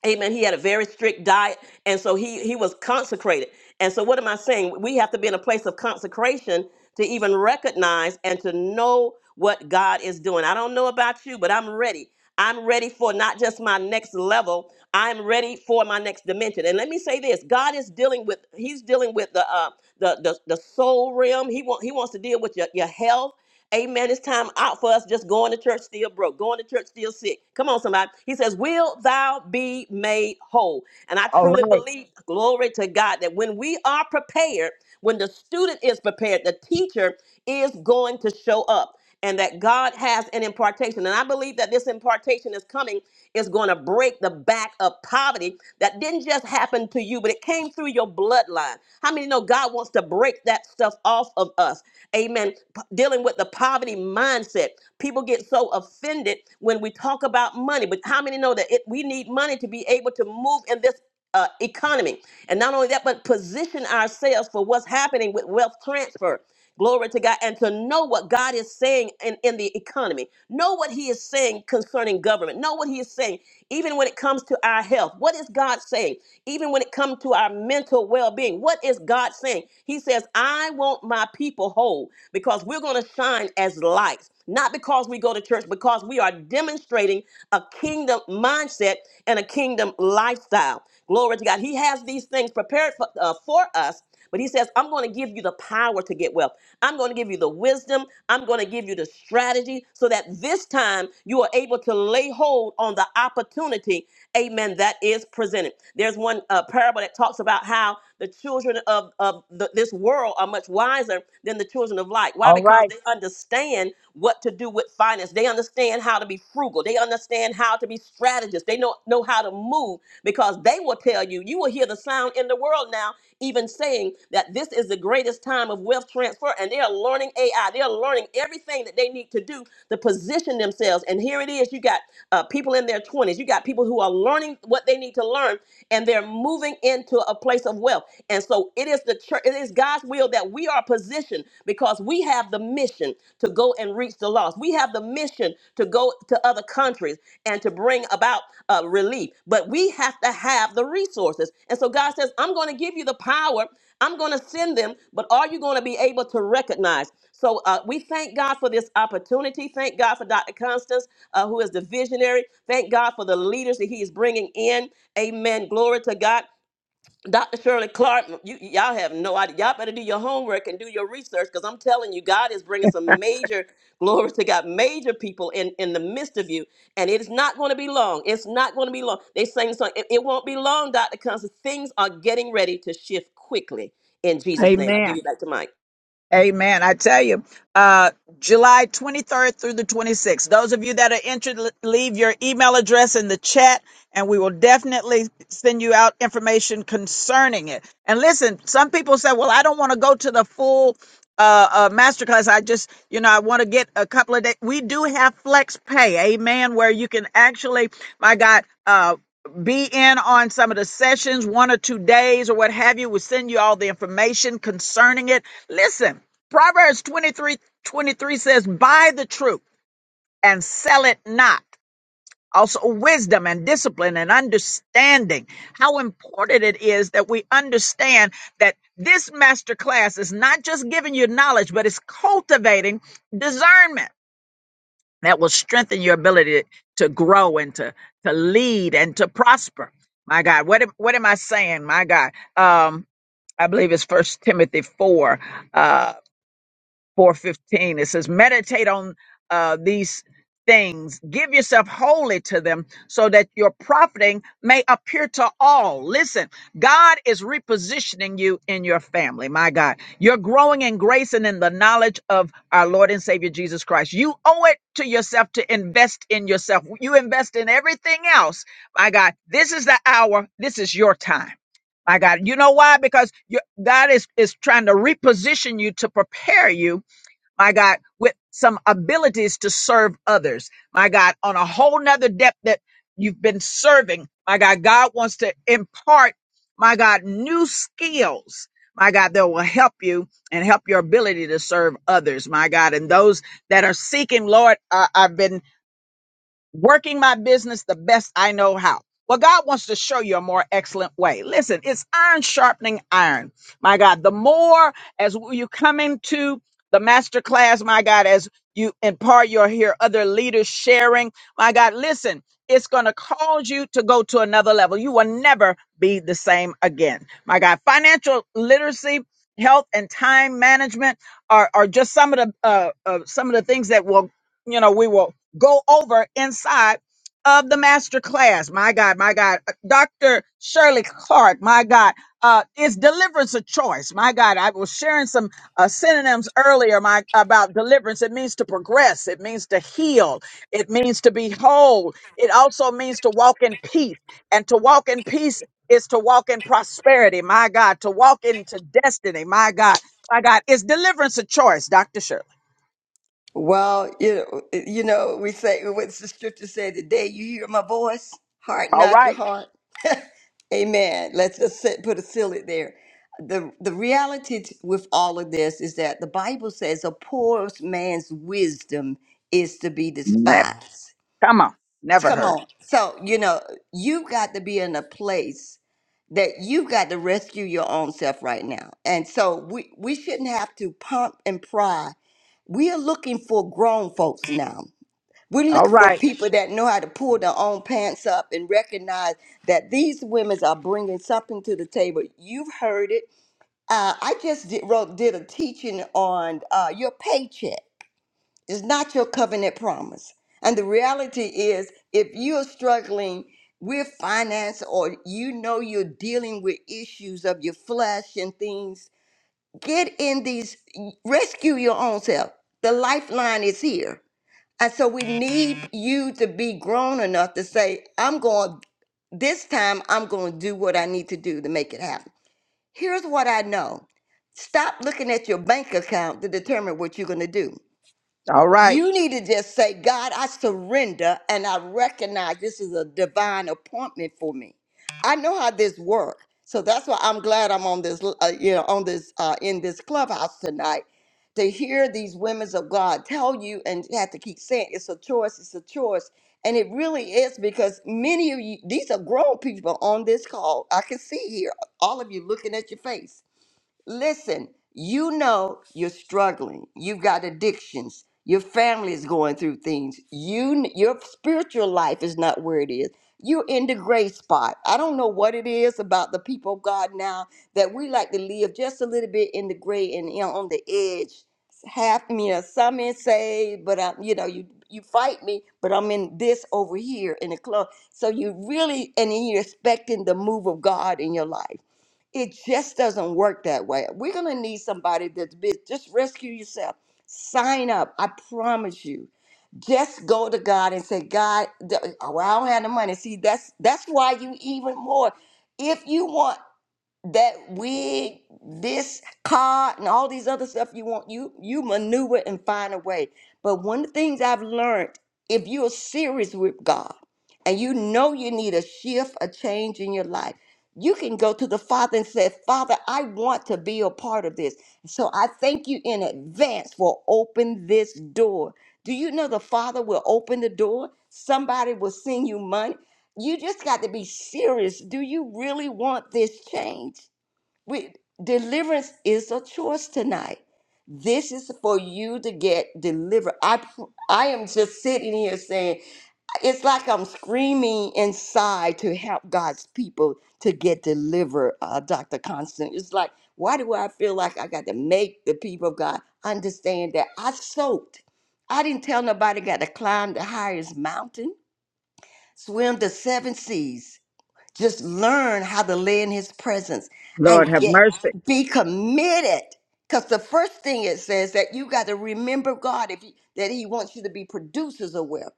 [SPEAKER 2] Amen. He had a very strict diet, and so he he was consecrated. And so, what am I saying? We have to be in a place of consecration to even recognize and to know what God is doing. I don't know about you, but I'm ready. I'm ready for not just my next level. I'm ready for my next dimension. And let me say this: God is dealing with He's dealing with the uh, the, the the soul realm. He want He wants to deal with your your health. Amen. It's time out for us just going to church still broke, going to church still sick. Come on, somebody. He says, Will thou be made whole? And I
[SPEAKER 1] All
[SPEAKER 2] truly
[SPEAKER 1] right,
[SPEAKER 2] believe, glory to God, that when we are prepared, when the student is prepared, the teacher is going to show up and that God has an impartation. And I believe that this impartation is coming, is going to break the back of poverty that didn't just happen to you, but it came through your bloodline. How many know God wants to break that stuff off of us? Amen. P- dealing with the poverty mindset. People get so offended when we talk about money, but how many know that it, we need money to be able to move in this uh, economy? And not only that, but position ourselves for what's happening with wealth transfer. Glory to God. And to know what God is saying in, in the economy. Know what He is saying concerning government. Know what He is saying, even when it comes to our health. What is God saying? Even when it comes to our mental well being. What is God saying? He says, I want my people whole because we're going to shine as lights. Not because we go to church, because we are demonstrating a kingdom mindset and a kingdom lifestyle. Glory to God. He has these things prepared for, uh, for us, but He says, I'm going to give you the power to get wealth. I'm going to give you the wisdom. I'm going to give you the strategy so that this time you are able to lay hold on the opportunity, amen, that is presented. There's one uh, parable that talks about how the children of, of the, this world are much wiser than the children of light. Why?
[SPEAKER 1] all
[SPEAKER 2] Because
[SPEAKER 1] right.
[SPEAKER 2] they understand what to do with finance, they understand how how to be frugal. They understand how to be strategists. They know, know how to move because they will tell you, you will hear the sound in the world now, even saying that this is the greatest time of wealth transfer. And they are learning AI. They are learning everything that they need to do to position themselves. And here it is you got uh, people in their 20s, you got people who are learning what they need to learn, and they're moving into a place of wealth. And so it is the church, it is God's will that we are positioned mission because we have the mission to go and reach the lost. We have the mission to go to other countries and to bring about uh, relief. But we have to have the resources. And so God says, I'm going to give you the power. I'm going to send them, but are you going to be able to recognize? So uh, we thank God for this opportunity. Thank God for Dr. Constance, uh, who is the visionary. Thank God for the leaders that He is bringing in. Amen. Glory to God. Dr. Shirley Clark, you, y'all have no idea. Y'all better do your homework and do your research because I'm telling you, God is bringing some major, glory to God, major people in, in the midst of you. And it is not going to be long. It's not going to be long. They sang the song, it, it won't be long, Dr. Constance. Things are getting ready to shift quickly in Jesus' name. I give you
[SPEAKER 1] Amen.
[SPEAKER 2] back to Mike.
[SPEAKER 1] Amen. I tell you, uh, July 23rd through the 26th. Those of you that are interested, leave your email address in the chat and we will definitely send you out information concerning it. And listen, some people say, well, I don't want to go to the full uh, uh, masterclass. I just, you know, I want to get a couple of days. We do have flex pay. Amen. Where you can actually, my God, uh, be in on some of the sessions, one or two days or what have you. We'll send you all the information concerning it. Listen, Proverbs 23 23 says, Buy the truth and sell it not. Also, wisdom and discipline and understanding. How important it is that we understand that this master class is not just giving you knowledge, but it's cultivating discernment that will strengthen your ability to grow and to to lead and to prosper. My God, what am, what am I saying? My God, um, I believe it's First Timothy four. Uh, 4:15 it says meditate on uh, these things give yourself wholly to them so that your profiting may appear to all listen god is repositioning you in your family my god you're growing in grace and in the knowledge of our lord and savior jesus christ you owe it to yourself to invest in yourself you invest in everything else my god this is the hour this is your time my god you know why because you, god is is trying to reposition you to prepare you my God, with some abilities to serve others, my God, on a whole nother depth that you've been serving, my God. God wants to impart, my God, new skills, my God, that will help you and help your ability to serve others, my God. And those that are seeking, Lord, I, have been working my business the best I know how. Well, God wants to show you a more excellent way. Listen, it's iron sharpening iron. My God, the more as you come into the master class, my God, as you impart your hear other leaders sharing, my God, listen, it's going to cause you to go to another level. You will never be the same again. My God, financial literacy, health and time management are, are just some of the, uh, uh, some of the things that will, you know, we will go over inside of the master class. My God, my God. Dr. Shirley Clark, my God, uh, is deliverance a choice? My God, I was sharing some uh, synonyms earlier my, about deliverance. It means to progress, it means to heal, it means to be whole, it also means to walk in peace. And to walk in peace is to walk in prosperity, my God, to walk into destiny, my God, my God. Is deliverance a choice, Dr. Shirley?
[SPEAKER 12] Well, you know, you know, we say what's the scripture say today, you hear my voice, harden
[SPEAKER 1] All
[SPEAKER 12] not your
[SPEAKER 1] right.
[SPEAKER 12] heart. Amen. Let's just sit, put a it there. The the reality t- with all of this is that the Bible says a poor man's wisdom is to be
[SPEAKER 1] Ne-
[SPEAKER 12] despised.
[SPEAKER 1] Come on. Never
[SPEAKER 12] Come
[SPEAKER 1] heard.
[SPEAKER 12] on. So, you know, you've got to be in a place that you've got to rescue your own self right now. And so we, we shouldn't have to pump and pry. We are looking for grown folks now. We are
[SPEAKER 1] All
[SPEAKER 12] looking for
[SPEAKER 1] right.
[SPEAKER 12] people that know how to pull their own pants up and recognize that these women are bringing something to the table. You've heard it. Uh, I just did, wrote did a teaching on uh, your paycheck. It's not your covenant promise. And the reality is, if you're struggling with finance or you know you're dealing with issues of your flesh and things, get in these, rescue your own self. The lifeline is here. And so we need you to be grown enough to say, I'm going, this time I'm going to do what I need to do to make it happen. Here's what I know. Stop looking at your bank account to determine what you're going to do.
[SPEAKER 1] All right.
[SPEAKER 12] You need to just say, God, I surrender and I recognize this is a divine appointment for me. I know how this works. So that's why I'm glad I'm on this, uh, you know, on this, uh, in this clubhouse tonight to hear these women of God tell you and you have to keep saying it's a choice, it's a choice. And it really is because many of you, these are grown people on this call. I can see here, all of you looking at your face Listen, you know you're struggling. You've got addictions. Your family is going through things. You your spiritual life is not where it is. You're in the gray spot. I don't know what it is about the people of God now that we like to live just a little bit in the gray and you know, on the edge. Half, you know, some is saved, but I'm, you know, you you fight me, but I'm in this over here in the club. So you really, and then you're expecting the move of God in your life. It just doesn't work that way. We're going to need somebody that's has just rescue yourself. Sign up. I promise you. Just go to God and say, God, th- oh, I don't have the money. See, that's that's why you even more. If you want that wig, this car, and all these other stuff you want, you you maneuver and find a way. But one of the things I've learned, if you're serious with God and you know you need a shift, a change in your life, you can go to the Father and say, Father, I want to be a part of this. So I thank you in advance for open this door. Do you know the Father will open the door? Somebody will send you money you just got to be serious. Do you really want this change? We, deliverance is a choice tonight. This is for you to get delivered. I pr- I am just sitting here saying it's like I'm screaming inside to help God's people to get delivered. Uh, Dr. Constant, it's like why do I feel like I got to make the people of God understand that I soaked? I didn't tell nobody got to climb the highest mountain, swim the seven seas. Just learn how to lay in his presence and
[SPEAKER 1] Lord have
[SPEAKER 12] get
[SPEAKER 1] mercy.
[SPEAKER 12] be committed. Because the first thing it says that you got to remember God if you, that He wants you to be producers of wealth.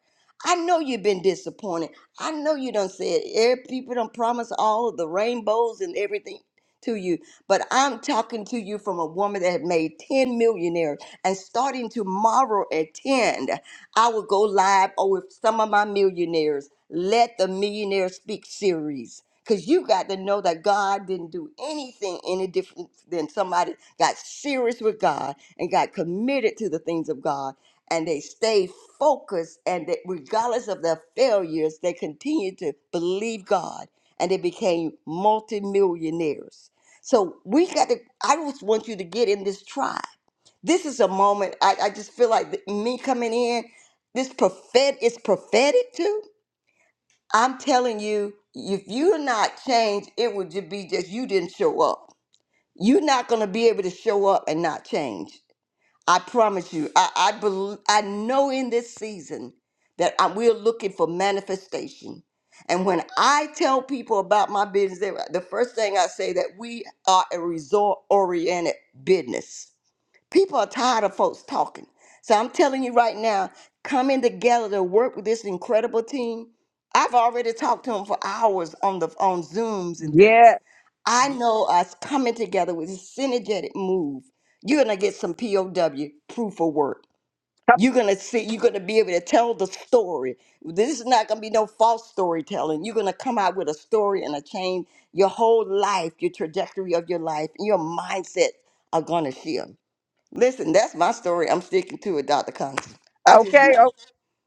[SPEAKER 12] I know you've been disappointed. I know you done said every people don't promise all of the rainbows and everything to you. But I'm talking to you from a woman that had made 10 millionaires and starting tomorrow at 10. I will go live or with some of my millionaires. Let the millionaire speak series. Cause you got to know that God didn't do anything any different than somebody got serious with God and got committed to the things of God and they stay focused and they, regardless of their failures, they continue to believe God and they became multimillionaires. So we got to I just want you to get in this tribe. This is a moment I, I just feel like th- me coming in, this prophet is prophetic too. I'm telling you, if you're not changed, it would just be just you didn't show up. You're not gonna be able to show up and not change. I promise you. I I, bel I know in this season that I, we're looking for manifestation. And when I tell people about my business, they- the first thing I say that we are a result oriented business. People are tired of folks talking. So I'm telling you right now, coming together to work with this incredible team. I've already talked to them for hours on the on Zooms and things.
[SPEAKER 1] Yeah.
[SPEAKER 12] I know us coming together with a synergetic move. You're gonna get some POW proof of work. You're gonna see. You're gonna be able to tell the story. This is not gonna be no false storytelling. You're gonna come out with a story and a change. Your whole life, your trajectory of your life, and your mindset are gonna shift. Listen, that's my story. I'm sticking to it, Dr. Constance. I just
[SPEAKER 1] Okay.
[SPEAKER 12] know
[SPEAKER 1] Oh,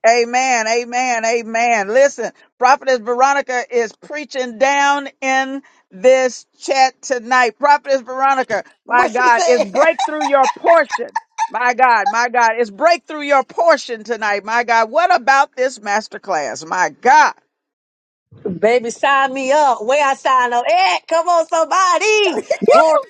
[SPEAKER 1] amen. Amen. Amen. Listen, Prophetess Veronica is preaching down in this chat tonight. Prophetess Veronica, my
[SPEAKER 12] what she
[SPEAKER 1] God, it's
[SPEAKER 12] said.
[SPEAKER 1] breakthrough your portion. My God, my God, it's breakthrough your portion tonight. My God, what about this master class? My God,
[SPEAKER 13] Baby, sign me up. Where I sign up at? Come on, somebody. Glory.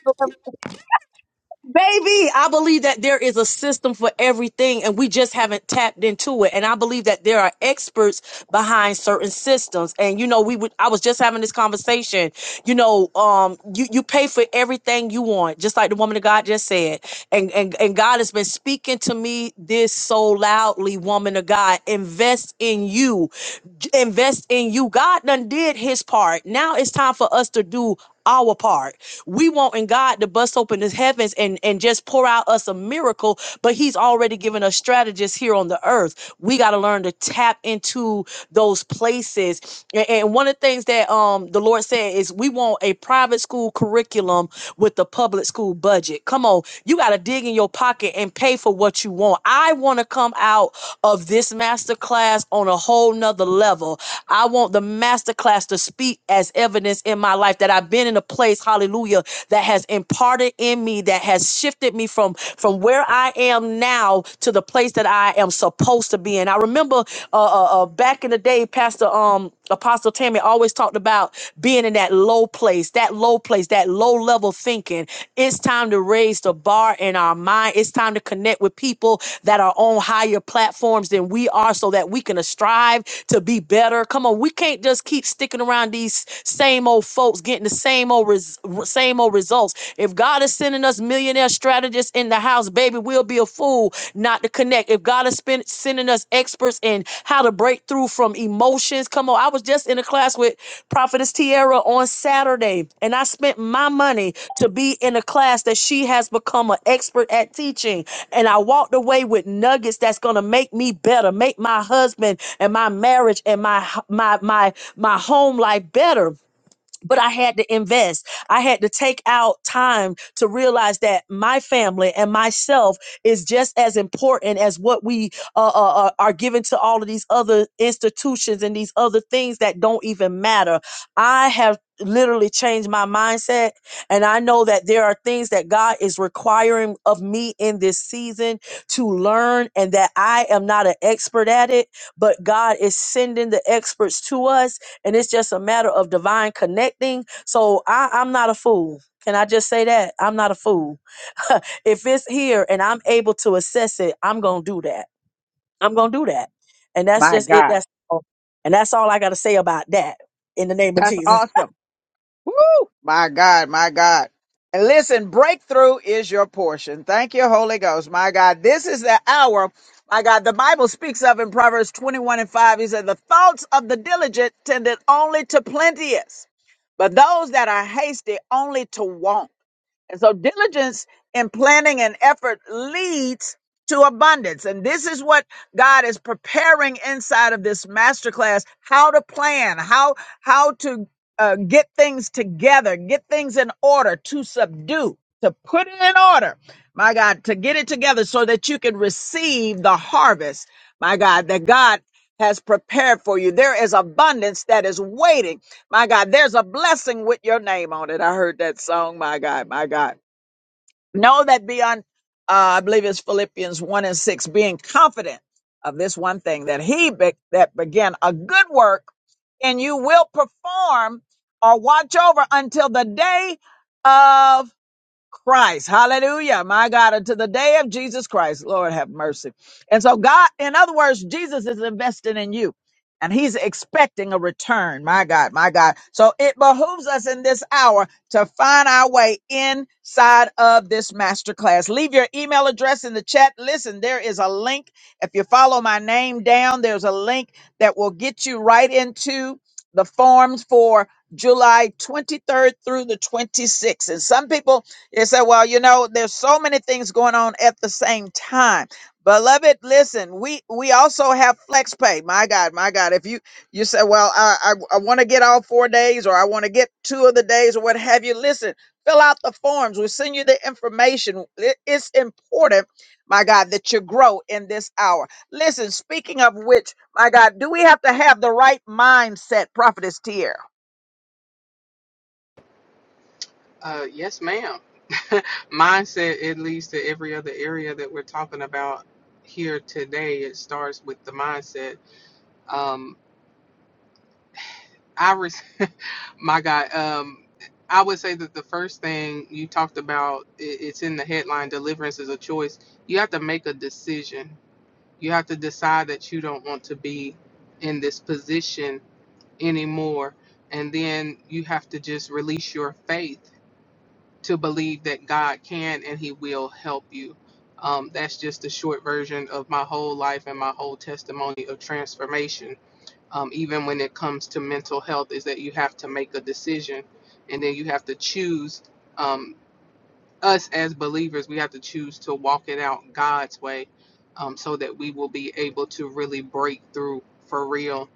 [SPEAKER 13] Baby, I believe that there is a system for everything and we just haven't tapped into it. And I believe that there are experts behind certain systems. And you know, we would I was just having this conversation. You know, um you you pay for everything you want, just like the woman of God just said. And and and God has been speaking to me this so loudly, woman of God, invest in you. J- Invest in you. God done did his part. Now it's time for us to do our part. We want in God to bust open his heavens and, and just pour out us a miracle, but he's already given us strategists here on the earth. We got to learn to tap into those places. A- And one of the things that um the Lord said is we want a private school curriculum with the public school budget. Come on, you got to dig in your pocket and pay for what you want. I want to come out of this master class on a whole nother level. I want the master class to speak as evidence in my life life that I've been in a place, hallelujah, that has imparted in me, that has shifted me from from where I am now to the place that I am supposed to be in. I remember uh, uh, uh back in the day, Pastor um Apostle Tammy always talked about being in that low place, that low place, that low level thinking. It's time to raise the bar in our mind. It's time to connect with people that are on higher platforms than we are so that we can strive to be better. Come on, we can't just keep sticking around these same old old folks getting the same old res- same old results. If God is sending us millionaire strategists in the house, baby, we'll be a fool not to connect. If God is spend- sending us experts in how to break through from emotions, come on. I was just in a class with Prophetess Tiara on Saturday, and I spent my money to be in a class that she has become an expert at teaching. And I walked away with nuggets that's gonna make me better, make my husband and my marriage and my h- my my my home life better but I had to invest. I had to take out time to realize that my family and myself is just as important as what we uh, uh, uh, are given to all of these other institutions and these other things that don't even matter. I have literally changed my mindset and I know that there are things that God is requiring of me in this season to learn and that I am not an expert at it, but God is sending the experts to us and it's just a matter of divine connecting. So I, I'm not a fool. Can I just say that? I'm not a fool. if it's here and I'm able to assess it, I'm gonna do that. I'm gonna do that. And that's
[SPEAKER 1] my
[SPEAKER 13] just it.
[SPEAKER 1] God,
[SPEAKER 13] That's all. and that's all I gotta say about that in the name of
[SPEAKER 1] that's
[SPEAKER 13] Jesus.
[SPEAKER 1] awesome. My God, my God. And listen, breakthrough is your portion. Thank you, Holy Ghost. My God, this is the hour. My God, the Bible speaks of in Proverbs 21 and 5. He said, The thoughts of the diligent tended only to plenteous, but those that are hasty only to want. And so diligence in planning and effort leads to abundance. And this is what God is preparing inside of this masterclass, how to plan, how how to uh, get things together, get things in order, to subdue, to put it in order. My God, to get it together so that you can receive the harvest. My God, that God has prepared for you. There is abundance that is waiting my God, there's a blessing with your name on it. I heard that song. My God, my God. Know that beyond, uh, I believe it's Philippians 1 and 6, being confident of this one thing, that he be- that began a good work and you will perform or watch over until the day of Christ. Hallelujah. My God, unto the day of Jesus Christ. Lord have mercy. And so God, in other words, Jesus is investing in you and he's expecting a return. My God, my God. So it behooves us in this hour to find our way inside of this masterclass. Leave your email address in the chat. Listen, there is a link. If you follow my name down, there's a link that will get you right into the forms for July 23rd through the 26th. And some people they said, well, you know, there's so many things going on at the same time. Beloved, listen, we we also have flex pay. My God, my God. If you you say, well, I I, I want to get all four days or I want to get two of the days or what have you, listen, fill out the forms. We'll send you the information. It- it's important, my God, that you grow in this hour. Listen, speaking of which, my God, do we have to have the right mindset, Prophetess Tier?
[SPEAKER 10] Uh, yes, ma'am. Mindset, it leads to every other area that we're talking about here today. It starts with the mindset. Um, I, res- my God, um, I would say that the first thing you talked about, i- it's in the headline, deliverance is a choice. You have to make a decision You have to decide that you don't want to be in this position anymore. And then you have to just release your faith to believe that God can and He will help you. Um, that's just the short version of my whole life and my whole testimony of transformation. Um, even when it comes to mental health, is that you have to make a decision and then you have to choose. Um, us as believers, we have to choose to walk it out God's way um, so that we will be able to really break through for real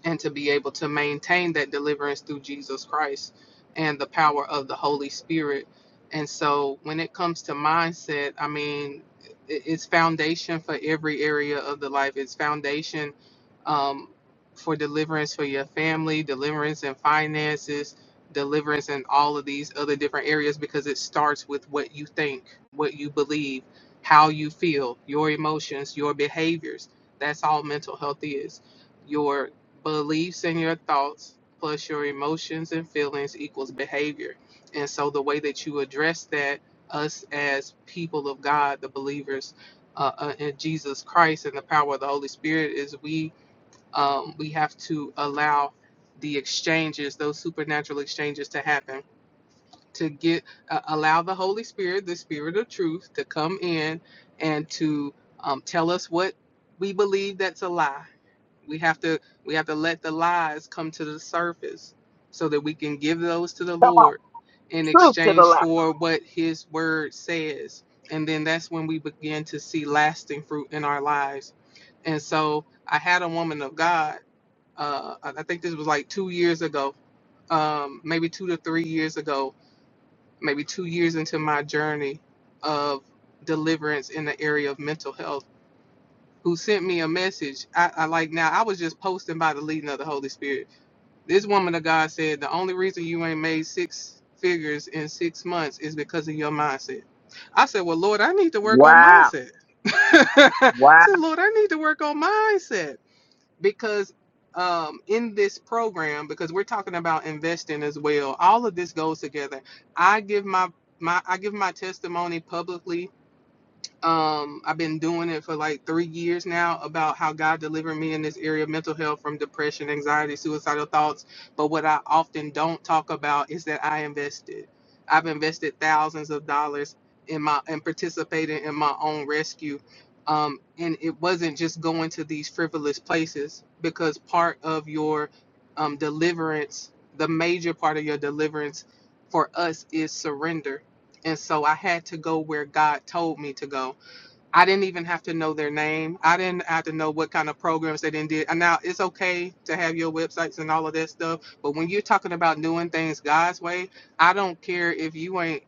[SPEAKER 10] gift and to be able to maintain that deliverance through Jesus Christ and the power of the Holy Spirit. And so when it comes to mindset, I mean, it's foundation for every area of the life. It's foundation um, for deliverance for your family, deliverance in finances, deliverance in all of these other different areas because it starts with what you think, what you believe, how you feel, your emotions, your behaviors. That's all mental health is Your Beliefs and your thoughts plus your emotions and feelings equals behavior. And so the way that you address that, us as people of God, the believers uh, uh, in Jesus Christ and the power of the Holy Spirit, is we um, we have to allow the exchanges, those supernatural exchanges, to happen. To get uh, allow the Holy Spirit, the Spirit of Truth, to come in and to um, tell us what we believe that's a lie we have to we have to let the lies come to the surface so that we can give those to the
[SPEAKER 1] Come
[SPEAKER 10] lord in
[SPEAKER 1] on, truth to the
[SPEAKER 10] exchange
[SPEAKER 1] light.
[SPEAKER 10] for what his word says and then that's when we begin to see lasting fruit in our lives and so i had a woman of god uh i think this was like two years ago um maybe two to three years ago maybe two years into my journey of deliverance in the area of mental health who sent me a message. I, I like now, I was just posting by the leading of the Holy Spirit. This woman of God said, The only reason you ain't made six figures in six months is because of your mindset. I said, Well, Lord, I need to work on
[SPEAKER 1] Wow.
[SPEAKER 10] mindset. I
[SPEAKER 1] Wow.
[SPEAKER 10] said, Lord, I need to work on mindset because um, in this program, because we're talking about investing as well, all of this goes together. I give my my I give my testimony publicly um i've been doing it for like three years now about how god delivered me in this area of mental health from depression anxiety suicidal thoughts but what i often don't talk about is that i invested i've invested thousands of dollars in my and participating in my own rescue um, and it wasn't just going to these frivolous places because part of your um, deliverance the major part of your deliverance for us is surrender and so i had to go where god told me to go I didn't even have to know their name. I didn't have to know what kind of programs they didn't did. And now it's okay to have your websites and all of that stuff, but when you're talking about doing things God's way, I don't care if you ain't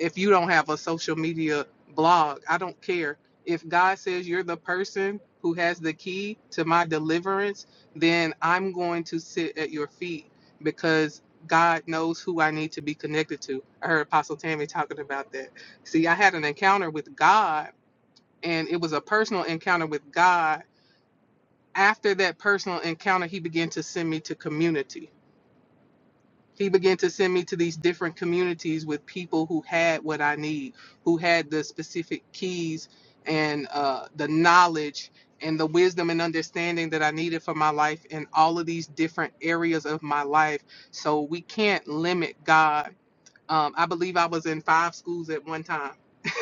[SPEAKER 10] if you don't have a social media blog. I don't care. If God says you're the person who has the key to my deliverance, then I'm going to sit at your feet because God knows who I need to be connected to. I heard Apostle Tammy talking about that. See, I had an encounter with God and it was a personal encounter with God. After that personal encounter, he began to send me to community. He began to send me to these different communities with people who had what I need, who had the specific keys and uh, the knowledge and the wisdom and understanding that I needed for my life in all of these different areas of my life. So we can't limit God. Um, I believe I was in five schools at one time.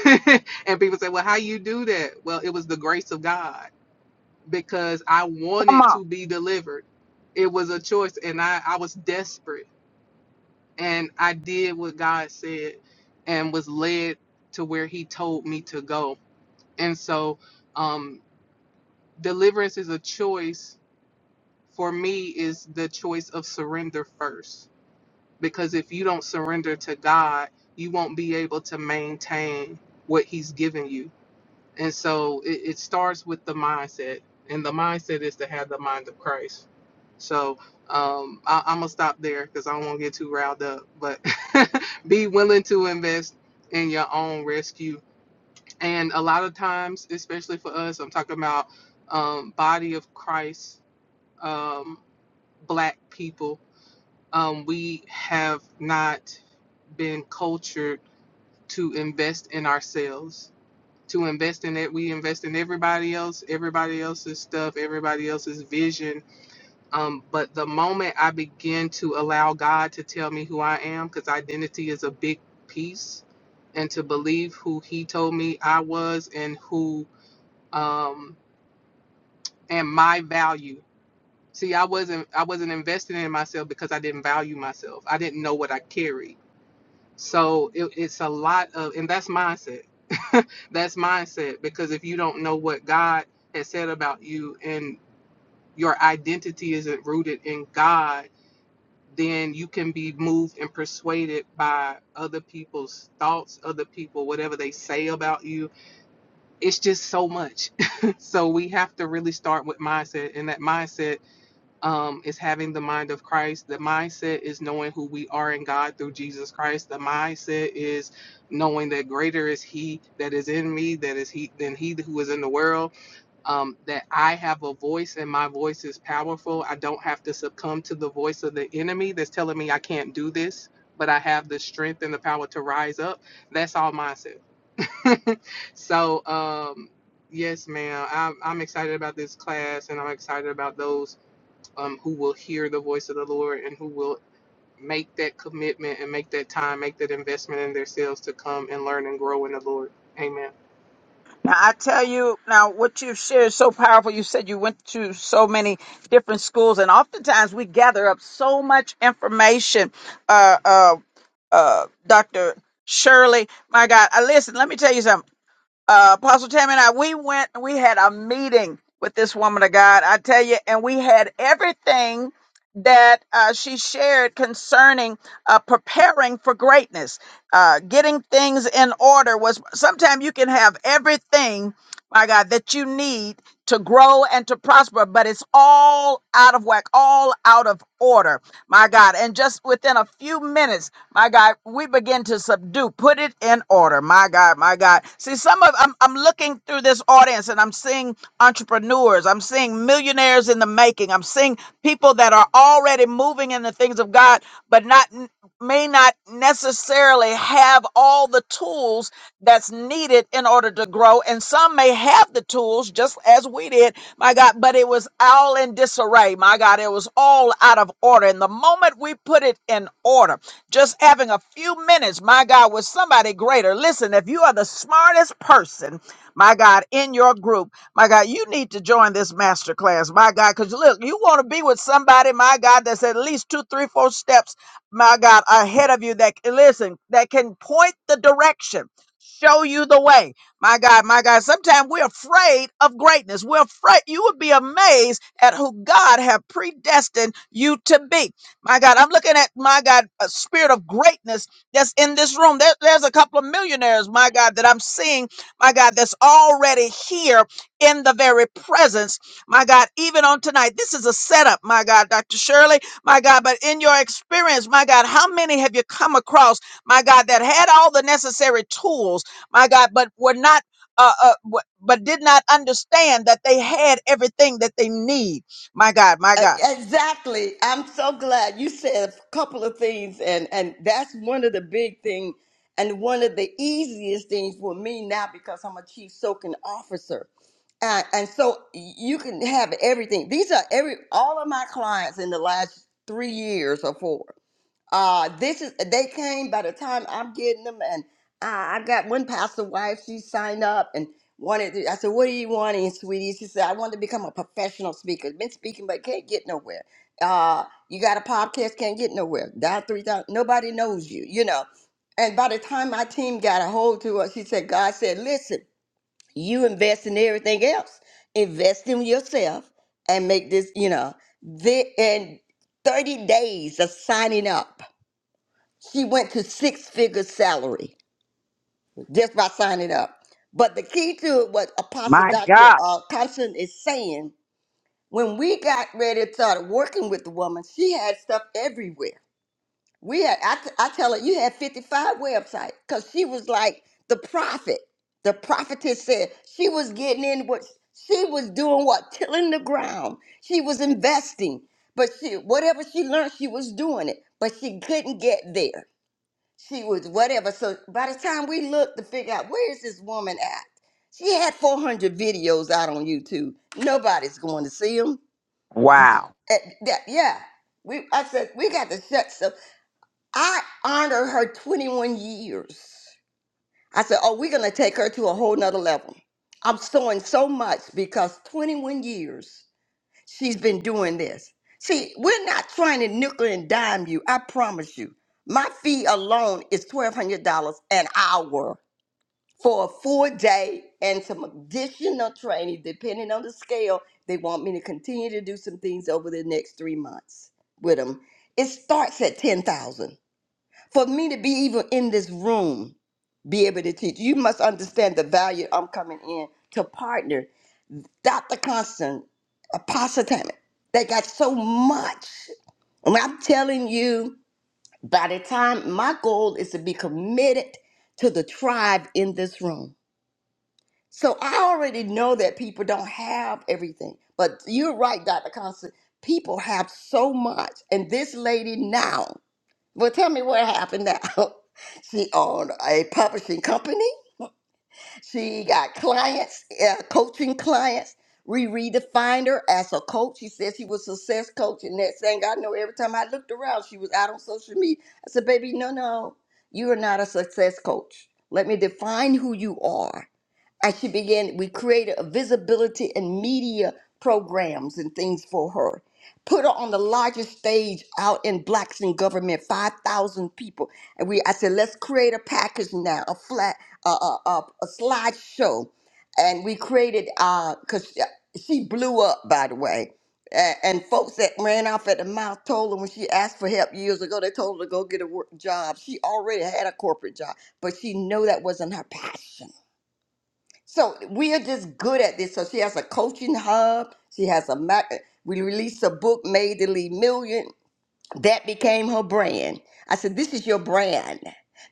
[SPEAKER 10] and people say, well, how you do that? Well, it was the grace of God because I
[SPEAKER 1] Come
[SPEAKER 10] wanted
[SPEAKER 1] on.
[SPEAKER 10] to be delivered. It was a choice, and I, I was desperate. And I did what God said and was led to where He told me to go. And so, um, deliverance is a choice. For me, is the choice of surrender first. Because if you don't surrender to God, you won't be able to maintain what He's given you And so it, it starts with the mindset, and the mindset is to have the mind of Christ. So um, I, I'm gonna stop there because I don't want to get too riled up. But be willing to invest in your own rescue. And a lot of times, especially for us, I'm talking about um, body of Christ, um, black people. Um, we have not been cultured to invest in ourselves to invest in it. We invest in everybody else, everybody else's stuff, everybody else's vision. Um, but the moment I begin to allow God to tell me who I am, because identity is a big piece, and to believe who He told me I was and who um, and my value. See, I wasn't I wasn't investing in myself because I didn't value myself. I didn't know what I carried. So it, it's a lot of, and that's mindset. that's mindset because if you don't know what God has said about you and your identity isn't rooted in God, then you can be moved and persuaded by other people's thoughts, other people, whatever they say about you. It's just so much. so we have to really start with mindset, and that mindset um, is having the mind of Christ. The mindset is knowing who we are in God through Jesus Christ. The mindset is knowing that greater is He that is in me, that is He than He who is in the world. Um, that I have a voice and my voice is powerful. I don't have to succumb to the voice of the enemy that's telling me I can't do this. But I have the strength and the power to rise up. That's all mindset. so, um, yes, ma'am. I'm, I'm excited about this class, and I'm excited about those um, who will hear the voice of the Lord and who will make that commitment and make that time, make that investment in themselves to come and learn and grow in the Lord. Amen.
[SPEAKER 1] Now I tell you, now what you've shared is so powerful. You said you went to so many different schools, and oftentimes we gather up so much information. Uh, uh, uh, Doctor Shirley, my God, I listen. Let me tell you something uh, Apostle Tammy and I, we went, we had a meeting with this woman of God, I tell you, and we had everything that uh, she shared concerning uh, preparing for greatness, uh, getting things in order was sometimes you can have everything my God, that you need to grow and to prosper, but it's all out of whack, all out of order, my God. And just within a few minutes, my God, we begin to subdue, put it in order, my God, my God. See, some of I'm, I'm looking through this audience and I'm seeing entrepreneurs, I'm seeing millionaires in the making, I'm seeing people that are already moving in the things things of God, but not may not necessarily have all the tools that's needed in order to grow. And some may have the tools just as we did, my God, but it was all in disarray. My God, it was all out of order. And the moment we put it in order, just having a few minutes, my God, with somebody greater. Listen, if you are the smartest person, my God, in your group. My God, you need to join this master class. My God, because look, you want to be with somebody, my God, that's at least two, three, four steps, my God, ahead of you that listen, that can point the direction, show you the way. My God, my God. Sometimes we're afraid of greatness. We're afraid you would be amazed at who God have predestined you to be. My God, I'm looking at my God, a spirit of greatness that's in this room. There- there's a couple of millionaires, my God, that I'm seeing, my God, that's already here in the very presence, my God, even on tonight. This is a setup, my God, Dr. Shirley, my God, but in your experience, my God, how many have you come across, my God, that had all the necessary tools, my God, but were not. Uh, uh, w- but did not understand that they had everything that they need. My God, my God.
[SPEAKER 12] exactly. I'm so glad you said a couple of things, and and that's one of the big thing, and one of the easiest things for me now because I'm a chief soaking officer, and, and so you can have everything. These are every all of my clients in the last three years or four. Uh, this is they came by the time I'm getting them, and I, I got one pastor wife. She signed up and wanted. To, I said, "What do you want, in sweetie?" She said, "I want to become a professional speaker. Been speaking, but can't get nowhere. Uh, you got a podcast, can't get nowhere. Died three times. Nobody knows you, you know." And by the time my team got a hold to her, she said, "God said, listen, you invest in everything else. Invest in yourself and make this, you know." The, and 30 days of signing up. She went to six figure salary just by signing up. But the key to it, what Apostle
[SPEAKER 1] My
[SPEAKER 12] Dr.
[SPEAKER 1] God.
[SPEAKER 12] Uh, Thompson is saying, when we got ready to start working with the woman, she had stuff everywhere. We had, I, t- I tell her, you had 55 websites because she was like the prophet. The prophetess said she was getting in what she was doing, what tilling the ground. She was investing, but she whatever she learned, she was doing it. But she couldn't get there she was whatever. So by the time we looked to figure out where is this woman at, she had 400 videos out on YouTube. Nobody's going to see them.
[SPEAKER 1] Wow.
[SPEAKER 12] At that, yeah, we. I said we got to shut. So I honor her 21 years. I said, oh, we're gonna take her to a whole nother level. I'm showing so much because 21 years she's been doing this. See, we're not trying to nickel and dime you. I promise you. My fee alone is $1,200 an hour for a full day and some additional training, depending on the scale. They want me to continue to do some things over the next three months with them. It starts at 10,000. For me to be even in this room, be able to teach, you must understand the value I'm coming in to partner. Dr. Constant, Apostle Tammy, they got so much. And I'm telling you, by the time my goal is to be committed to the tribe in this room so I already know that people don't have everything. But you're right, Dr. Constant. People have so much. And this lady now, well, tell me what happened now. She owned a publishing company. She got clients, uh, coaching clients. Riri defined her as a coach. She said she was a success coach. And next thing I know, every time I looked around, she was out on social media. I said, baby, no, no, you are not a success coach. Let me define who you are and she began, we created a visibility and media programs and things for her. Put her on the largest stage out in Blacks in Government, 5,000 people. And we, I said, let's create a package now, a flat, a uh, uh, a slideshow. And we created, because she blew up, by the way. A- And folks that ran off at the mouth told her when she asked for help years ago, they told her to go get a work job. She already had a corporate job, but she knew that wasn't her passion so we are just good at this. So she has a coaching hub. She has a ma- we released a book, Made to Lead Million. That became her brand. I said, "This is your brand,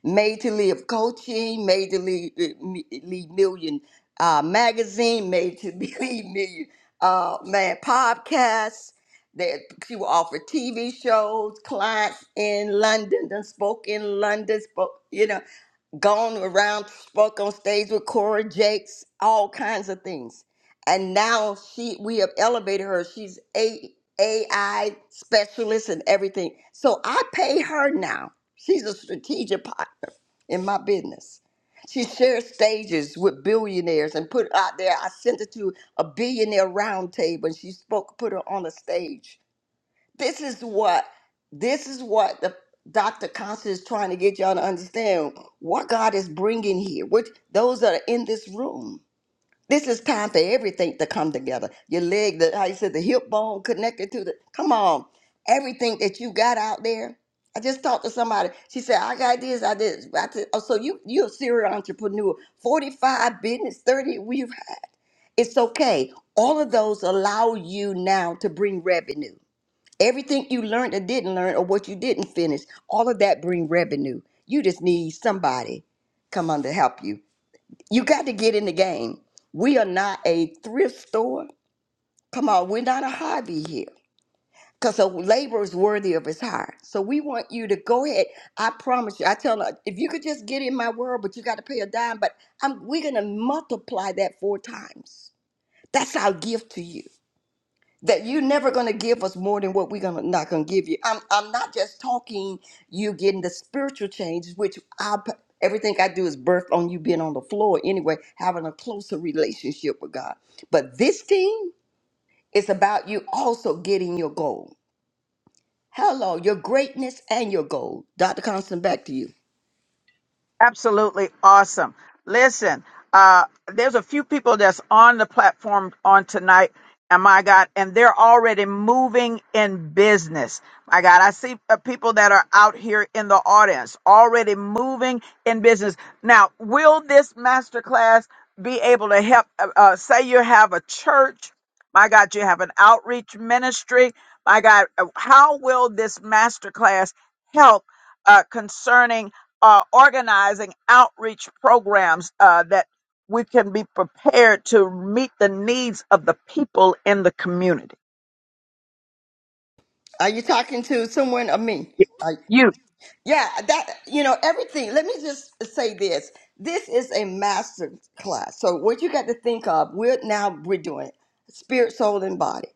[SPEAKER 12] Made to Live Coaching, Made to Lead, lead Million uh, Magazine, Made to Lead Million uh, Man Podcast." That she will offer TV shows, clients in London, then spoke in London, spoke, you know gone around, spoke on stage with Cora Jakes, all kinds of things. And now she, we have elevated her. She's a AI specialist and everything. So I pay her now. She's a strategic part in my business. She shares stages with billionaires and put it out there. I sent her to a billionaire roundtable and she spoke, put her on a stage this is what this is what the Dr. Constance is trying to get y'all to understand what God is bringing here. Which those that are in this room, this is time for everything to come together. Your leg, the how you said the hip bone connected to the come on, everything that you got out there. I just talked to somebody. She said, "I got this. I did. I did. Oh, so you you're a serial entrepreneur. Forty five business, thirty we've had. It's okay. All of those allow you now to bring revenue everything you learned or didn't learn or what you didn't finish all of that bring revenue you just need somebody come on to help you you got to get in the game we are not a thrift store come on we're not a hobby here because a labor is worthy of his hire so we want you to go ahead i promise you i tell her if you could just get in my world but you got to pay a dime but I'm, we're going to multiply that four times that's our gift to you that you're never going to give us more than what we're gonna, not going to give you. I'm, I'm not just talking you getting the spiritual change, which I, p- everything I do is birthed on you being on the floor anyway, having a closer relationship with God. But this thing is about you also getting your goal. Hello, your greatness and your goal. Dr. Constant, back to you.
[SPEAKER 1] Absolutely awesome. Listen, uh, there's a few people that's on the platform on tonight, and my God, and they're already moving in business. My God, I see uh, people that are out here in the audience already moving in business. Now, will this masterclass be able to help? Uh, uh, say you have a church, my God, you have an outreach ministry, my God, uh, how will this masterclass help? uh, concerning are organizing outreach programs uh, that we can be prepared to meet the needs of the people in the community.
[SPEAKER 12] Are you talking to someone or me?
[SPEAKER 1] You,
[SPEAKER 12] Yeah, that you know everything. Let me just say this: this is a master class. So what you got to think of, we're now we're doing spirit, soul, and body.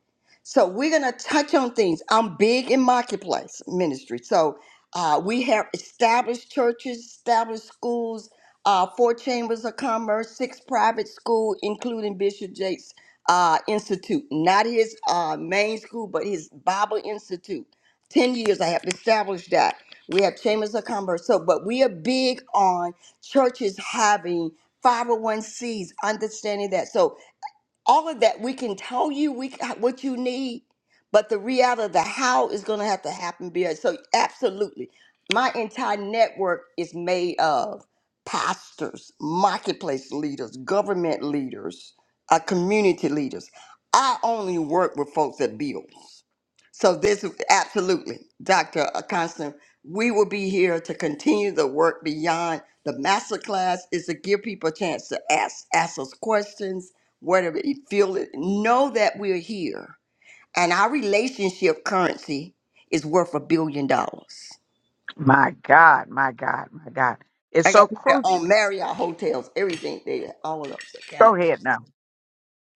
[SPEAKER 12] So we're gonna touch on things. I'm big in marketplace ministry, so uh, we have established churches, established schools, uh, four chambers of commerce, six private school, including Bishop Jakes uh, Institute, not his uh, main school, but his Bible Institute. 10 years I have established that. We have chambers of commerce. So, but we are big on churches having 501cs, understanding that. So all of that we can tell you we what you need but the reality of the how is going to have to happen Bill. so absolutely my entire network is made of pastors marketplace leaders government leaders uh, community leaders i only work with folks that builds so this is absolutely dr constant we will be here to continue the work beyond the masterclass is to give people a chance to ask ask us questions whatever you feel it know that we're here and our relationship currency is worth a billion dollars
[SPEAKER 1] my God, my God, my God, it's
[SPEAKER 12] i
[SPEAKER 1] so
[SPEAKER 12] got people that
[SPEAKER 1] crucial.
[SPEAKER 12] own marriott hotels everything they all of those that kind
[SPEAKER 1] Go
[SPEAKER 12] of thing
[SPEAKER 1] ahead now.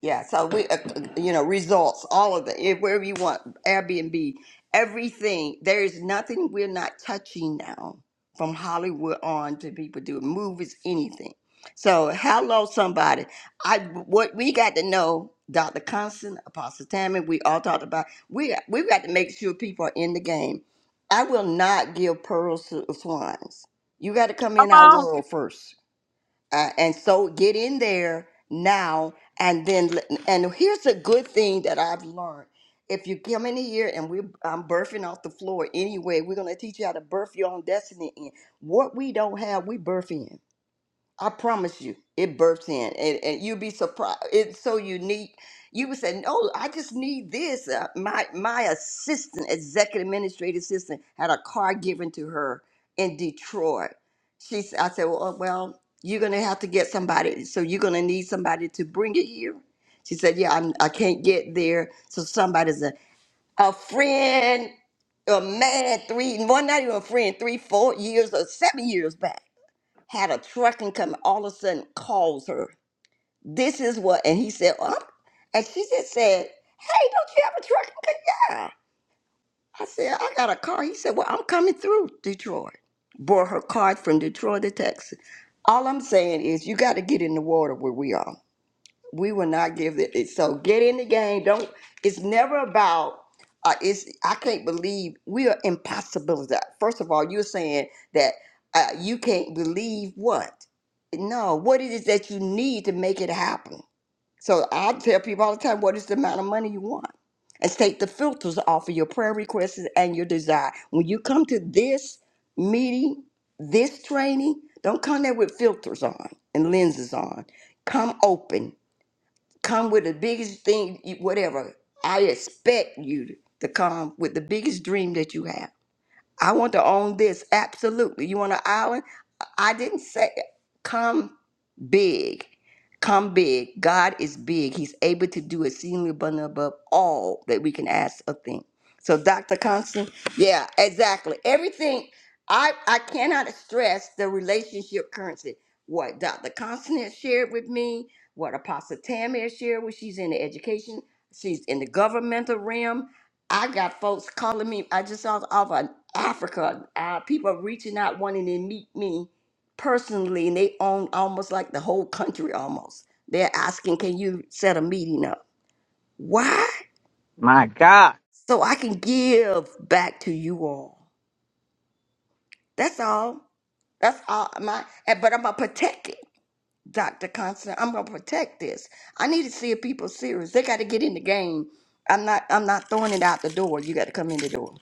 [SPEAKER 12] Yeah, so we, uh, you know, results, all of it, if- wherever you want, Airbnb, everything. There is nothing we're not touching now from Hollywood on to people doing movies, anything. So, hello, somebody. I what we got to know, Dr. Constant, Apostle Tammy, we all talked about. We we've got to make sure people are in the game. I will not give pearls to swines. You got to come
[SPEAKER 1] Come
[SPEAKER 12] in our
[SPEAKER 1] on,
[SPEAKER 12] world first uh, and so get in there now and then let- and here's a good thing that i've learned if you come in here and we i'm birthing off the floor anyway we're going to teach you how to birth your own destiny in what we don't have we birth in I promise you, it bursts in, and, and you'd be surprised. It's so unique. You would say, "No, I just need this." Uh, my my assistant, executive administrative assistant, had a car given to her in Detroit. She, s- I said, "Well, uh, well, you're gonna have to get somebody. So you're gonna need somebody to bring it here." She said, "Yeah, I'm, I can't get there, so somebody's a a friend." A man, three, one, not even a friend, three, four years or seven years back had a trucking come all of a sudden calls her. This is what and he said, um, and she just said, Hey, don't you have a trucking come? Yeah. I said, I got a car. He said, Well, I'm coming through Detroit. Bought her card from Detroit to Texas. All I'm saying is you gotta get in the water where we are. We will not give it. it- So get in the game. Don't. It's never about. Uh, it's. I can't believe we are impossibility. First of all, you're saying that uh, you can't believe what? No. What it is that you need to make it happen? So I tell people all the time, what is the amount of money you want? And take the filters off of your prayer requests and your desire. When you come to this meeting, this training, don't come there with filters on and lenses on. Come open come with the biggest thing, you- whatever. I expect you to to come with the biggest dream that you have. I want to own this, absolutely. You want an island? I didn't say come big. Come big. God is big. He's able to do exceedingly abundant above all that we can ask or think. So, Dr. Constant, yeah, exactly. Everything. I I cannot stress the relationship currency. What Dr. Constant has shared with me, what Apostle Tammy has shared when she's in the education, she's in the governmental realm. I got folks calling me. I just saw off of Africa. Uh, people reaching out wanting to meet me personally, and they own almost like the whole country almost. They're asking, can you set a meeting up? Why?
[SPEAKER 1] my God,
[SPEAKER 12] So I can give back to you all. That's all. That's all my and- but I'm gonna protect it, Dr. Constant. I'm gonna protect this. I need to see if people serious. They gotta get in the game. I'm not I'm not throwing it out the door. You gotta come in the door.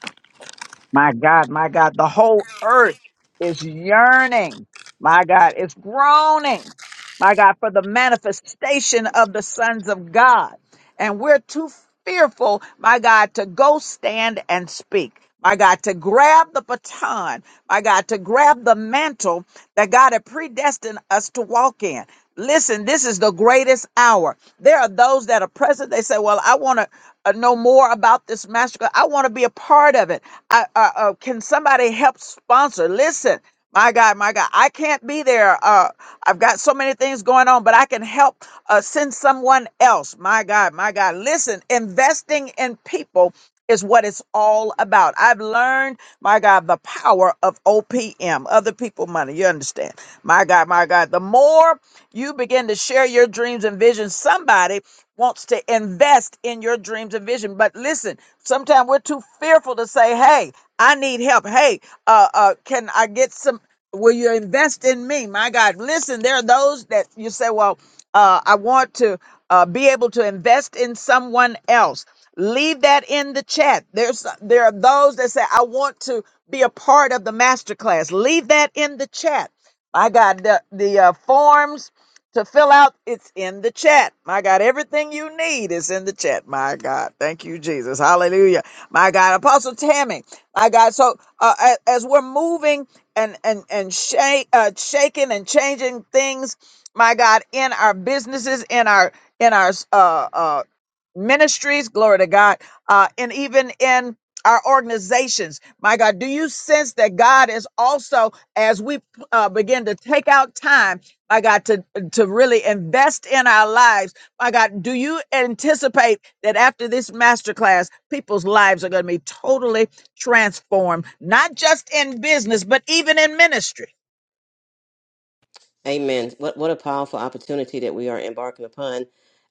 [SPEAKER 1] my God, my God. The whole earth is yearning. My God, it's groaning. My God, for the manifestation of the sons of God. And we're too fearful, my God, to go stand and speak. My God, to grab the baton, my God, to grab the mantle that God had predestined us to walk in. Listen, this is the greatest hour. There are those that are present. They say, Well, I want to uh, know more about this massacre. I want to be a part of it. I, uh, uh, can somebody help sponsor? Listen, my God, my God, I can't be there. Uh, I've got so many things going on, but I can help uh, send someone else. My God, my God. Listen, investing in people is what it's all about. I've learned, my God, the power of OPM, other people money. You understand? My God, my God. The more you begin to share your dreams and visions, somebody wants to invest in your dreams and vision. But listen, sometimes we're too fearful to say, hey, I need help. Hey, uh, uh, can I get some? Will you invest in me? My God, listen, there are those that you say, well, uh, I want to uh, be able to invest in someone else. Leave that in the chat. There's there are those that say, I want to be a part of the masterclass. Leave that in the chat. My God, the the uh, forms to fill out, it's in the chat. My God, everything you need is in the chat. My God, thank you, Jesus. Hallelujah. My God, Apostle Tammy. My God, so uh, a- as we're moving and and and shake, uh, shaking and changing things, my God, in our businesses, in our in our uh, uh, ministries, glory to God, uh, and even in our organizations, my God, do you sense that God is also, as we uh, begin to take out time? my God, to, to really invest in our lives. My God, do you anticipate that after this masterclass, people's lives are going to be totally transformed, not just in business, but even in ministry?
[SPEAKER 2] Amen. What what a powerful opportunity that we are embarking upon.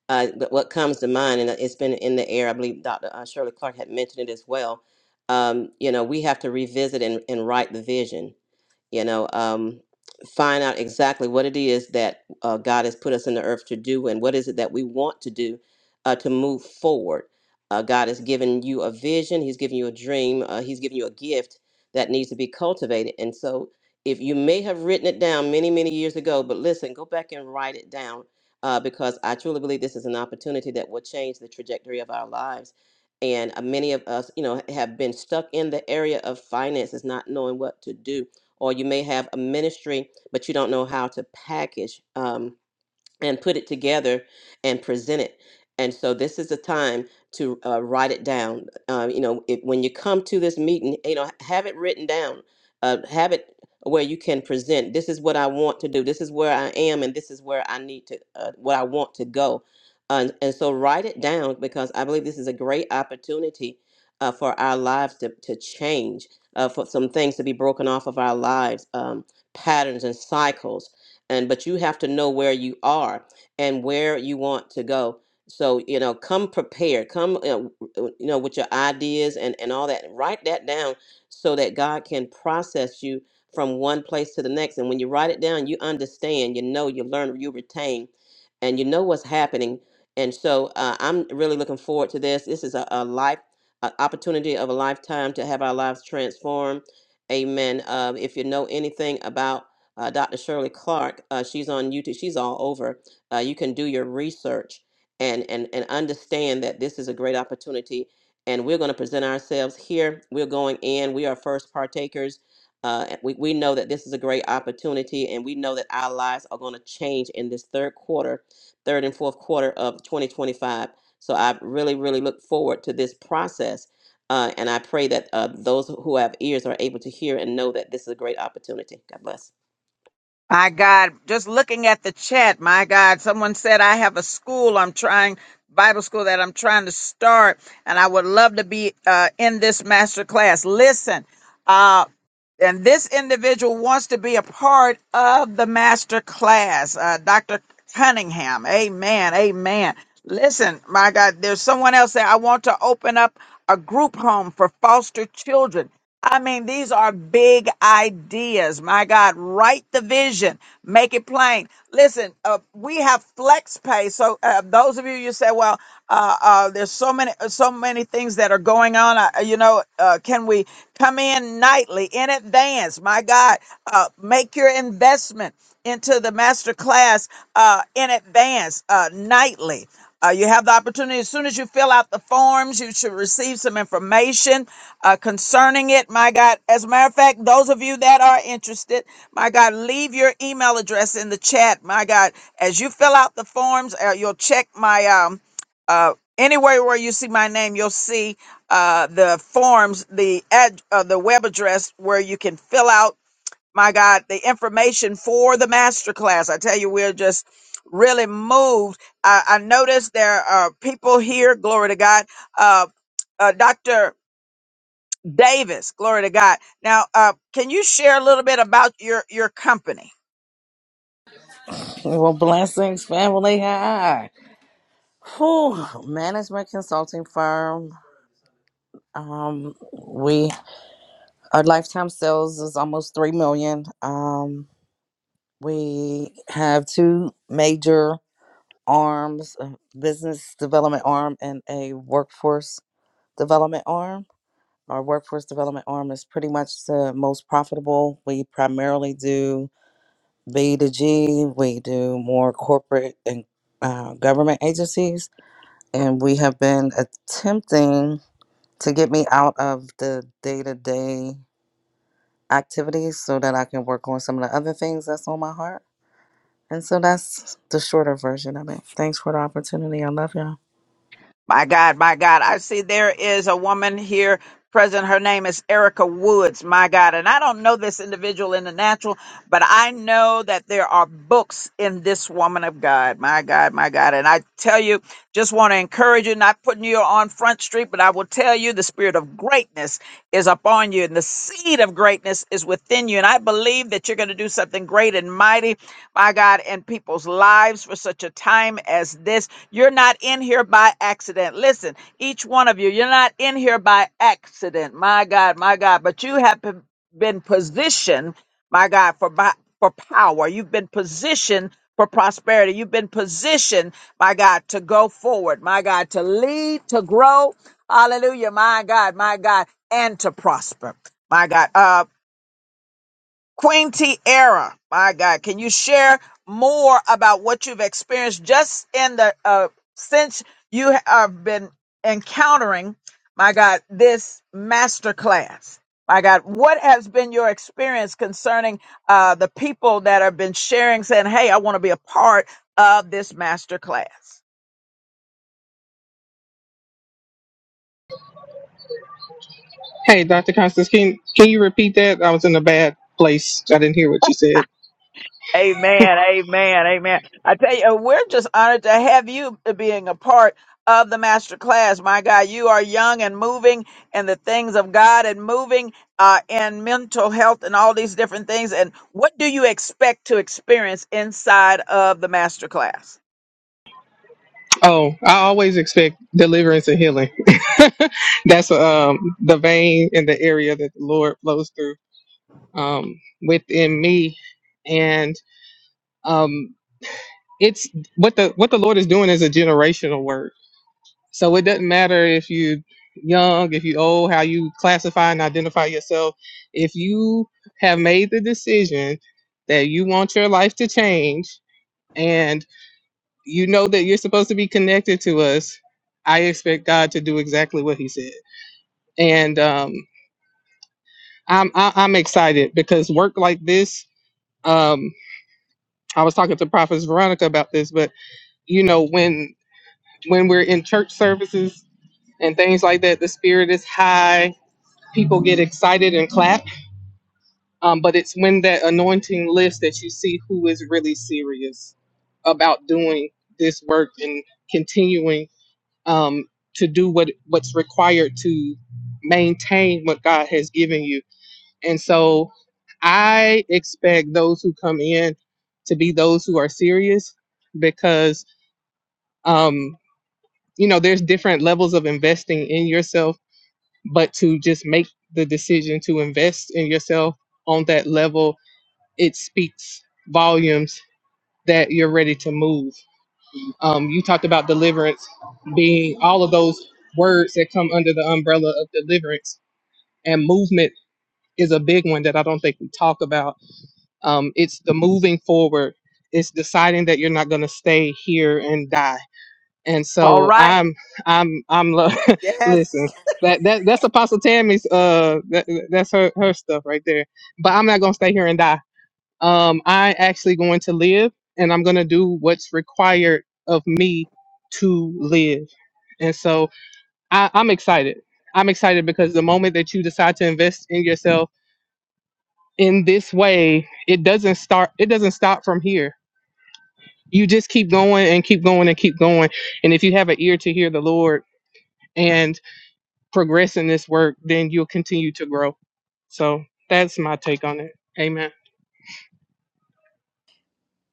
[SPEAKER 2] Uh, but what comes to mind, and it's been in the air, I believe Dr. uh, Shirley Clark had mentioned it as well. Um, you know, we have to revisit and, and write the vision you know, um, find out exactly what it is that uh, God has put us in the earth to do and what is it that we want to do uh, to move forward. Uh, God has given you a vision, He's given you a dream, uh, He's given you a gift that needs to be cultivated. And so, if you may have written it down many, many years ago, but listen, go back and write it down uh, because I truly believe this is an opportunity that will change the trajectory of our lives. And uh, many of us, you know, have been stuck in the area of finances, not knowing what to do or you may have a ministry, but you don't know how to package um, and put it together and present it. And so this is a time to uh, write it down. Um, you know, it, when you come to this meeting, you know, have it written down. Uh, have it where you can present. This is what I want to do. This is where I am, and this is where I need to, uh, what I want to go. And, and so write it down because I believe this is a great opportunity uh, for our lives to, to change, uh, for some things to be broken off of our lives, um, patterns and cycles and but you have to know where you are and where you want to go so you know come prepared come uh, w- w- you know with your ideas and and all that write that down so that god can process you from one place to the next and when you write it down you understand you know you learn you retain and you know what's happening and so uh, i'm really looking forward to this this is a, a life a opportunity of a lifetime to have our lives transformed amen uh, if you know anything about uh, Dr. Shirley Clark. Uh, she's on YouTube. She's all over. Uh, you can do your research and and and understand that this is a great opportunity. And we're going to present ourselves here. We're going in. We are first partakers. Uh, and we, we know that this is a great opportunity, and we know that our lives are going to change in this third quarter, third and fourth quarter of 2025. So I really, really look forward to this process. Uh, and I pray that uh, those who have ears are able to hear and know that this is a great opportunity. God bless.
[SPEAKER 1] My God, just looking at the chat, my God, someone said, I have a school I'm trying, Bible school that I'm trying to start, and I would love to be uh, in this master class. Listen. uh, and this individual wants to be a part of the master class uh, dr cunningham amen amen listen my god there's someone else that i want to open up a group home for foster children i mean these are big ideas my god write the vision make it plain listen uh, we have flex pay so uh, those of you you say well uh, uh, there's so many so many things that are going on going on. Uh, you know, uh, can we come in nightly in advance? My God, uh, make your investment into the master class uh, in advance, uh, nightly. Uh, you have the opportunity as soon as you fill out the forms, you should receive some information uh, concerning it. My God, as a matter of fact, those of you that are interested, my God, leave your email address in the chat. My God, as you fill out the forms, uh, you'll check my um, uh, anywhere where you see my name, you'll see uh, the forms, the ad, uh, the web address where you can fill out. My God, the information for the master class. I tell you, we're just really moved. I, I noticed there are people here. Glory to God, uh, uh, Doctor Davis. Glory to God. Now, uh, can you share a little bit about your your company?
[SPEAKER 14] Well, blessings, family. Hi. Whew, management consulting firm. Um, we our lifetime sales is almost three million. Um, we have two major arms: a business development arm and a workforce development arm. Our workforce development arm is pretty much the most profitable. We primarily do B to G. We do more corporate and uh, government agencies and we have been attempting to get me out of the day to day activities so that I can work on some of the other things that's on my heart. And so that's the shorter version of it. Thanks for the opportunity. I love y'all.
[SPEAKER 1] My God, my God. I see there is a woman here present. Her name is Erica Woods, my God. And I don't know this individual in the natural, but I know that there are books in this woman of God, my God, my God. And I tell you, just want to encourage you, not putting you on Front Street, but I will tell you the spirit of greatness is upon you and the seed of greatness is within you. And I believe that you're going to do something great and mighty, my God, in people's lives for such a time as this. You're not in here by accident. Listen, each one of you, you're not in here by accident, my God, my God, but you have been been positioned my God, for by, for power. You've been positioned for prosperity. You've been positioned, my God, to go forward, my God, to lead, to grow. Hallelujah, my God, my God, and to prosper, my God. Uh, Queen Tierra, my God, can you share more about what you've experienced just in the uh, since you have been encountering, my God, this master class? My God, what has been your experience concerning uh, the people that have been sharing, saying, "Hey, I want to be a part of this master class"?
[SPEAKER 10] Hey, Dr. Constance, can, can you repeat that? I was in a bad place. I didn't hear what you said.
[SPEAKER 1] Amen, amen, amen. I tell you, we're just honored to have you being a part of the master class. My God, you are young and moving in the things of God and moving uh, in mental health and all these different things. And what do you expect to experience inside of the master class?
[SPEAKER 10] Oh, I always expect deliverance and healing. That's um the vein in the area that the Lord flows through um within me, and um it's what the what the Lord is doing is a generational work. So it doesn't matter if you young, if you old, how you classify and identify yourself. If you have made the decision that you want your life to change you know that you're supposed to be connected to us. I expect God to do exactly what He said, and um, I'm I, I'm excited because work like this. Um, I was talking to Prophet Veronica about this, but you know when when we're in church services and things like that, the spirit is high. People get excited and clap, um, but it's when that anointing lifts that you see who is really serious about doing this work and continuing. um, to do what what's required to maintain what God has given you. And so I expect those who come in to be those who are serious because um, you know there's different levels of investing in yourself, but to just make the decision to invest in yourself on that level, it speaks volumes that you're ready to move. Um, you talked about deliverance being all of those words that come under the umbrella of deliverance, and movement is a big one that I don't think we talk about. Um, it's the moving forward. It's deciding that you're not going to stay here and die. And
[SPEAKER 1] All
[SPEAKER 10] so
[SPEAKER 1] right.
[SPEAKER 10] I'm, I'm, I'm. lo-
[SPEAKER 12] Yes,
[SPEAKER 10] listen, that that that's Apostle Tammy's. Uh, that, that's her her stuff right there. But I'm not going to stay here and die um, I actually going to live and I'm going to do what's required of me to live. And so I, I'm excited. I'm excited because the moment that you decide to invest in yourself in this way, it doesn't start, it doesn't stop from here. You just keep going and keep going and keep going. And if you have an ear to hear the Lord and progress in this work, then you'll continue to grow. So that's my take on it. Amen.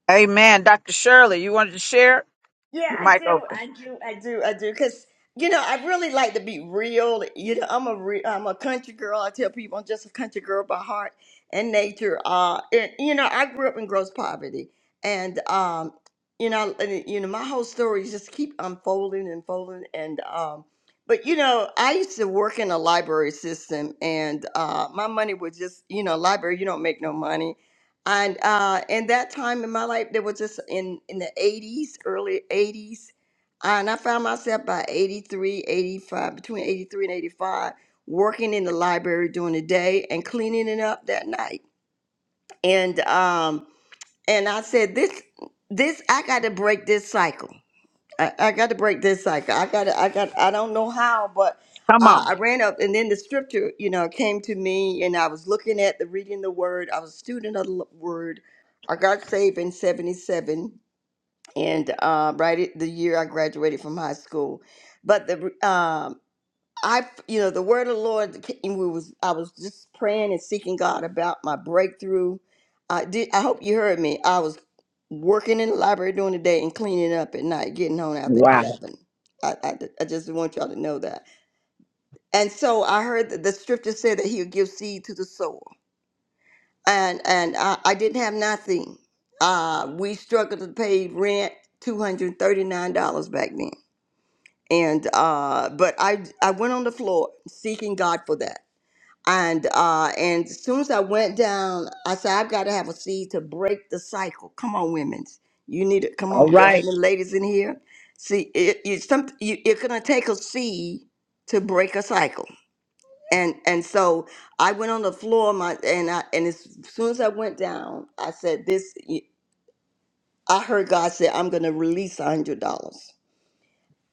[SPEAKER 1] Amen. Dr. Shirley, you wanted to share?
[SPEAKER 12] Yeah,
[SPEAKER 1] Your
[SPEAKER 12] I
[SPEAKER 1] mic
[SPEAKER 12] do.
[SPEAKER 1] open.
[SPEAKER 12] I do. I do. I do. Cause you know, I really like to be real. You know, I'm a re- I'm a country girl. I tell people I'm just a country girl by heart and nature. Uh, and you know, I grew up in gross poverty, and um, you know, and, you know, my whole story just keep unfolding and folding, and um, but you know, I used to work in a library system, and uh, my money was just you know, library. You don't make no money and uh, in that time in my life, there was just in, in the 80s, early 80s. And I found myself by 83, 85, between 83 and 85, working in the library during the day and cleaning it up that night. And um, and I said, this, this, I got to break this cycle. I, I got to break this cycle. I got to, I got, I don't know how, but
[SPEAKER 1] Come
[SPEAKER 12] uh,
[SPEAKER 1] on.
[SPEAKER 12] I ran up and then the scripture, you know, came to me and I was looking at the reading the word. I was a student of the l- word. I got saved in 77 and uh, right at the year I graduated from high school. But the, um I, you know, the word of the Lord. We was I was just praying and seeking God about my breakthrough. I did. I hope you heard me. I was working in the library during the day and cleaning up at night, getting home after
[SPEAKER 1] Wow.
[SPEAKER 12] eleven. I, I, I just want y'all to know that. And so I heard that the scripture said that He'll give seed to the sower, and and I, I didn't have nothing. Uh, we struggled to pay rent, two hundred thirty nine dollars back then, and uh, but I I went on the floor seeking God for that and uh and as soon as I went down, I said, I've got to have a seed to break the cycle. Come on, women's. You need it. Come
[SPEAKER 1] All
[SPEAKER 12] on, there are
[SPEAKER 1] right.
[SPEAKER 12] any ladies in here. See, it, it's some, you, you gonna take a seed to break a cycle. And and so I went on the floor, my and I and as soon as I went down, I said, this. I heard God say, I'm gonna release a hundred dollars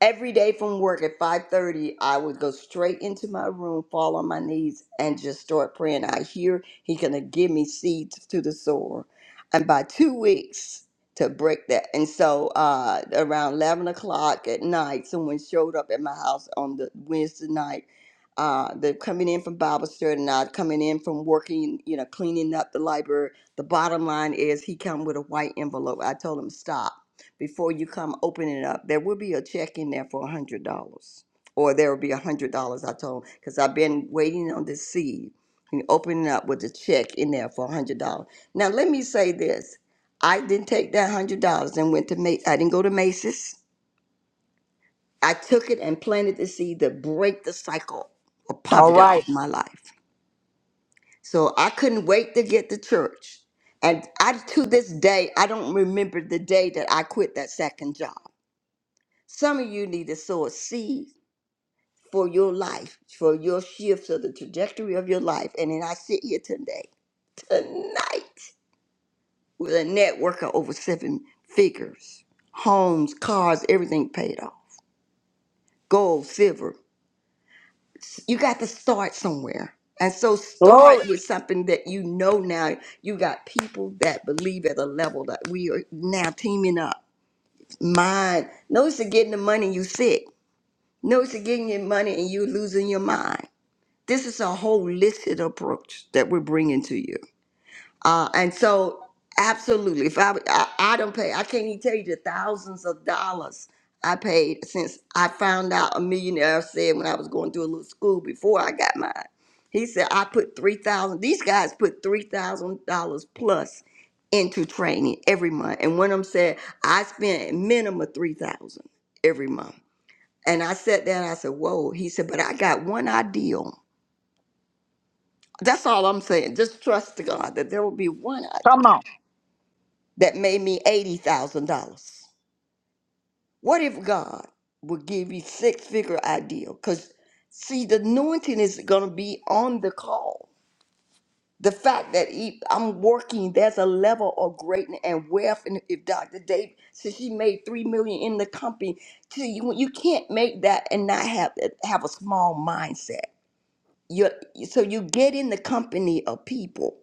[SPEAKER 12] every day from work at 5.30 i would go straight into my room fall on my knees and just start praying i hear he's going to give me seeds to the sower and by two weeks to break that and so uh, around 11 o'clock at night someone showed up at my house on the wednesday night uh, they're coming in from bible study and i coming in from working you know cleaning up the library the bottom line is he come with a white envelope i told him stop before you come open it up, there will be a check in there for a hundred dollars, or there will be a hundred dollars. I told because I've been waiting on this seed and opening up with a check in there for a hundred dollars. Now let me say this: I didn't take that a hundred dollars and went to Macy's. I didn't go to Macy's. I took it and planted the seed to break the cycle of
[SPEAKER 1] All
[SPEAKER 12] poverty
[SPEAKER 1] right.
[SPEAKER 12] off my life. So I couldn't wait to get to church. And I, to this day, I don't remember the day that I quit that second job. Some of you need to sow a seed for your life, for your shifts of the trajectory of your life. And then I sit here today, tonight, with a network of over seven figures, homes, cars, everything paid off, gold, silver. You got to start somewhere. And so
[SPEAKER 1] Glory.
[SPEAKER 12] start with something that you know now. You got people that believe at a level that we are now teaming up. Mind. Notice you're getting the money you sick. Notice you're getting your money and you losing your mind. this is a holistic approach that we're bringing to you. Uh, and so, absolutely, if I, I I don't pay, I can't even tell you the thousands of dollars I paid since I found out a millionaire said when I was going through a little school before I got mine. He said I put three thousand. These guys put three thousand dollars plus into training every month. And one of them said I spent a minimum of three thousand every month. And I sat there and I said, "Whoa!" He said, "But I got one ideal." That's all I'm saying. Just trust to God that there will be one idea
[SPEAKER 1] Come on.
[SPEAKER 12] that made me eighty thousand dollars. What if God will give you six figure idea? Because see, the anointing is gonna be on the call. The fact that he, I'm working, there's a level of greatness and wealth. And if Dr. Dave, says she made three million in the company, see, you, you can't make that and not have have a small mindset. You so you get in the company of people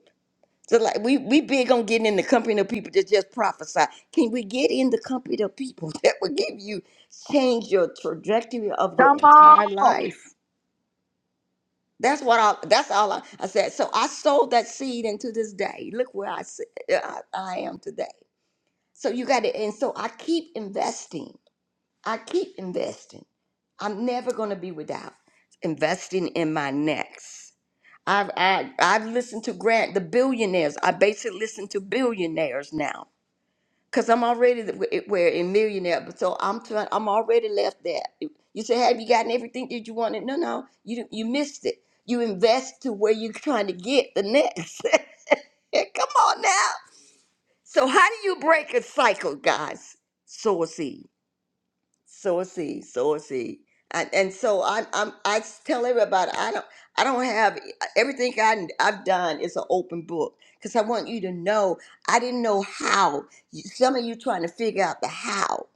[SPEAKER 12] So like we we big on getting in the company of people that just prophesy. Can we get in the company of people that will give you change your trajectory of your
[SPEAKER 1] Come
[SPEAKER 12] entire
[SPEAKER 1] on.
[SPEAKER 12] life? That's what I. That's all I, I said. So I sowed that seed into this day. Look where I sit- uh, I, I am today. So you got to, and so I keep investing. I keep investing. I'm never going to be without investing in my next. I've I, I've listened to Grant the billionaires. I basically listen to billionaires now because I'm already the- where a millionaire. But so I'm trying. I'm already left there. You say, have you gotten everything that you wanted? No, no. You you missed it. You invest to where you're trying to get the next. Come on now. So how do you break a cycle, guys? Sow a seed sow a seed, sow a seed. And, and so I, I'm, I s- tell everybody, I don't, I don't have everything I, I've done is an open book because I want you to know I didn't know how. You- Some of you trying to figure out the how,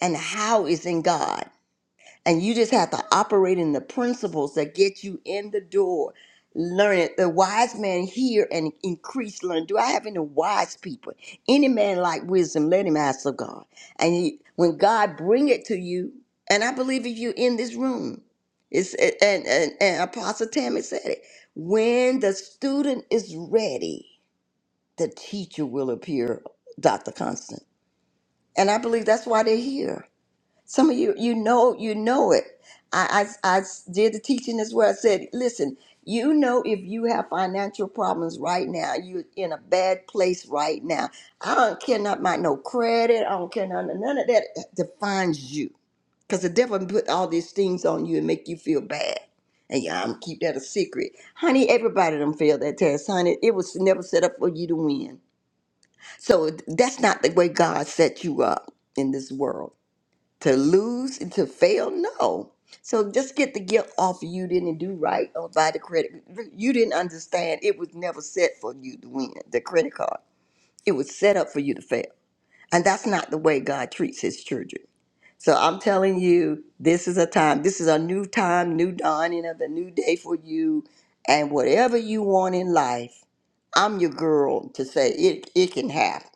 [SPEAKER 12] and the how is in God. And you just have to operate in the principles that get you in the door. Learn it. The wise man hear and increase Learn. Do I have any wise people? Any man like wisdom, let him ask of God. And he, when God bring it to you, and I believe if you're in this room, it's and, and, and Apostle Tammy said it. When the student is ready, the teacher will appear, Dr. Constant. And I believe that's why they're here some of you, you know, you know it. I, I, I did the teaching as well. I said, listen, you know, if you have financial problems right now, you're in a bad place right now. I don't care not my no credit. I don't care none, none of that uh, defines you, because the devil put all these things on you and make you feel bad. And yeah, I'm keep that a secret, honey. Everybody done failed that test, honey. It was never set up for you to win. So that's not the way God set you up in this world to lose and to fail? No. So just get the guilt off of you didn't do right or buy the credit. You didn't understand it was never set for you to win the credit card. It was set up for you to fail. And that's not the way God treats his children. So I'm telling you, this is a time, this is a new time, new dawning of the new day for you. And whatever you want in life, I'm your girl to say it, it can happen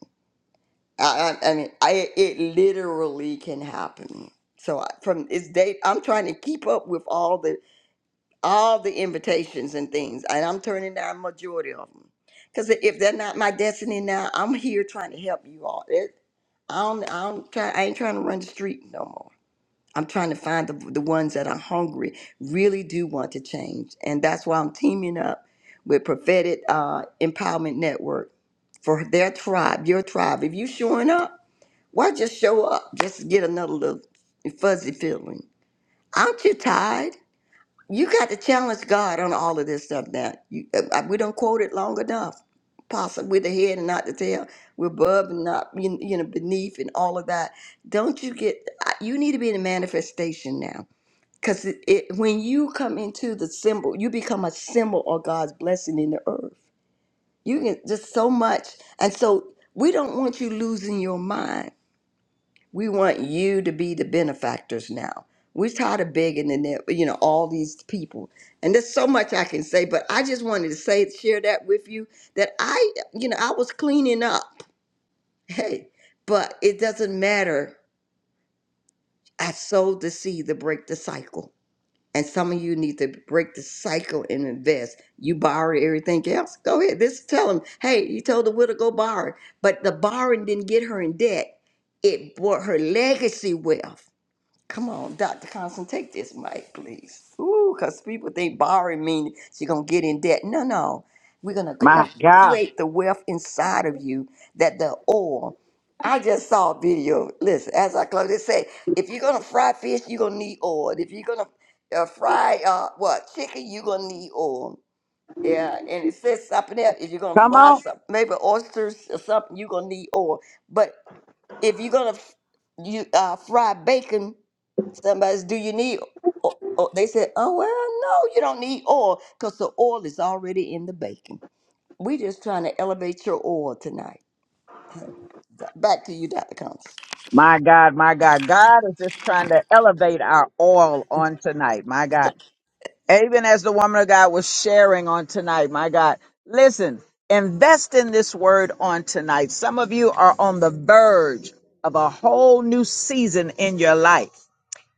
[SPEAKER 12] I, I I mean, I it literally can happen. So I- from this date, I'm trying to keep up with all the all the invitations and things, and I'm turning down majority of them because if they're not my destiny now, I'm here trying to help you all. It, I don't, I don't try. I ain't trying to run the street no more. I'm trying to find the the ones that are hungry, really do want to change, and that's why I'm teaming up with Prophetic uh, Empowerment Network for their tribe, your tribe. If you showing up. Why just show up just to get another little fuzzy feeling? Aren't you tired? You got to challenge God on all of this stuff now. You, uh, uh, we don't quote it long enough. Possibly we're the head and not the tail. We're above and not you you know beneath and all of that. Don't you get? I- You need to be in a manifestation now, because it, it, when you come into the symbol, you become a symbol of God's blessing in the earth. You can just so much, and so we don't want you losing your mind we want you to be the benefactors now. We're tired of begging and that- you know all these people, and there's so much I can say, but I just wanted to say share that with you that I you know I was cleaning up, hey, but it doesn't matter. I sowed the seed to break the cycle, and some of you need to break the cycle and invest. You borrowed everything else. Go ahead. This tell them, hey, you told the widow go borrow, but the borrowing didn't get her in debt. It brought her legacy wealth Come on, Dr. Constant, take this mic, please. Ooh, because people think borrowing means you're going to get in debt. No, no. We're going to
[SPEAKER 1] My
[SPEAKER 12] help you
[SPEAKER 1] God.
[SPEAKER 12] create the wealth inside of you that the oil. I just saw a video. Listen, as I close, it said, if you're going to fry fish, you're going to need oil. If you're going to uh, fry, uh, what, chicken, you're going to need oil. Yeah, and it says something else. If you're going to
[SPEAKER 1] Come
[SPEAKER 12] fry
[SPEAKER 1] on.
[SPEAKER 12] something, maybe oysters or something, you're going to need oil. But if you're going to you uh, fry bacon, Somebody's, do you need? o- o-" They said, oh well, no, you don't need oil because the oil is already in the baking. We just trying to elevate your oil tonight. Hey, Back to you, Dr. Combs.
[SPEAKER 1] My God, my God, God is just trying to elevate our oil on tonight. My God, even as the woman of God was sharing on tonight, my God, listen, invest in this word on tonight. Some of you are on the verge of a whole new season in your life.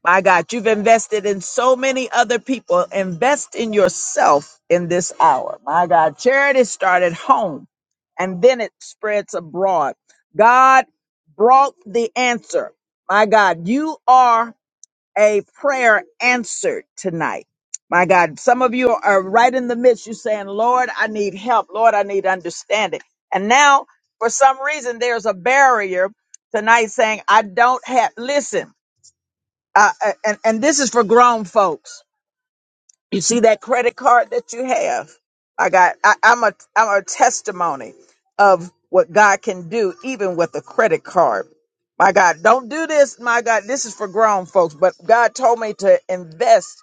[SPEAKER 1] My God, you've invested in so many other people. Invest in yourself in this hour. My God, charity started home and then it spreads abroad. God brought the answer. My God, you are a prayer answered tonight. My God, some of you are right in the midst. You're saying, Lord, I need help. Lord, I need understanding. And now, for some reason, there's a barrier tonight saying, I don't have, listen uh, and and this is for grown folks. You see that credit card that you have. I got. I, I'm a. I'm a testimony of what God can do, even with a credit card. My God, don't do this. My God, this is for grown folks. But God told me to invest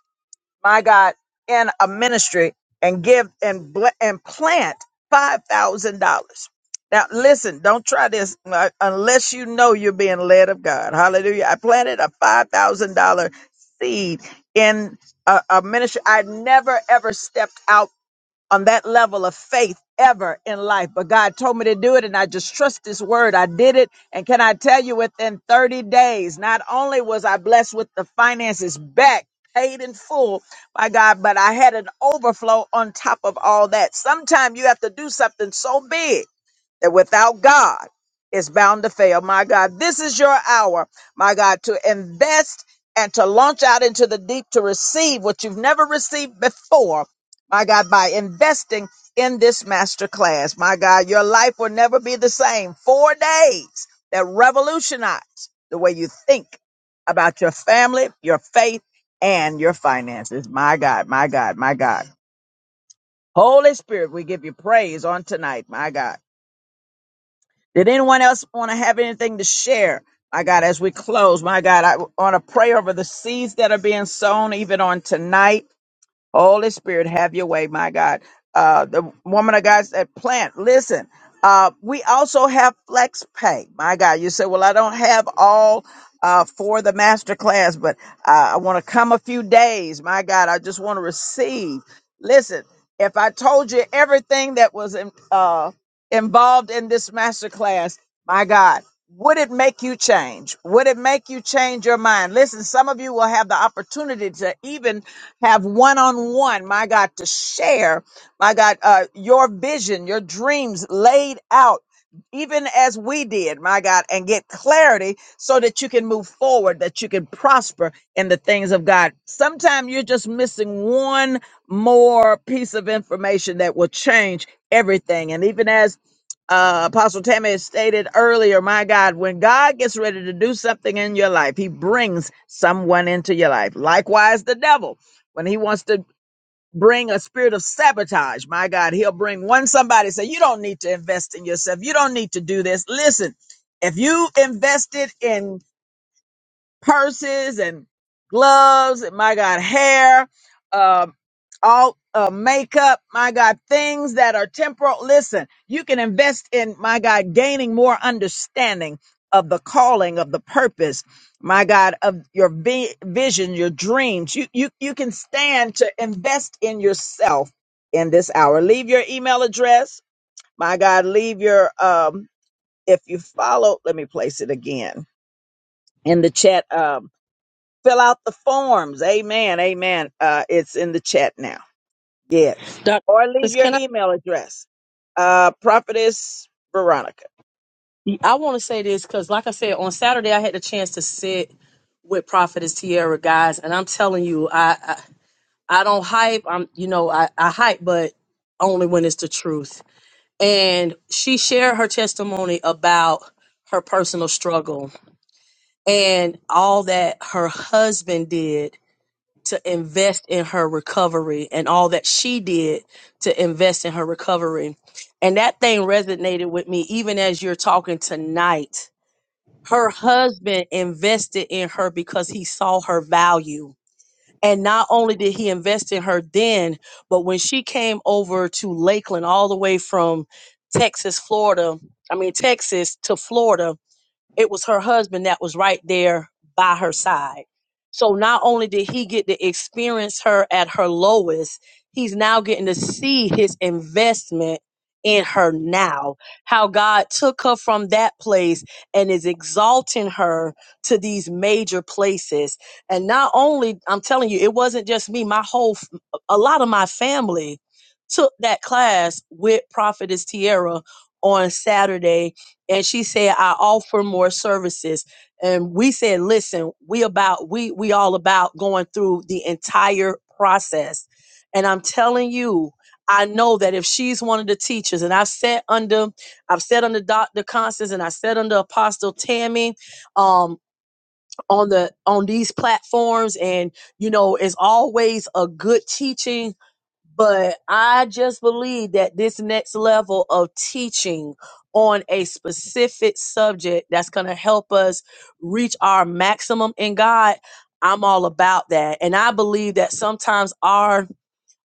[SPEAKER 1] my God, in a ministry and give and bl- and plant five thousand dollars. Now listen, don't try this uh, unless you know you're being led of God. Hallelujah! I planted a five thousand dollar seed in a, a ministry. I never ever stepped out on that level of faith ever in life. But God told me to do it, and I just trust His word. I did it. And can I tell you, within 30 days, not only was I blessed with the finances back, paid in full by God, but I had an overflow on top of all that. Sometimes you have to do something so big that without God is bound to fail. My God, this is your hour, my God, to invest and to launch out into the deep to receive what you've never received before. My God, by investing in this master class, my God, your life will never be the same. Four days that revolutionize the way you think about your family, your faith, and your finances. My God, my God, my God. Holy Spirit, we give you praise on tonight, my God. Did anyone else want to have anything to share? My God, as we close, my God, I want to pray over the seeds that are being sown even on tonight. Holy Spirit, have your way, my God. Uh, the woman of God said, plant, listen. Uh, we also have flex pay. My God, you said, well, I don't have all uh, for the master class, but uh, I want to come a few days. My God, I just want to receive. Listen, if I told you everything that was in, uh, involved in this master class, my God, would it make you change? Would it make you change your mind? Listen, some of you will have the opportunity to even have one on one, my God, to share, my God, uh, your vision, your dreams laid out, even as we did, my God, and get clarity so that you can move forward, that you can prosper in the things of God. Sometimes you're just missing one more piece of information that will change everything. And even as uh, Apostle Tammy has stated earlier, my God, when God gets ready to do something in your life, he brings someone into your life. Likewise, the devil. When he wants to bring a spirit of sabotage, my God, he'll bring one somebody say, you don't need to invest in yourself. You don't need to do this. Listen, if you invested in purses and gloves and my God, hair, um, all uh, makeup, my God, things that are temporal. Listen, you can invest in my God, gaining more understanding of the calling, of the purpose, my God, of your vi- vision, your dreams. You you you can stand to invest in yourself in this hour. Leave your email address, my God. Leave your um. If you follow, let me place it again in the chat. Um, Fill out the forms. Amen. Amen. Uh, it's in the chat now. Yes.
[SPEAKER 13] Dr.
[SPEAKER 1] Or leave your
[SPEAKER 13] Can I
[SPEAKER 1] email address. Uh, Prophetess Veronica.
[SPEAKER 13] I wanna say this because like I said, on Saturday I had the chance to sit with Prophetess Tierra guys, and I'm telling you, I I, I don't hype. I'm you know, I, I hype, but only when it's the truth and she shared her testimony about her personal struggle and all that her husband did to invest in her recovery and all that she did to invest in her recovery. And that thing resonated with me even as you're talking tonight. Her husband invested in her because he saw her value and not only did he invest in her then, but when she came over to Lakeland, all the way from Texas, Florida, I mean, Texas to Florida, it was her husband that was right there by her side. So not only did he get to experience her at her lowest, he's now getting to see his investment in her now. How God took her from that place and is exalting her to these major places. And not only, I'm telling you, it wasn't just me, my whole, f- a lot of my family took that class with Prophetess Tierra on Saturday and she said i offer more services and we said listen we about we we all about going through the entire process and i'm telling you i know that if she's one of the teachers and i've sat under i've sat under dr constance and i sat under apostle tammy um on the on these platforms and you know it's always a good teaching but I just believe that this next level of teaching on a specific subject that's going to help us reach our maximum in God, I'm all about that. And I believe that sometimes our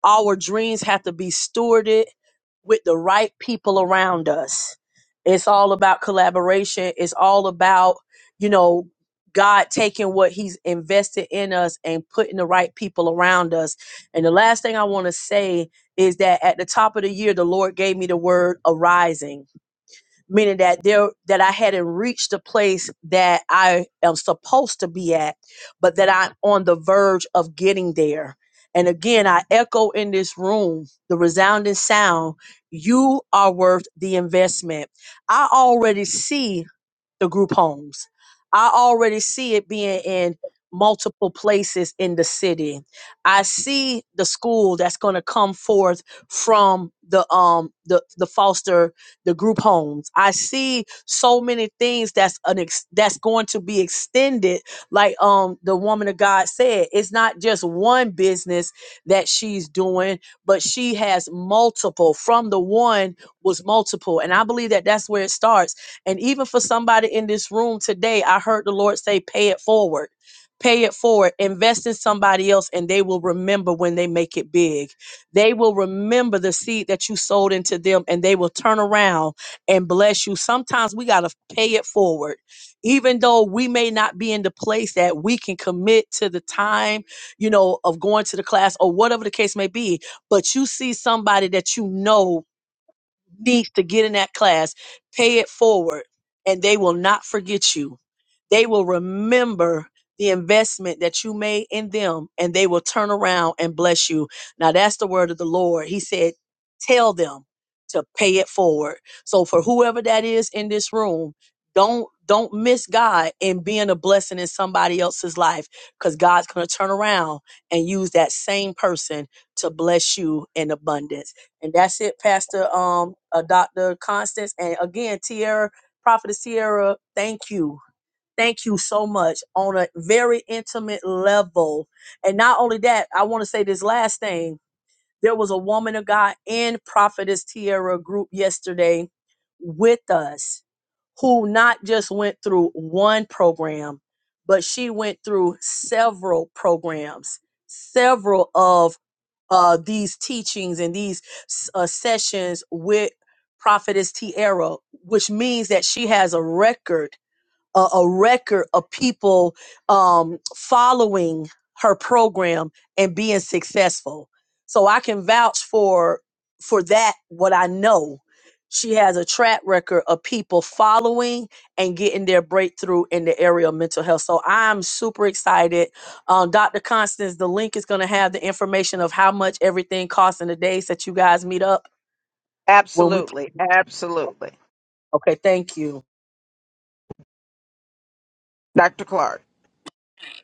[SPEAKER 13] our dreams have to be stewarded with the right people around us. It's all about collaboration. It's all about, you know, God taking what He's invested in us and putting the right people around us. And the last thing I want to say is that at the top of the year, the Lord gave me the word arising meaning that there that I hadn't reached the place that I am supposed to be at, but that I'm on the verge of getting there. And again, I echo in this room the resounding sound, you are worth the investment. I already see the group homes. I already see it being in multiple places in the city. I see the school that's going to come forth from the um the the foster the group homes. I see so many things that's an ex- that's going to be extended like um the woman of God said it's not just one business that she's doing but she has multiple from the one was multiple and I believe that that's where it starts and even for somebody in this room today, I heard the Lord say, pay it forward. Pay it forward. Invest in somebody else, and they will remember when they make it big. They will remember the seed that you sold into them, and they will turn around and bless you. Sometimes we got to pay it forward. Even though we may not be in the place that we can commit to the time, you know, of going to the class or whatever the case may be, but you see somebody that you know needs to get in that class, pay it forward, and they will not forget you. They will remember the investment that you made in them and they will turn around and bless you. Now, that's the word of the Lord. He said, Tell them to pay it forward. So, for whoever that is in this room, don't don't miss God in being a blessing in somebody else's life because God's going to turn around and use that same person to bless you in abundance. And that's it, Pastor um uh, Dr. Constance. And again, Tierra, Prophetess Tierra, thank you. Thank you so much on a very intimate level. And not only that, I want to say this last thing. There was a woman of God in Prophetess Tierra group yesterday with us who not just went through one program, but she went through several programs, several of uh, these teachings and these uh, sessions with Prophetess Tiara, which means that she has a record a, a record of people um, following her program and being successful. So I can vouch for for that. What I know, she has a track record of people following and getting their breakthrough in the area of mental health. So I'm super excited. Um, Dr. Constance, the link is going to have the information of how much everything costs in the days that you guys meet up when we.
[SPEAKER 1] Absolutely. Absolutely.
[SPEAKER 13] Okay, thank you.
[SPEAKER 1] Dr. Clark.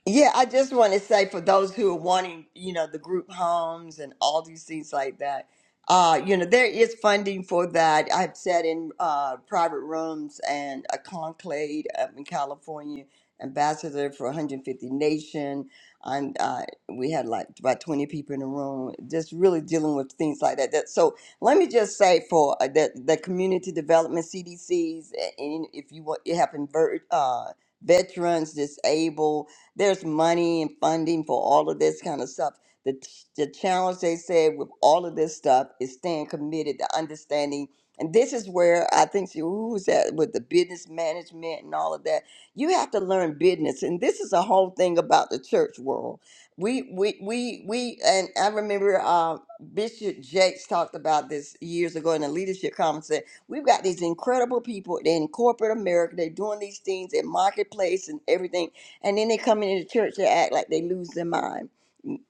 [SPEAKER 12] Yeah, I just want to say for those who are wanting, you know, the group homes and all these things like that, uh, you know, there is funding for that. I've sat in uh, private rooms and a conclave up in California, ambassador for 150 Nation. And uh, we had like about 20 people in the room, just really dealing with things like that. that so let me just say for uh, the, the community development CDCs, and if you want, you have invert, uh, veterans, disabled there's money and funding for all of this kind of stuff. The, the challenge they said with all of this stuff is staying committed to understanding. And this is where I think she, who was that with the business management and all of that. You have to learn business, and this is a whole thing about the church world. We we we we, and I remember uh, Bishop Jakes talked about this years ago in a leadership conference. Said, We've got these incredible people in corporate America. They're doing these things in marketplace and everything and then they come into the church, they act like they lose their mind.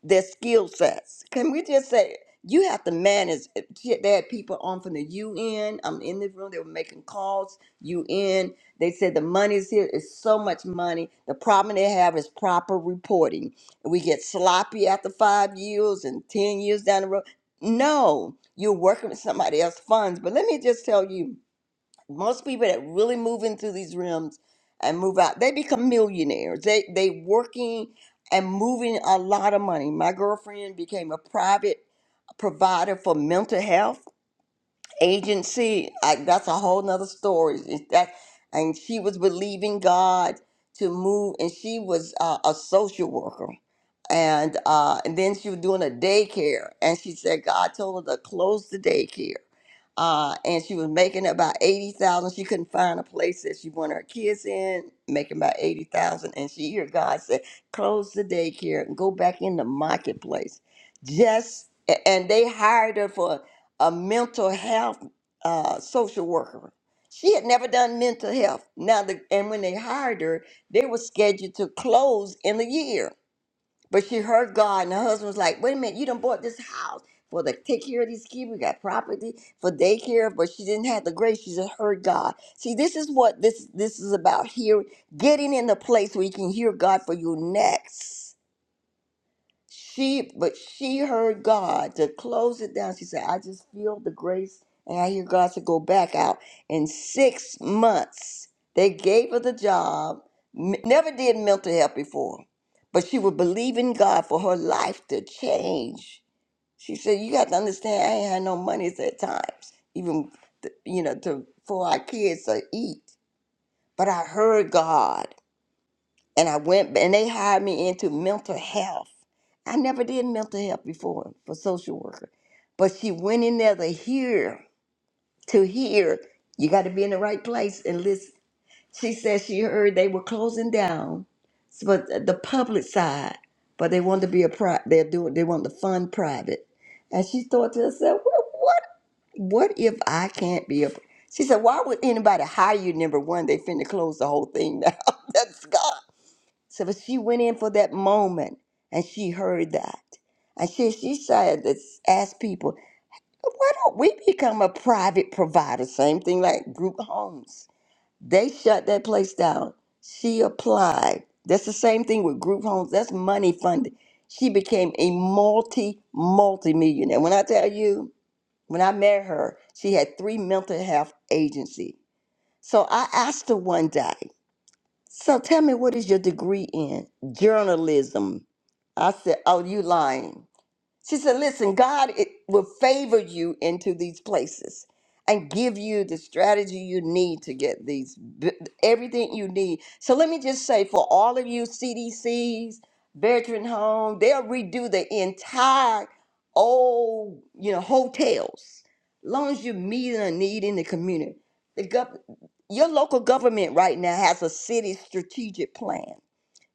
[SPEAKER 12] Their skill sets. Can we just say you have to manage? Shit, they had people on from the UN. I'm in this room. They were making calls. UN. They said the money's here. It's so much money. The problem they have is proper reporting. We get sloppy after five years and ten years down the road. No, you're working with somebody else's funds. But let me just tell you most people that really move into these realms and move out, they become millionaires. They they working and moving a lot of money. My girlfriend became a private provider for mental health agency I, that's a whole nother story It's that and she was believing god to move and she was uh, a social worker and uh, and then she was doing a daycare and she said god told her to close the daycare uh, and she was making about 80000 she couldn't find a place that she wanted her kids in making about 80000 and she hear god say close the daycare and go back in the marketplace just a- and they hired her for a mental health uh, social worker. She had never done mental health. Now, the, and when they hired her, they were scheduled to close in a year. But she heard God, and her husband was like, "Wait a minute, you done bought this house for the take care of these kids. We got property for daycare, but she didn't have the grace. She just heard God. See, this is what this this is about. Here, getting in the place where you can hear God for you next. She, but she heard God to close it down. She said, I just feel the grace, and I hear God to go back out. In six months, they gave her the job, m- never did mental health before, but she would believe in God for her life to change. She said, You got to understand, I ain't had no money at times, even, th- you know, to for our kids to eat. But I heard God and I went and they hired me into mental health. I never did mental health before for social worker, but she went in there to hear to hear. You got to be in the right place and listen. She said she heard they were closing down, s- but th- the public side, but they wanted to be a pri- they're doing they want to fund private, and she thought to herself, well, what what if I can't be a? She said, why would anybody hire you? Number one, they finna close the whole thing down. That's God. So but she went in for that moment and she heard that. And she, she started to s- ask people, why don't we become a private provider? Same thing like group homes. They shut that place down. She applied. That's the same thing with group homes. That's money funded. She became a multi, multi millionaire. When I tell you, when I met her, she had three mental health agency. So I asked her one day, so tell me, what is your degree in journalism? I said, oh, you lying. She said, Listen, God it will favor you into these places and give you the strategy you need to get these, b- everything you need. So let me just say for all of you CDCs, veteran home, they'll redo the entire old, you know, hotels. Long as you're meeting a need in the community. The gov- your local government right now has a city strategic plan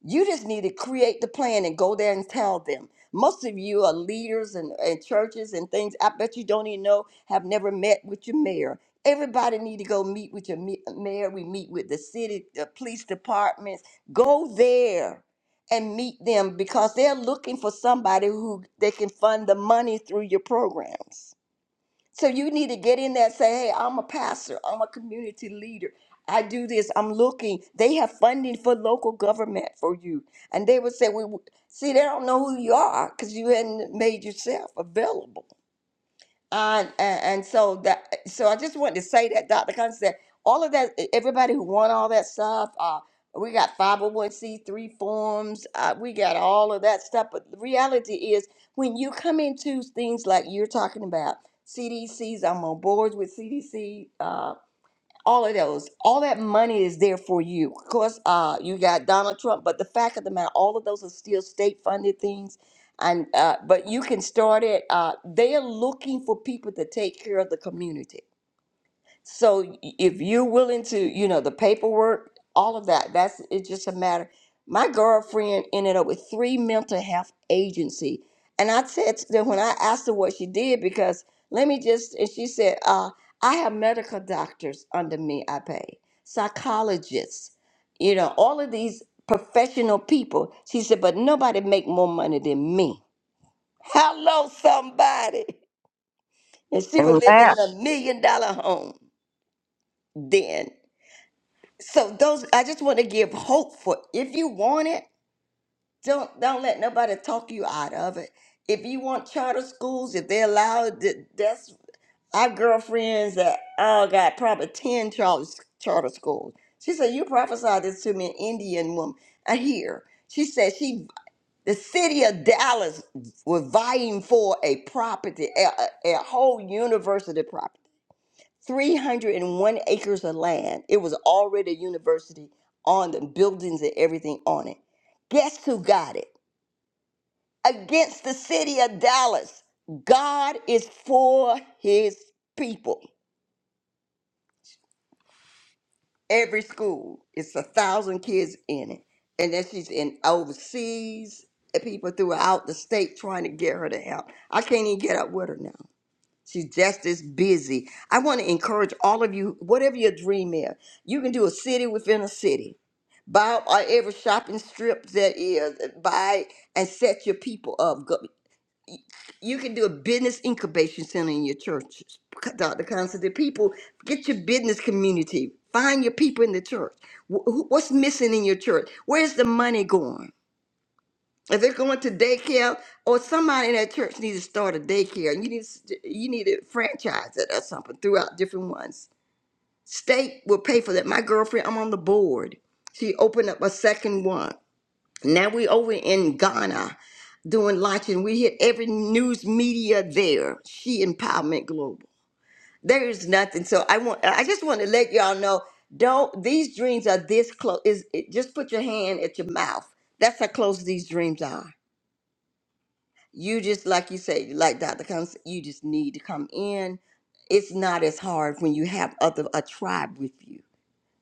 [SPEAKER 12] you just need to create the plan and go there and tell them. Most of you are leaders and, and churches and things. I bet you don't even know, have never met with your mayor. Everybody need to go meet with your me- mayor. We meet with the city, the police departments. Go there and meet them because they're looking for somebody who they can fund the money through your programs. So you need to get in there and say, hey, I'm a pastor, I'm a community leader. I do this. I'm looking. They have funding for local government for you. And they would say, we see, they don't know who you are because you hadn't made yourself available and, and and so that so I just wanted to say that Dr. Constance said all of that e, everybody who won all that stuff uh we got 501c3 forms uh, we got all of that stuff but the reality is when you come into things like you're talking about CDC's I'm on boards with CDC all of those all that money is there for you of course uh you got donald trump but the fact of the matter all of those are still state funded things and uh but you can start it uh they are looking for people to take care of the community so if you're willing to, you know, the paperwork, all of that, that's it's just a matter. My girlfriend ended up with three mental health agency. And I said to them when I asked her what she did, because let me just and she said, uh, I have medical doctors under me I pay, psychologists, you know, all of these professional people. She said, but nobody make more money than me. Hello, somebody. And she was
[SPEAKER 1] And
[SPEAKER 12] living in a million dollar home then. So those I just want to give hope for if you want it, don't don't let nobody talk you out of it. If you want charter schools, if they allow it, th- that's our girlfriends that all got probably ten charter charter schools. She said, "You prophesied this to me, an Indian woman. I hear." She said she the city of Dallas was vying for a property, a, a a whole university property. 301 acres of land. It was already a university on the buildings and everything on it. Guess who got it? Against the city of Dallas. God is for his people. Every school, it's a thousand kids in it. And then she's in overseas, and people throughout the state trying to get her to help. I can't even get up with her now. She's just as busy. I want to encourage all of you, whatever your dream is, you can do a city within a city Buy uh, every shopping strip that is. uh, Buy and set your people up. Go- You can do a business incubation center in your churches, Dr. Constance. The people, get your business community. Find your people in the church. Wh- who- What's missing in your church? Where's the money going? If it's going to daycare, or somebody in that church needs to start a daycare, and you need to- you need to franchise it or something throughout different ones. State will pay for that. My girlfriend, I'm on the board. She opened up a second one. Now we over in Ghana doing launching. We hit every news media there. She Empowerment Global. There is nothing. So I want. I just want to let y'all know. Don't these dreams are this close? Is it, just put your hand at your mouth. That's how close these dreams are. You just like you say, like Dr. Combs, you just need to come in. It's not as hard when you have other a tribe with you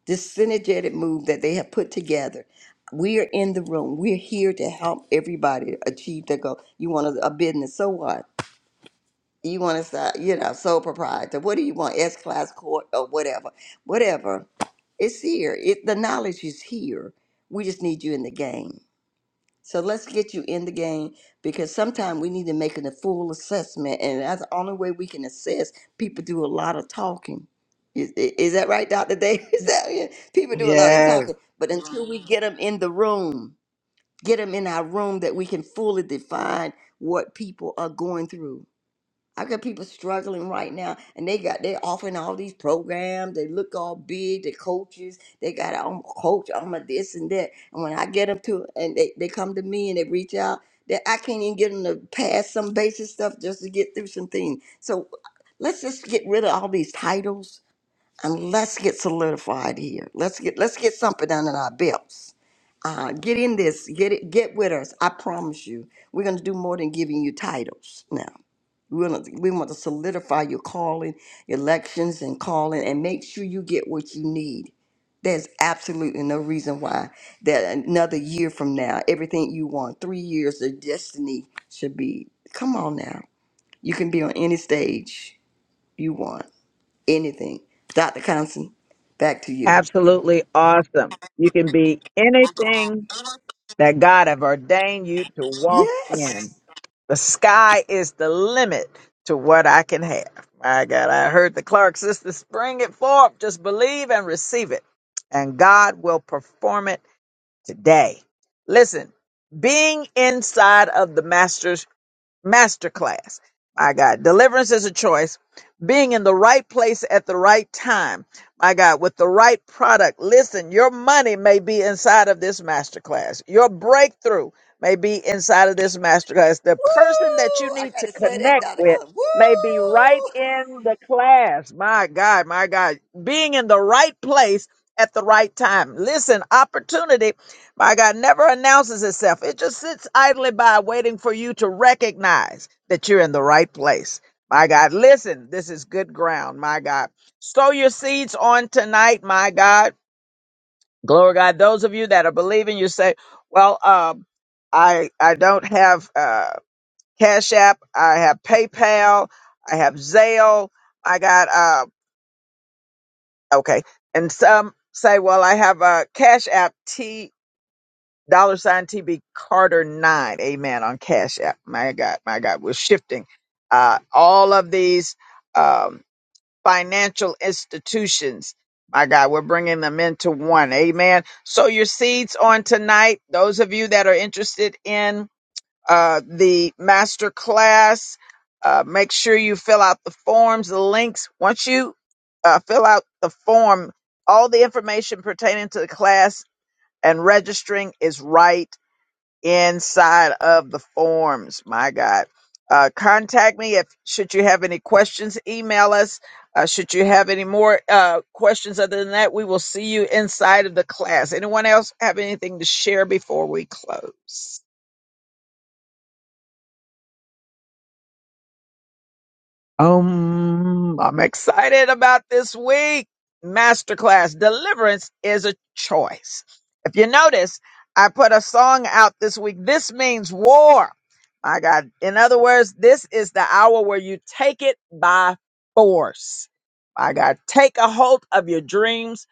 [SPEAKER 12] this synergetic move that they have put together. We are in the room. We're here to help everybody achieve their goal. You want a, a business, so what? You want to start, you know, sole proprietor. What do you want? S class court or whatever. Whatever. It's here. It, the knowledge is here. We just need you in the game. So let's get you in the game because sometimes we need to make a full assessment, and that's the only way we can assess. People do a lot of talking. Is, i- is that right, Dr. Davis? Is that- yeah, People do a lot of
[SPEAKER 14] Yes.
[SPEAKER 12] talking, but until we get them in the room, get them in our room that we can fully define what people are going through. I got people struggling right now, and they got they offering all these programs. They look all big. The coaches they got I'm a coach. I'm a this and that. And when I get them to, and they, they come to me and they reach out, that I can't even get them to pass some basic stuff just to get through some things. So let's just get rid of all these titles and let's get solidified here. Let's get let's get something under our belts. Uh, get in this. Get it. Get with us. I promise you, we're gonna do more than giving you titles now. We want to, we want to solidify your calling, elections, and calling, and make sure you get what you need. There's absolutely no reason why that another year from now, everything you want, three years of destiny should be. Come on now, you can be on any stage you want, anything. Dr. Constant, back to you.
[SPEAKER 1] Absolutely awesome. You can be anything that God have ordained you to walk in.
[SPEAKER 12] Yes.
[SPEAKER 1] The sky is the limit to what I can have. My God, I heard the Clark sisters spring it forth. Just believe and receive it, and God will perform it today. Listen, being inside of the Master's masterclass. My God, deliverance is a choice. Being in the right place at the right time. My God, with the right product. Listen, your money may be inside of this masterclass. Your breakthrough may be inside of this masterclass. The person that you
[SPEAKER 12] Woo! I
[SPEAKER 1] need to
[SPEAKER 12] gotta say that,
[SPEAKER 1] connect
[SPEAKER 12] Doctor
[SPEAKER 1] with
[SPEAKER 12] Cullen.
[SPEAKER 1] may be right
[SPEAKER 12] Woo!
[SPEAKER 1] in the class. My God, my God, being in the right place at the right time. Listen, opportunity my God never announces itself. It just sits idly by waiting for you to recognize that you're in the right place. My God, listen, this is good ground. My God, sow your seeds on tonight. My God, glory to God. Those of you that are believing, you say, well, um, I, I don't have, uh, Cash App. I have PayPal. I have Zelle. I got, uh, okay. And some say, well, I have a Cash App dollar sign TB Carter nine. Amen. On Cash App. My God, my God, we're shifting. Uh, all of these um, financial institutions. My God, we're bringing them into one. Amen. So your seeds on tonight. Those of you that are interested in uh, the master class, uh, make sure you fill out the forms, the links. Once you uh, fill out the form, all the information pertaining to the class and registering is right inside of the forms. My God. Uh, contact me if should you have any questions. Email us. Uh, should you have any more uh, questions other than that, we will see you inside of the class. Anyone else have anything to share before we close? Um, I'm excited about this week. Masterclass Deliverance is a choice. If you notice, I put a song out this week. This means war. My God. In other words, this is the hour where you take it by force. My God. Take a hold of your dreams.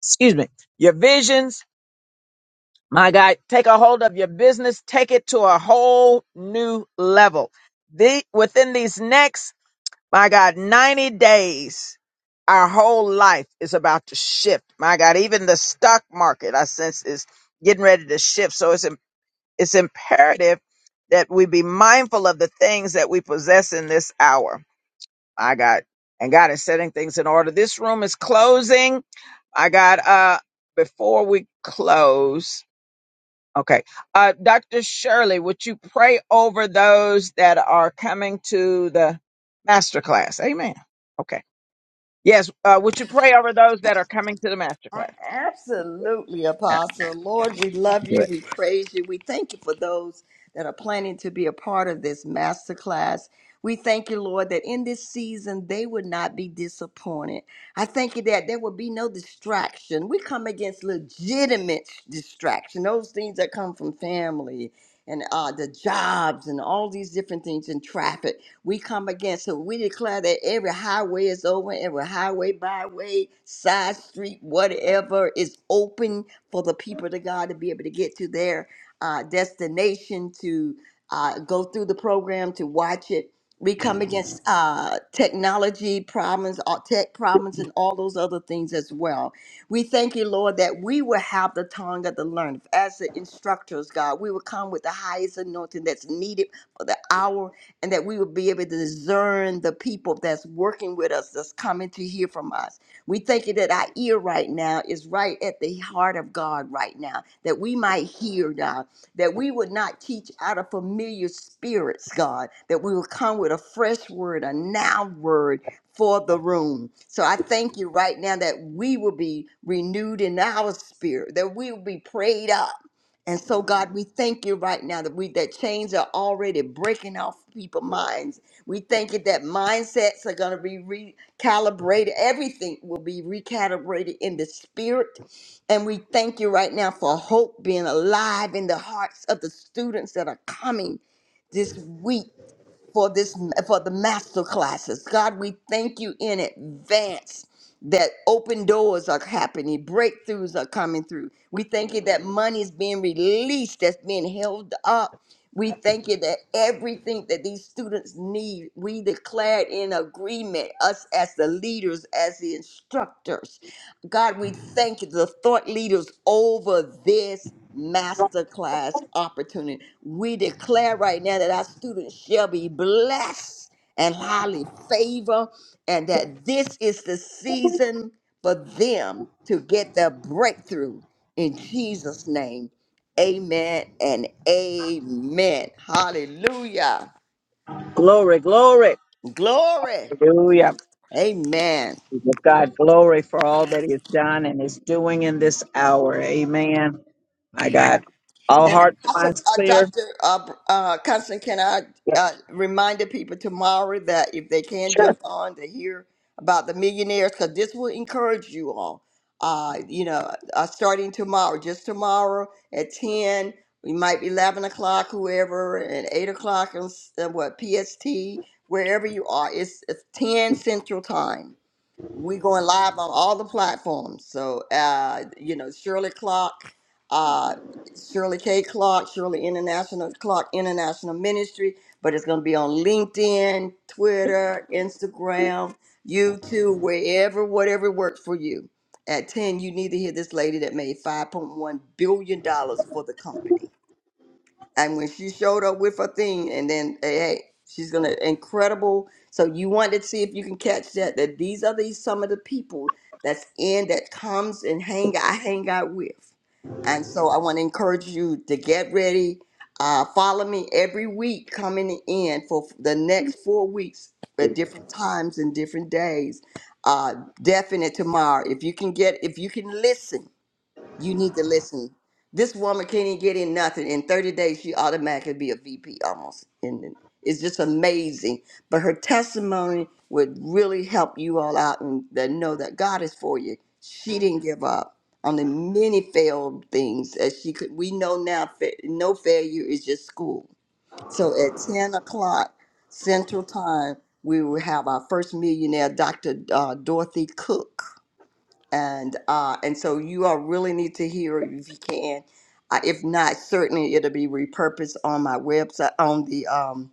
[SPEAKER 1] Excuse me. Your visions. My God. Take a hold of your business. Take it to a whole new level. The, within these next My God, 90 days, our whole life is about to shift. My God, even the stock market, I sense, is getting ready to shift. So it's, im- it's imperative that we be mindful of the things that we possess in this hour. My God. And God is setting things in order. This room is closing. I got, uh, before we close, okay. Uh, Dr. Shirley, would you pray over those that are coming to the masterclass? Amen. Okay. Yes, uh, would you pray over those that are coming to the master
[SPEAKER 12] A-
[SPEAKER 1] class?
[SPEAKER 12] Absolutely,
[SPEAKER 1] Yeah,
[SPEAKER 12] Apostle. Lord, we love
[SPEAKER 1] do
[SPEAKER 12] you.
[SPEAKER 1] it.
[SPEAKER 12] We praise you. We thank you for those that are planning to be a part of this masterclass. We thank you, Lord, that in this season they would not be disappointed. I thank you that there will be no distraction. We come against legitimate distraction, those things that come from family and uh, the jobs and all these different things in traffic. We come against it. We declare that every highway is open, every highway, byway, side street, whatever is open for the people of God to be able to get to their uh, destination, to uh, go through the program, to watch it. We come against uh, technology problems, or tech problems, and all those other things as well. We thank you, Lord, that we will have the tongue of the learned. As the instructors, God, we will come with the highest anointing that's needed for the hour and that we will be able to discern the people that's working with us, that's coming to hear from us. We thank you that our ear right now is right at the heart of God right now, that we might hear, God, that we would not teach out of familiar spirits, God, that we will come with a fresh word, a now word for the room. So I thank you right now that we will be renewed in our spirit, that we will be prayed up and so, God, we thank you right now that we that chains are already breaking off people's minds. We thank you that mindsets are going to be recalibrated. Everything will be recalibrated in the spirit. And we thank you right now for hope being alive in the hearts of the students that are coming this week for this for the master classes. God, we thank you in advance that open doors are happening, breakthroughs are coming through. We thank you that money is being released, that's being held up. We thank you that everything that these students need, we declared in agreement, us as the leaders, as the instructors. God, we thank you, the thought leaders over this masterclass opportunity. We declare right now that our students shall be blessed and highly favored, and that this is the season for them to get their breakthrough in Jesus' name. Amen and amen. Hallelujah.
[SPEAKER 1] Glory, glory.
[SPEAKER 12] Glory.
[SPEAKER 1] Hallelujah.
[SPEAKER 12] Amen.
[SPEAKER 1] We Give God glory for all that He has done and is doing in this hour. Amen. My God. All
[SPEAKER 12] And
[SPEAKER 1] hearts and
[SPEAKER 12] Apostle
[SPEAKER 1] minds
[SPEAKER 12] uh,
[SPEAKER 1] clear.
[SPEAKER 12] Dr. Uh, uh, Constant, can I uh, remind the people tomorrow that if they can jump on to hear about the millionaires, because this will encourage you all. Uh, you know, uh, starting tomorrow, just tomorrow at 10, we might be 11 o'clock, whoever, and 8 o'clock, on s- uh, what, PST, wherever you are. It's, it's 10 Central Time. We're going live on all the platforms. So, uh, you know, Shirley Clark, uh, Shirley K. Clark, Shirley International Clark International Ministry, but it's going to be on LinkedIn, Twitter, Instagram, YouTube, wherever, whatever works for you. At 10, you need to hear this lady that made $5.1 billion dollars for the company and when she showed up with her thing, and then hey, hey, she's gonna incredible. So you want to see if you can catch that. That these are these some of the people that's in that comes and hang I hang out with, and so I want to encourage you to get ready. Uh, follow me every week coming in for f- the next four weeks at different times and different days. Uh, definite tomorrow. If you can get, if you can listen you need to listen. This woman can't even get in nothing. In 30 days, she automatically be a VP almost. And it- it's just amazing. But her testimony would really help you all out and that know that God is for you. She didn't give up on the many failed things as she could. We know now fa- no failure is just school. So at 10 o'clock Central Time, we will have our first millionaire, Dr. Uh, Dorothy Cook and uh, and so you all really need to hear it if you can. Uh, if not, certainly it'll be repurposed on my website, on the um,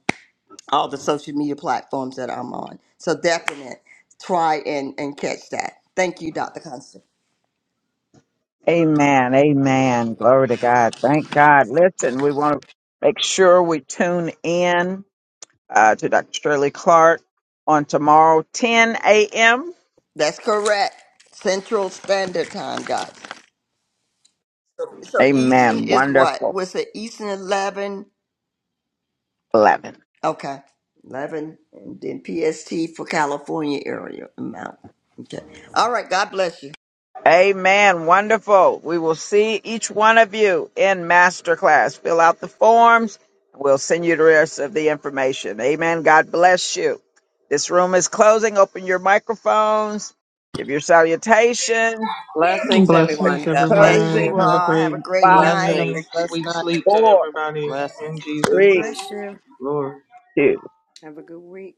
[SPEAKER 12] all the social media platforms that I'm on. So definite, try and and catch that. Thank you, Dr. Constant.
[SPEAKER 1] Amen. Amen. Glory to God. Thank God. Listen, we want to make sure we tune in uh, to Dr. Shirley Clark on tomorrow, 10 a.m.
[SPEAKER 12] That's correct. Central Standard Time, guys. So, so Eastern
[SPEAKER 1] Amen.
[SPEAKER 12] is what?
[SPEAKER 1] Wonderful.
[SPEAKER 12] Was it Eastern eleven?
[SPEAKER 1] 11.
[SPEAKER 12] Okay, eleven, and then PST for California area amount. Okay. All right. God bless you.
[SPEAKER 1] Amen. Wonderful. We will see each one of you in masterclass. Fill out the forms. We'll send you the rest of the information. Amen. God bless you. This room is closing. Open your microphones. Give your salutation.
[SPEAKER 2] Blessings,
[SPEAKER 10] Blessings,
[SPEAKER 2] everyone.
[SPEAKER 12] God
[SPEAKER 2] God bless
[SPEAKER 12] bless
[SPEAKER 10] everyone.
[SPEAKER 2] you.
[SPEAKER 12] you
[SPEAKER 10] Have a
[SPEAKER 9] bless
[SPEAKER 12] all. Have
[SPEAKER 10] great
[SPEAKER 12] a great
[SPEAKER 9] you.
[SPEAKER 12] night.
[SPEAKER 9] Have
[SPEAKER 10] evening.
[SPEAKER 9] a
[SPEAKER 2] Blessings.
[SPEAKER 9] blessed
[SPEAKER 10] Sweet
[SPEAKER 9] night.
[SPEAKER 10] sleep to
[SPEAKER 1] Four,
[SPEAKER 10] everybody
[SPEAKER 2] Blessings.
[SPEAKER 10] in
[SPEAKER 6] God
[SPEAKER 10] Jesus'
[SPEAKER 1] three,
[SPEAKER 10] name.
[SPEAKER 6] bless you.
[SPEAKER 10] Lord.
[SPEAKER 1] two.
[SPEAKER 6] Have a good week.